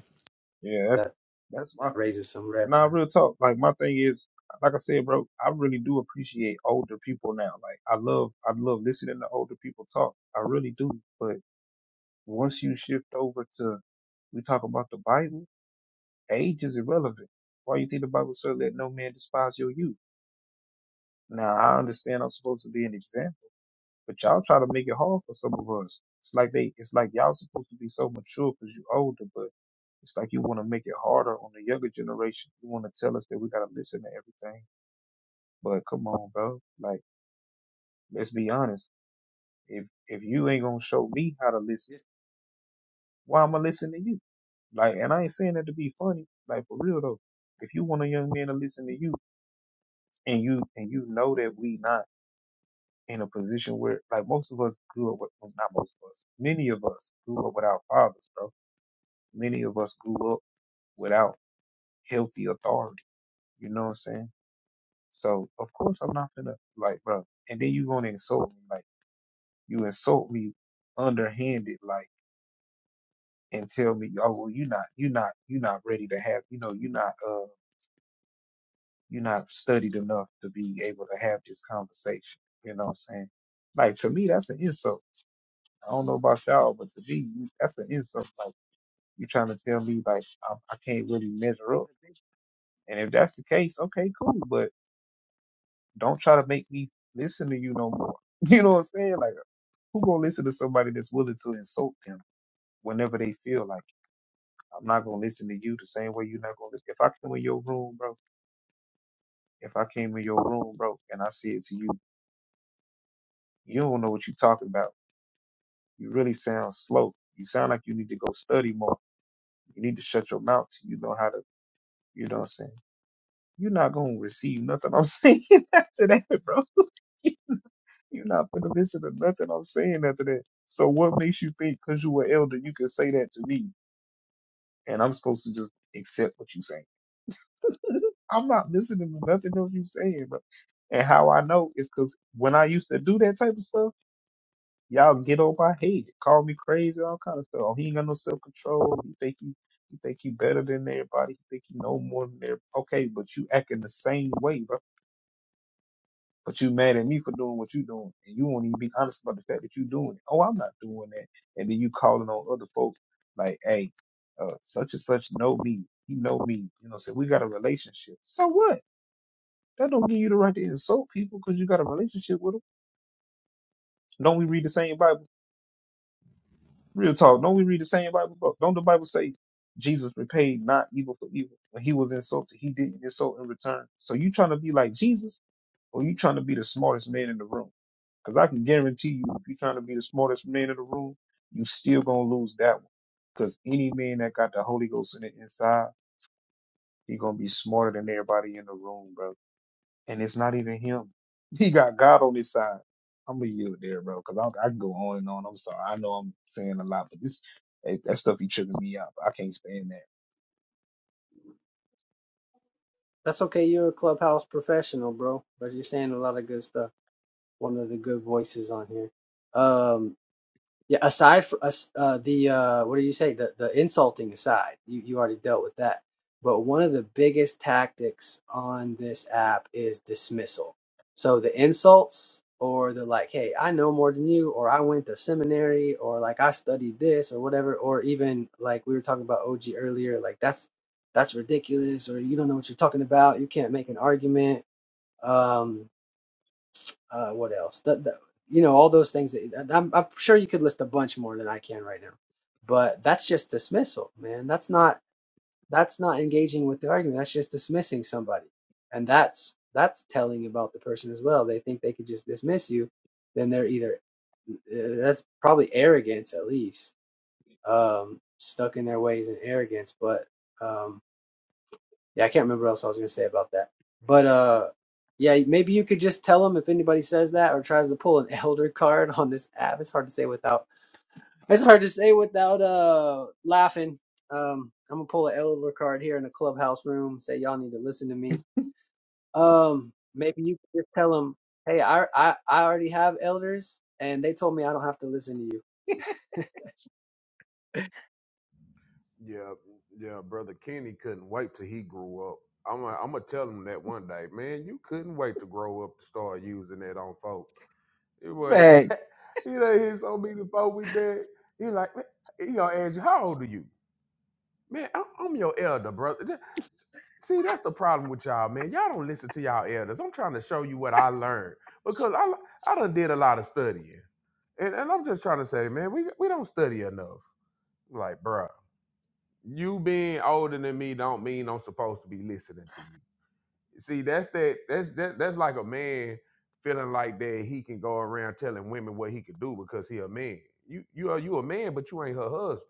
that. Yeah, that's
that
that's my
that raises some red.
nah real talk. Like my thing is, like I said, bro, I really do appreciate older people now. Like I love I love listening to older people talk. I really do. But once you shift over to we talk about the Bible, age is irrelevant. Why you think the Bible says let no man despise your youth? Now I understand I'm supposed to be an example But y'all try to make it hard for some of us. It's like they, it's like y'all supposed to be so mature because you older, but it's like you want to make it harder on the younger generation. You want to tell us that we gotta listen to everything. But come on, bro. Like, let's be honest. If if you ain't gonna show me how to listen,
flags.
why am I listening to you? Like, and I ain't saying that to be funny. Like for real though, if you want a young man to listen to you, and you and you know that we not in a position where like most of us grew up with well, not most of us, many of us grew up without fathers, bro many of us grew up without healthy authority. You know what I'm saying? So of course I'm not gonna like, bro. And then you gonna insult me, like you insult me underhanded, like, and tell me, oh well, you are not, you are not, you are not ready to have, you know, you are not, uh, you are not studied enough to be able to have this conversation. You know what I'm saying? Like to me, that's an insult. I don't know about y'all, but to me, you- that's an insult. Like you trying to tell me, like I, I can't really measure up. And if that's the case, okay, cool. but Don't try to make me listen to you no more. You know what I'm saying? Like, who gonna listen to somebody that's willing to insult them whenever they feel like it? I'm not gonna listen to you the same way you're not gonna listen. If I come in your room, bro, if I came in your room, bro, and I said to you, you don't know what you're talking about. You really sound slow. You sound like you need to go study more. You need to shut your mouth till you know how to, you know what I'm saying? You're not gonna receive nothing I'm saying after that, bro. You're not going to listen to nothing I'm saying after that. So what makes you think because you were elder, you can say that to me and I'm supposed to just accept what you're saying? I'm not listening to nothing else you're saying, bro. And how I know is because when I used to do that type of stuff, y'all get on my head, call me crazy, all kind of stuff. Oh, he ain't got no self control. He think he, he think he better than everybody. He think he know more than everybody. Okay, but you acting the same way, bro. But you mad at me for doing what you doing, and you won't even be honest about the fact that you doing it. Oh, I'm not doing that, and then you calling on other folks like, hey, uh, such and such know me. He know me. You know, what I'm saying we got a relationship. So what? That don't give you the right to insult people because you got a relationship with them. Don't we read the same Bible? Real talk. Don't we read the same Bible? Bro, Don't the Bible say Jesus repaid not evil for evil? When he was insulted, he didn't insult in return. So you trying to be like Jesus, or you trying to be the smartest man in the room? Because I can guarantee you, if you're trying to be the smartest man in the room, you still gonna lose that one. Because any man that got the Holy Ghost in the inside, he gonna be smarter than everybody in the room, bro. And it's not even him. He got God on his side. I'm gonna yield there, bro. Because I, I can go on and on. I'm sorry. I know I'm saying a lot, but this eh, that stuff be tripping me out. I can't stand
That's okay. You're a clubhouse professional, bro, but you're saying a lot of good stuff. One of the good voices on here. Um, Yeah, aside from us, uh, the uh, what do you say? The the insulting aside, you you already dealt with that. But one of the biggest tactics on this app is dismissal. So the insults or the like, hey, I know more than you, or I went to seminary, or like I studied this, or whatever, or even like we were talking about OG earlier, like that's that's ridiculous, or you don't know what you're talking about, you can't make an argument. Um, uh, what else? The, the, you know, all those things that I'm, I'm sure you could list a bunch more than I can right now. But that's just dismissal, man. That's not that's not engaging with the argument. That's just dismissing somebody, and that's that's telling about the person as well. They think they could just dismiss you, then they're either uh, that's probably arrogance at least, um, stuck in their ways and arrogance. But um, yeah, I can't remember what else I was gonna say about that. But uh yeah, maybe you could just tell them if anybody says that or tries to pull an elder card on this app. It's hard to say without it's hard to say without uh laughing. Um I'm gonna pull an elder card here in the clubhouse room, say y'all need to listen to me. Um maybe you could just tell them, Hey, I I, I already have elders and they told me I don't have to listen to you.
yeah, yeah, brother Kenny couldn't wait till he grew up. I'm gonna I'm gonna tell him that one day, man. You couldn't wait to grow up to start using that on folk. It
that.
was,
Facts.
you know, he's so many folk with that. He like, man, he gonna ask you, how old are you? Man, I- I'm your elder, brother. See, that's the problem with y'all, man. Y'all don't listen to y'all elders. I'm trying to show you what I learned because I I done did a lot of studying, and and I'm just trying to say, man, we we don't study enough. Like, bruh, you being older than me don't mean I'm supposed to be listening to you. See, that's that that's that, that's like a man feeling like that he can go around telling women what he could do because he a man. You you are you a man, but you ain't her husband.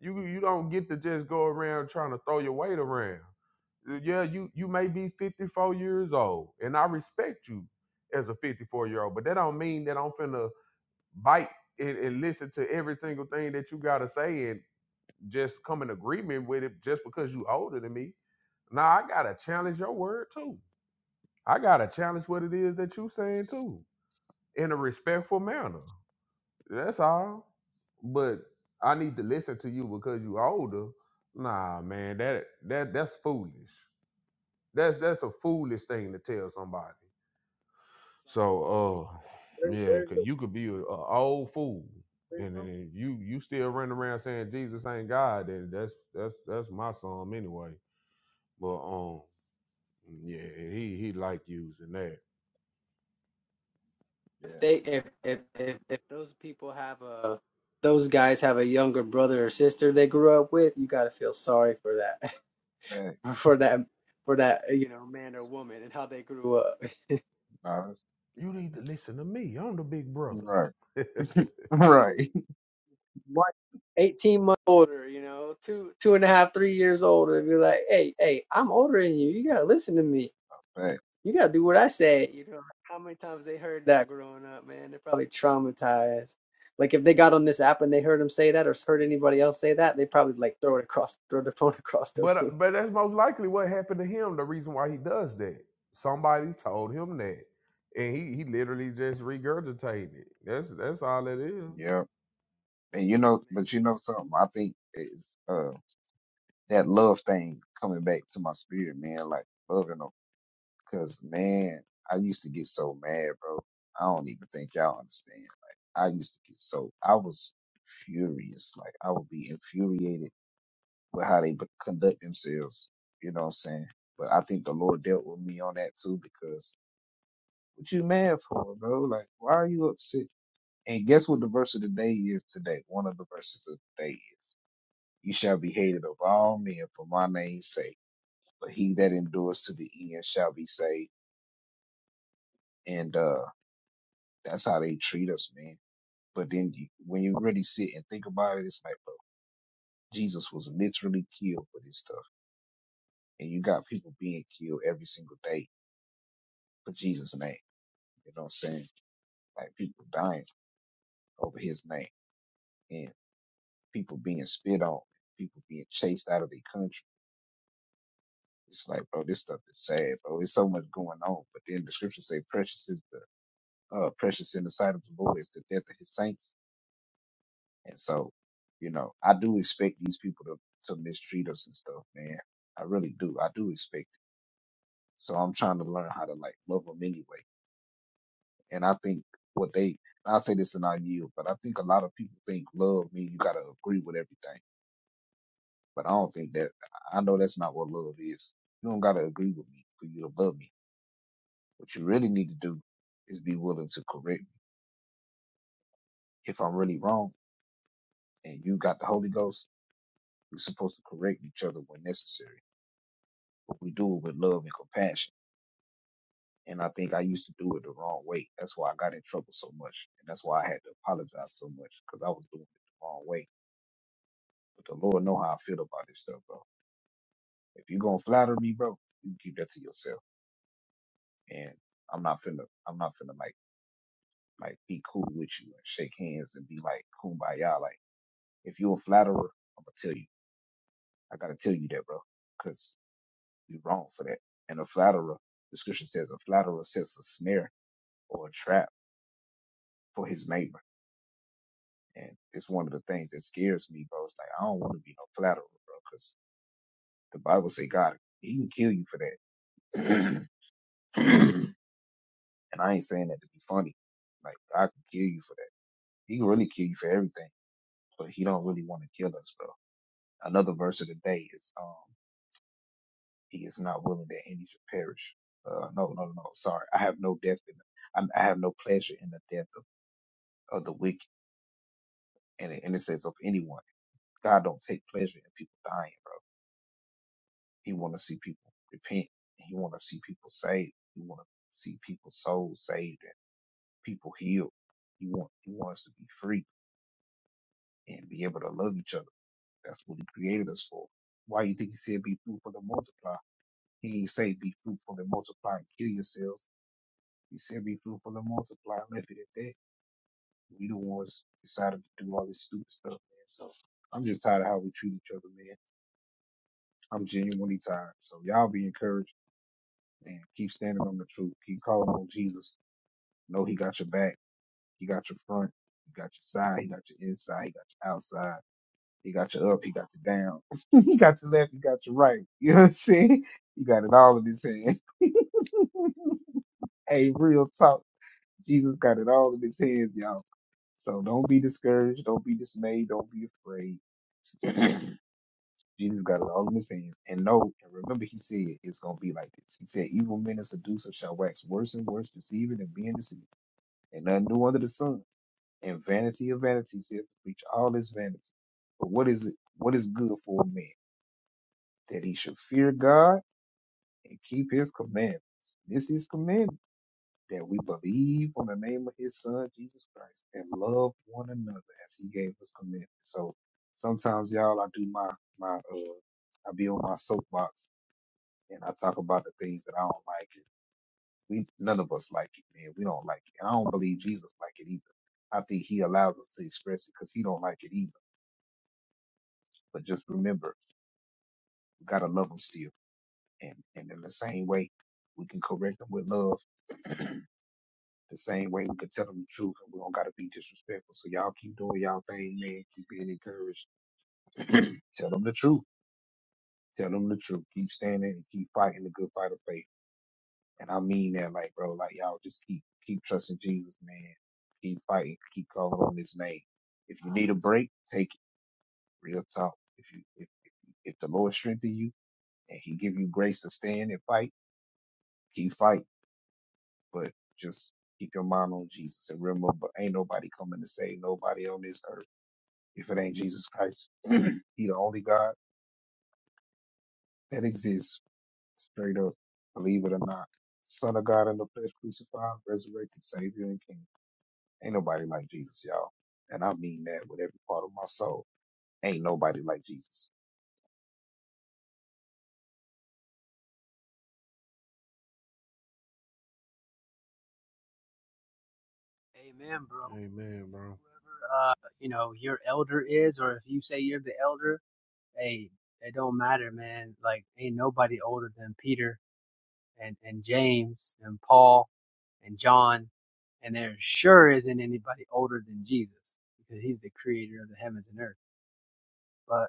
You you don't get to just go around trying to throw your weight around. Uh, Yeah, you you may be 54 years old, and I respect you as a 54 year old, but that don't mean that I'm finna bite and, and listen to every single thing that you gotta say and just come in agreement with it just because you older than me. Now I gotta challenge your word too. I gotta challenge what it is that you saying too, in a respectful manner. That's all. But I need to listen to you because you older. Nah, man, that that that's foolish. That's that's a foolish thing to tell somebody.
Like you
So, uh,
where,
yeah,
where's
cause
the
you could be a, a old fool, and
wisdom?
then you you still running around saying Jesus ain't God. Then that's that's that's my son anyway. But um, yeah, he he like using that.
if
Yeah.
they if if if, if those people have a those guys have a younger brother or sister they grew up with, you gotta feel sorry for that
Facts.
for that for that you know man or woman and how they grew up.
Nah, that's-
You need to listen to me. I'm the big brother.
right. Right.
One, 18 months older, you know, two two and a half, three years older. And be like, hey, hey, I'm older than you. You gotta listen to me.
Facts.
You gotta do what I said. You know, like, how many times they heard that growing up, man? They're probably traumatized. Like if they got on this app and they heard him say that, or heard anybody else say that, they probably like throw it across, throw their phone across the
But uh,
room.
but that's most likely what happened to him. The reason why he does that, somebody told him that, and he he literally just regurgitated. it. That's that's all it is.
Yeah. And you know, but you
Maybe.
know something. I think is. that love thing coming back to my spirit, man. Like loving them, cause man, I used to get so mad, bro. I don't even think y'all understand. Like I used to get so I was furious. Like I would be infuriated with how they would conduct themselves. You know what I'm saying? But I think the Lord dealt with me on that too, because what you mad for, bro? Like why are you upset? And guess what the verse of the day is today? One of the verses of the day is, "You shall be hated of all men for my name's sake." but he that endures to the end shall be saved. And uh, that's how they treat us, man. But then you, when you really sit and think about it, it's like, bro, Jesus was literally killed for this stuff, and you got people being killed every single day for Jesus' name. You know what I'm saying? Like people dying over His name, and people being spit on, people being chased out of their country. It's like, bro, this stuff is sad, bro. It's so much going on. But then the scriptures say, precious is the uh, precious in the sight of the Lord is the death of His saints And so, you know, I do expect these people to, to mistreat us and stuff, man. I really do. I do expect it. So I'm trying to learn how to like love them anyway. And I think what they, I'll say this in our yield, but I think a lot of people think love means you got to agree with everything. But I don't think that, I know that's not what love is. You don't got to agree with me for you to love me. What you really need to do is be willing to correct me. If I'm really wrong and you got the Holy Ghost, we're supposed to correct each other when necessary. But we do it with love and compassion And I think I used to do it the wrong way. That's why I got in trouble so much. And that's why I had to apologize so much because I was doing it the wrong way. But the Lord know how I feel about this stuff, bro. If you're going to flatter me, bro, you keep that to yourself. And I'm not finna, I'm not finna like, like be cool with you and shake hands and be like kumbaya. Like if you're a flatterer, I'm going to tell you, I got to tell you that, bro, because you're wrong for that. And a flatterer, the scripture says a flatterer sets a snare or a trap for his neighbor And it's one of the things that scares me, bro. It's like I don't want to be no flatterer, bro, because the Bible say God He can kill you for that. and I ain't saying that to be funny. Like God can kill you for that. He can really kill you for everything, but He don't really want to kill us, bro. Another verse of the day is um He is not willing that any should perish. Uh, no, no, no. Sorry, I have no death in. the, I, I have no pleasure in the death of, of the wicked, and it, and it says of anyone. God don't take pleasure in people dying, bro He want to see people repent. He want to see people saved. He want to see people's souls saved and people healed. He want he wants to be free and be able to love each other. That's what he created us for. Why you think he said be fruitful and multiply? He didn't say be fruitful and multiply and kill yourselves. He said be fruitful and multiply and left it at that. We the ones decided to do all this stupid stuff, man. So I'm just tired of how we treat each other, man. I'm genuinely tired. So y'all be encouraged and keep standing on the truth. Keep calling on Jesus Know he got your back. He got your front. He got your side. He got your inside. He got your outside. He got your up. He got your down. he got your left. He got your right. You know what I'm saying? He got it all in his hand. Hey, real talk. Jesus got it all in his hands, y'all. So don't be discouraged. Don't be dismayed. Don't be afraid. Jesus got it all in his hands. And know and remember he said it's gonna be like this. He said, Evil men and seducers shall wax worse and worse, deceiving and being deceived. And nothing new under the sun. And vanity of vanity says to preach all is vanity. But what is it? What is good for a man? That he should fear God and keep his commandments. This is commandment that we believe on the name of his son Jesus Christ and love one another as he gave us commandments. So sometimes y'all I do my my uh I be on my soapbox and I talk about the things that I don't like. We none of us like it, man. We don't like it. And I don't believe Jesus like it either. I think he allows us to express it because he don't like it either. But just remember, we gotta love them still. And and in the same way, we can correct them with love. The same way we can tell them the truth, and we don't gotta be disrespectful. So y'all keep doing y'all thing, man. Keep being encouraged. Tell them the truth. Tell them the truth. Keep standing and keep fighting the good fight of faith. And I mean that, like, bro, like y'all just keep keep trusting Jesus, man. Keep fighting. Keep calling on His name. If you need a break, take it. Real talk. If you if if, if the Lord strengthen you and He give you grace to stand and fight, keep fighting But just keep your mind on Jesus and remember, ain't nobody coming to save nobody on this earth if it ain't Jesus Christ. he the only God that exists. Straight up, believe it or not, Son of God in the flesh, crucified, resurrected, Savior and King. Ain't nobody like Jesus, y'all, and I mean that with every part of my soul. Ain't nobody like Jesus.
Amen, bro.
Amen, bro.
Whoever uh you know your elder is, or if you say you're the elder, hey, it don't matter, man. Like ain't nobody older than Peter. and, and James and Paul and John, and there sure isn't anybody older than Jesus because he's the creator of the heavens and earth. But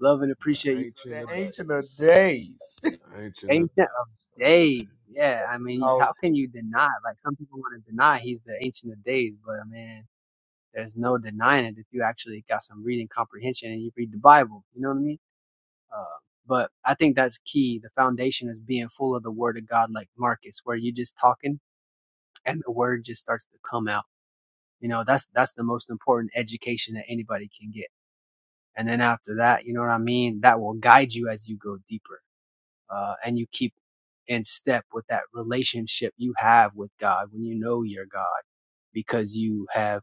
love and
The
appreciate you, brother
ancient
The
of
Ancient
Marcus.
of
days.
Days.
The
you
ancient of days.
Ancient of days. Yeah, I
It's
mean, how
awesome.
can you deny? Like some people want to deny he's the ancient of days, but man, there's no denying it if you actually got some reading comprehension and you read the Bible. You know what I mean? Uh, but I think that's key. The foundation is being full of the Word of God, like Marcus, where you just talking and the word just starts to come out. You know, that's that's the most important education that anybody can get. And then after that, you know what I mean? That will guide you as you go deeper, uh, and you keep in step with that relationship you have with God when you know your God, because you have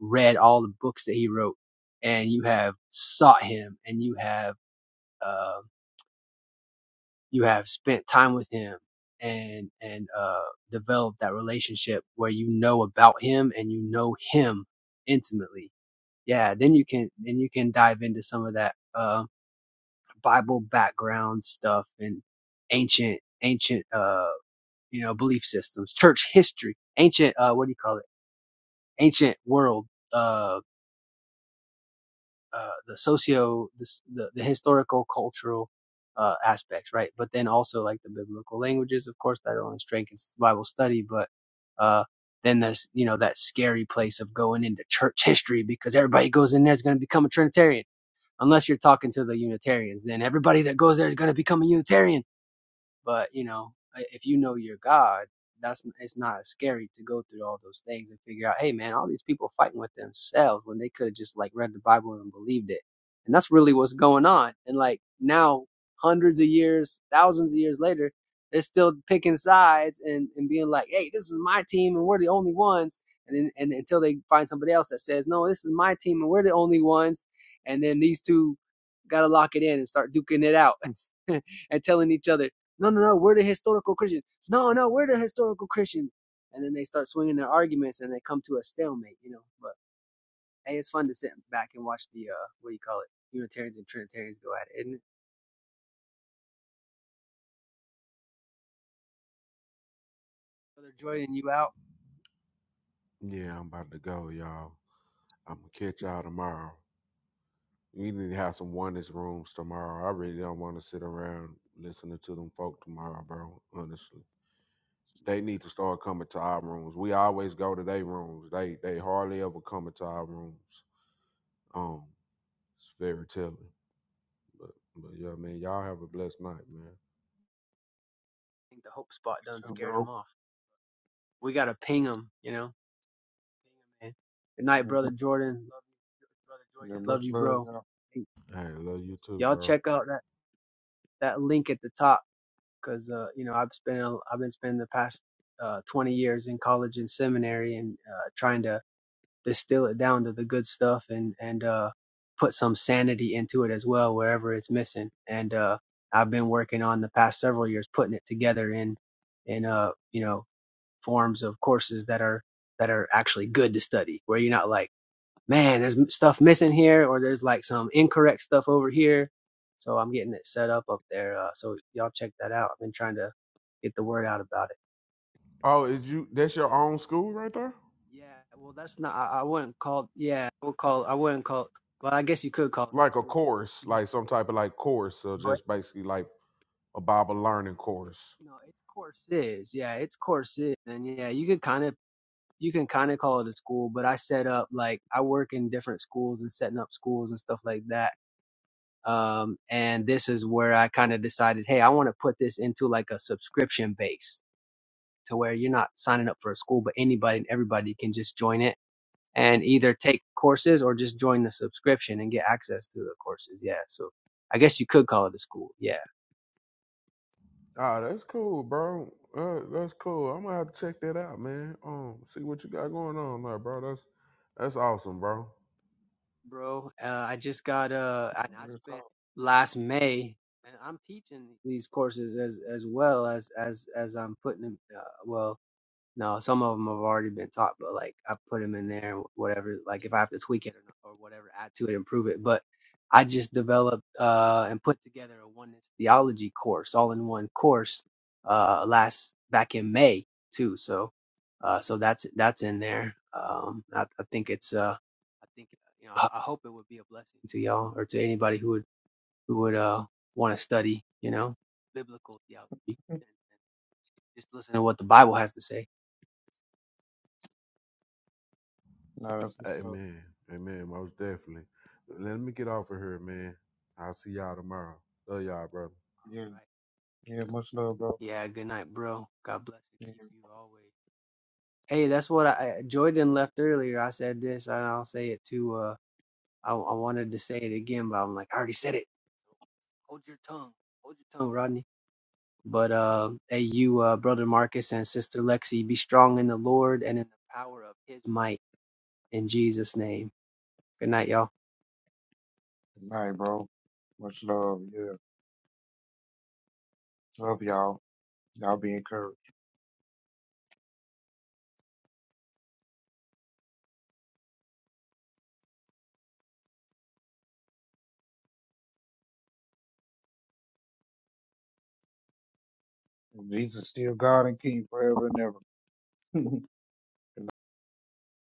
read all the books that He wrote, and you have sought Him, and you have. uh, you have spent time with him and and uh developed that relationship where you know about him and you know him intimately yeah then you can then you can dive into some of that uh bible background stuff and ancient ancient uh you know belief systems church history ancient uh what do you call it ancient world uh uh, the socio the, the, the historical cultural uh, aspects right but then also like the biblical languages of course that only strengthens bible study but uh, then this you know that scary place of going into church history because everybody goes in there is going to become a trinitarian unless you're talking to the unitarians then everybody that goes there is going to become a unitarian but you know, i- if you know your God, that's n- it's not as scary to go through all those things and figure out, hey man, all these people fighting with themselves when they could have just like read the Bible and believed it. And that's really what's going on. And like now, hundreds of years, thousands of years later, they're still picking sides and, and being like, hey, this is my team and we're the only ones. And then and until they find somebody else that says, no, this is my team and we're the only ones. And then these two got to lock it in and start duking it out and telling each other no, no, no. We're the historical Christians. No, no. We're the historical Christians. And then they start swinging their arguments, and they come to a stalemate. You know. But hey, it's fun to sit back and watch the uh, what do you call it? Unitarians and Trinitarians go at it, isn't it? Brother Jordan, you out? I
Amen. Yeah, I'm about to go, y'all. I'm gonna catch y'all tomorrow. We need to have some oneness rooms tomorrow. I really don't want to sit around listening to them folk tomorrow, bro. Honestly. They need to start coming to our rooms. We always go to their rooms. They they hardly ever coming to our rooms. Um, it's very telling. But but yeah, man, y'all have a blessed night, man.
think the hope spot done
You too,
scared him
bro.
off. We gotta ping him. You know. Ping 'em, man. Good night,
Mm-hmm.
brother Jordan. Love you, brother Jordan.
Yeah,
Love
much
you,
love,
bro.
y'all.
Hey,
Hey, love you too,
Y'all
bro.
check out that that link at the top because uh, you know I've spent a- I've been spending the past uh, 20 years in college and seminary and uh, trying to distill it down to the good stuff and and uh, put some sanity into it as well wherever it's missing. And uh, I've been working on the past several years putting it together in in uh you know forms of courses that are that are actually good to study where you're not like man, there's stuff missing here, or there's like some incorrect stuff over here. So I'm getting it set up up there. Uh, so y'all check that out. I've been trying to get the word out about it.
Oh, is you that's your own school right there?
Yeah, well, that's not. I, I wouldn't call. Yeah, I would call. I wouldn't call. Well, I guess you could call
Like a
it.
course, like some type of like course, so
No,
just basically like a Bible learning
it's,
course.
no, it's courses. Yeah, it's courses, and yeah, you could kind of you can kind of call it a school. But I set up like I work in different schools and setting up schools and stuff like that um, and this is where I kind of decided, hey, I want to put this into like a subscription base to where you're not signing up for a school, but anybody and everybody can just join it and either take courses or just join the subscription and get access to the courses. Yeah, so I guess you could call it a school. Yeah,
Ah, that's cool, bro. Uh, that's cool. I'm gonna have to check that out, man. Um, see what you got going on there, bro. That's that's awesome, bro.
bro. Uh, I just got uh, and I
Real
spent
talk.
last May. And I'm teaching these courses as as well as as as I'm putting them. Uh, well, No, some of them have already been taught, but like I put them in there, and whatever. Like if I have to tweak it or, not, or whatever, add to it, improve it. But I just developed uh, and put together a oneness theology course, all in one course, uh, last back in May too. So, uh, so that's that's in there. Um, I, I think it's uh, I think you know I, I hope it would be a blessing to y'all or to anybody who would who would uh want to study, you know, biblical theology and and just listen to what the Bible has to say.
Nah, that's what's up.
Amen. Amen. Most definitely. Let me get off of here, man. I'll see y'all tomorrow. Love y'all, brother.
Yeah,
Right.
yeah, much love, bro.
Yeah, good night, bro. God bless and
Yeah.
keep you always. Hey, that's what I I- Jordan left earlier. I said this, and I'll say it too. Uh, I I wanted to say it again, but I'm like, I already said it. Hold your tongue. Hold your tongue, Rodney. But uh, hey, you, uh, brother Marcus and sister Lexi, be strong in the Lord and in the power of His might. In Jesus' name. Good night, y'all.
All right, bro. Much love. Yeah. Love y'all. Y'all be encouraged. Jesus still God and King forever and ever.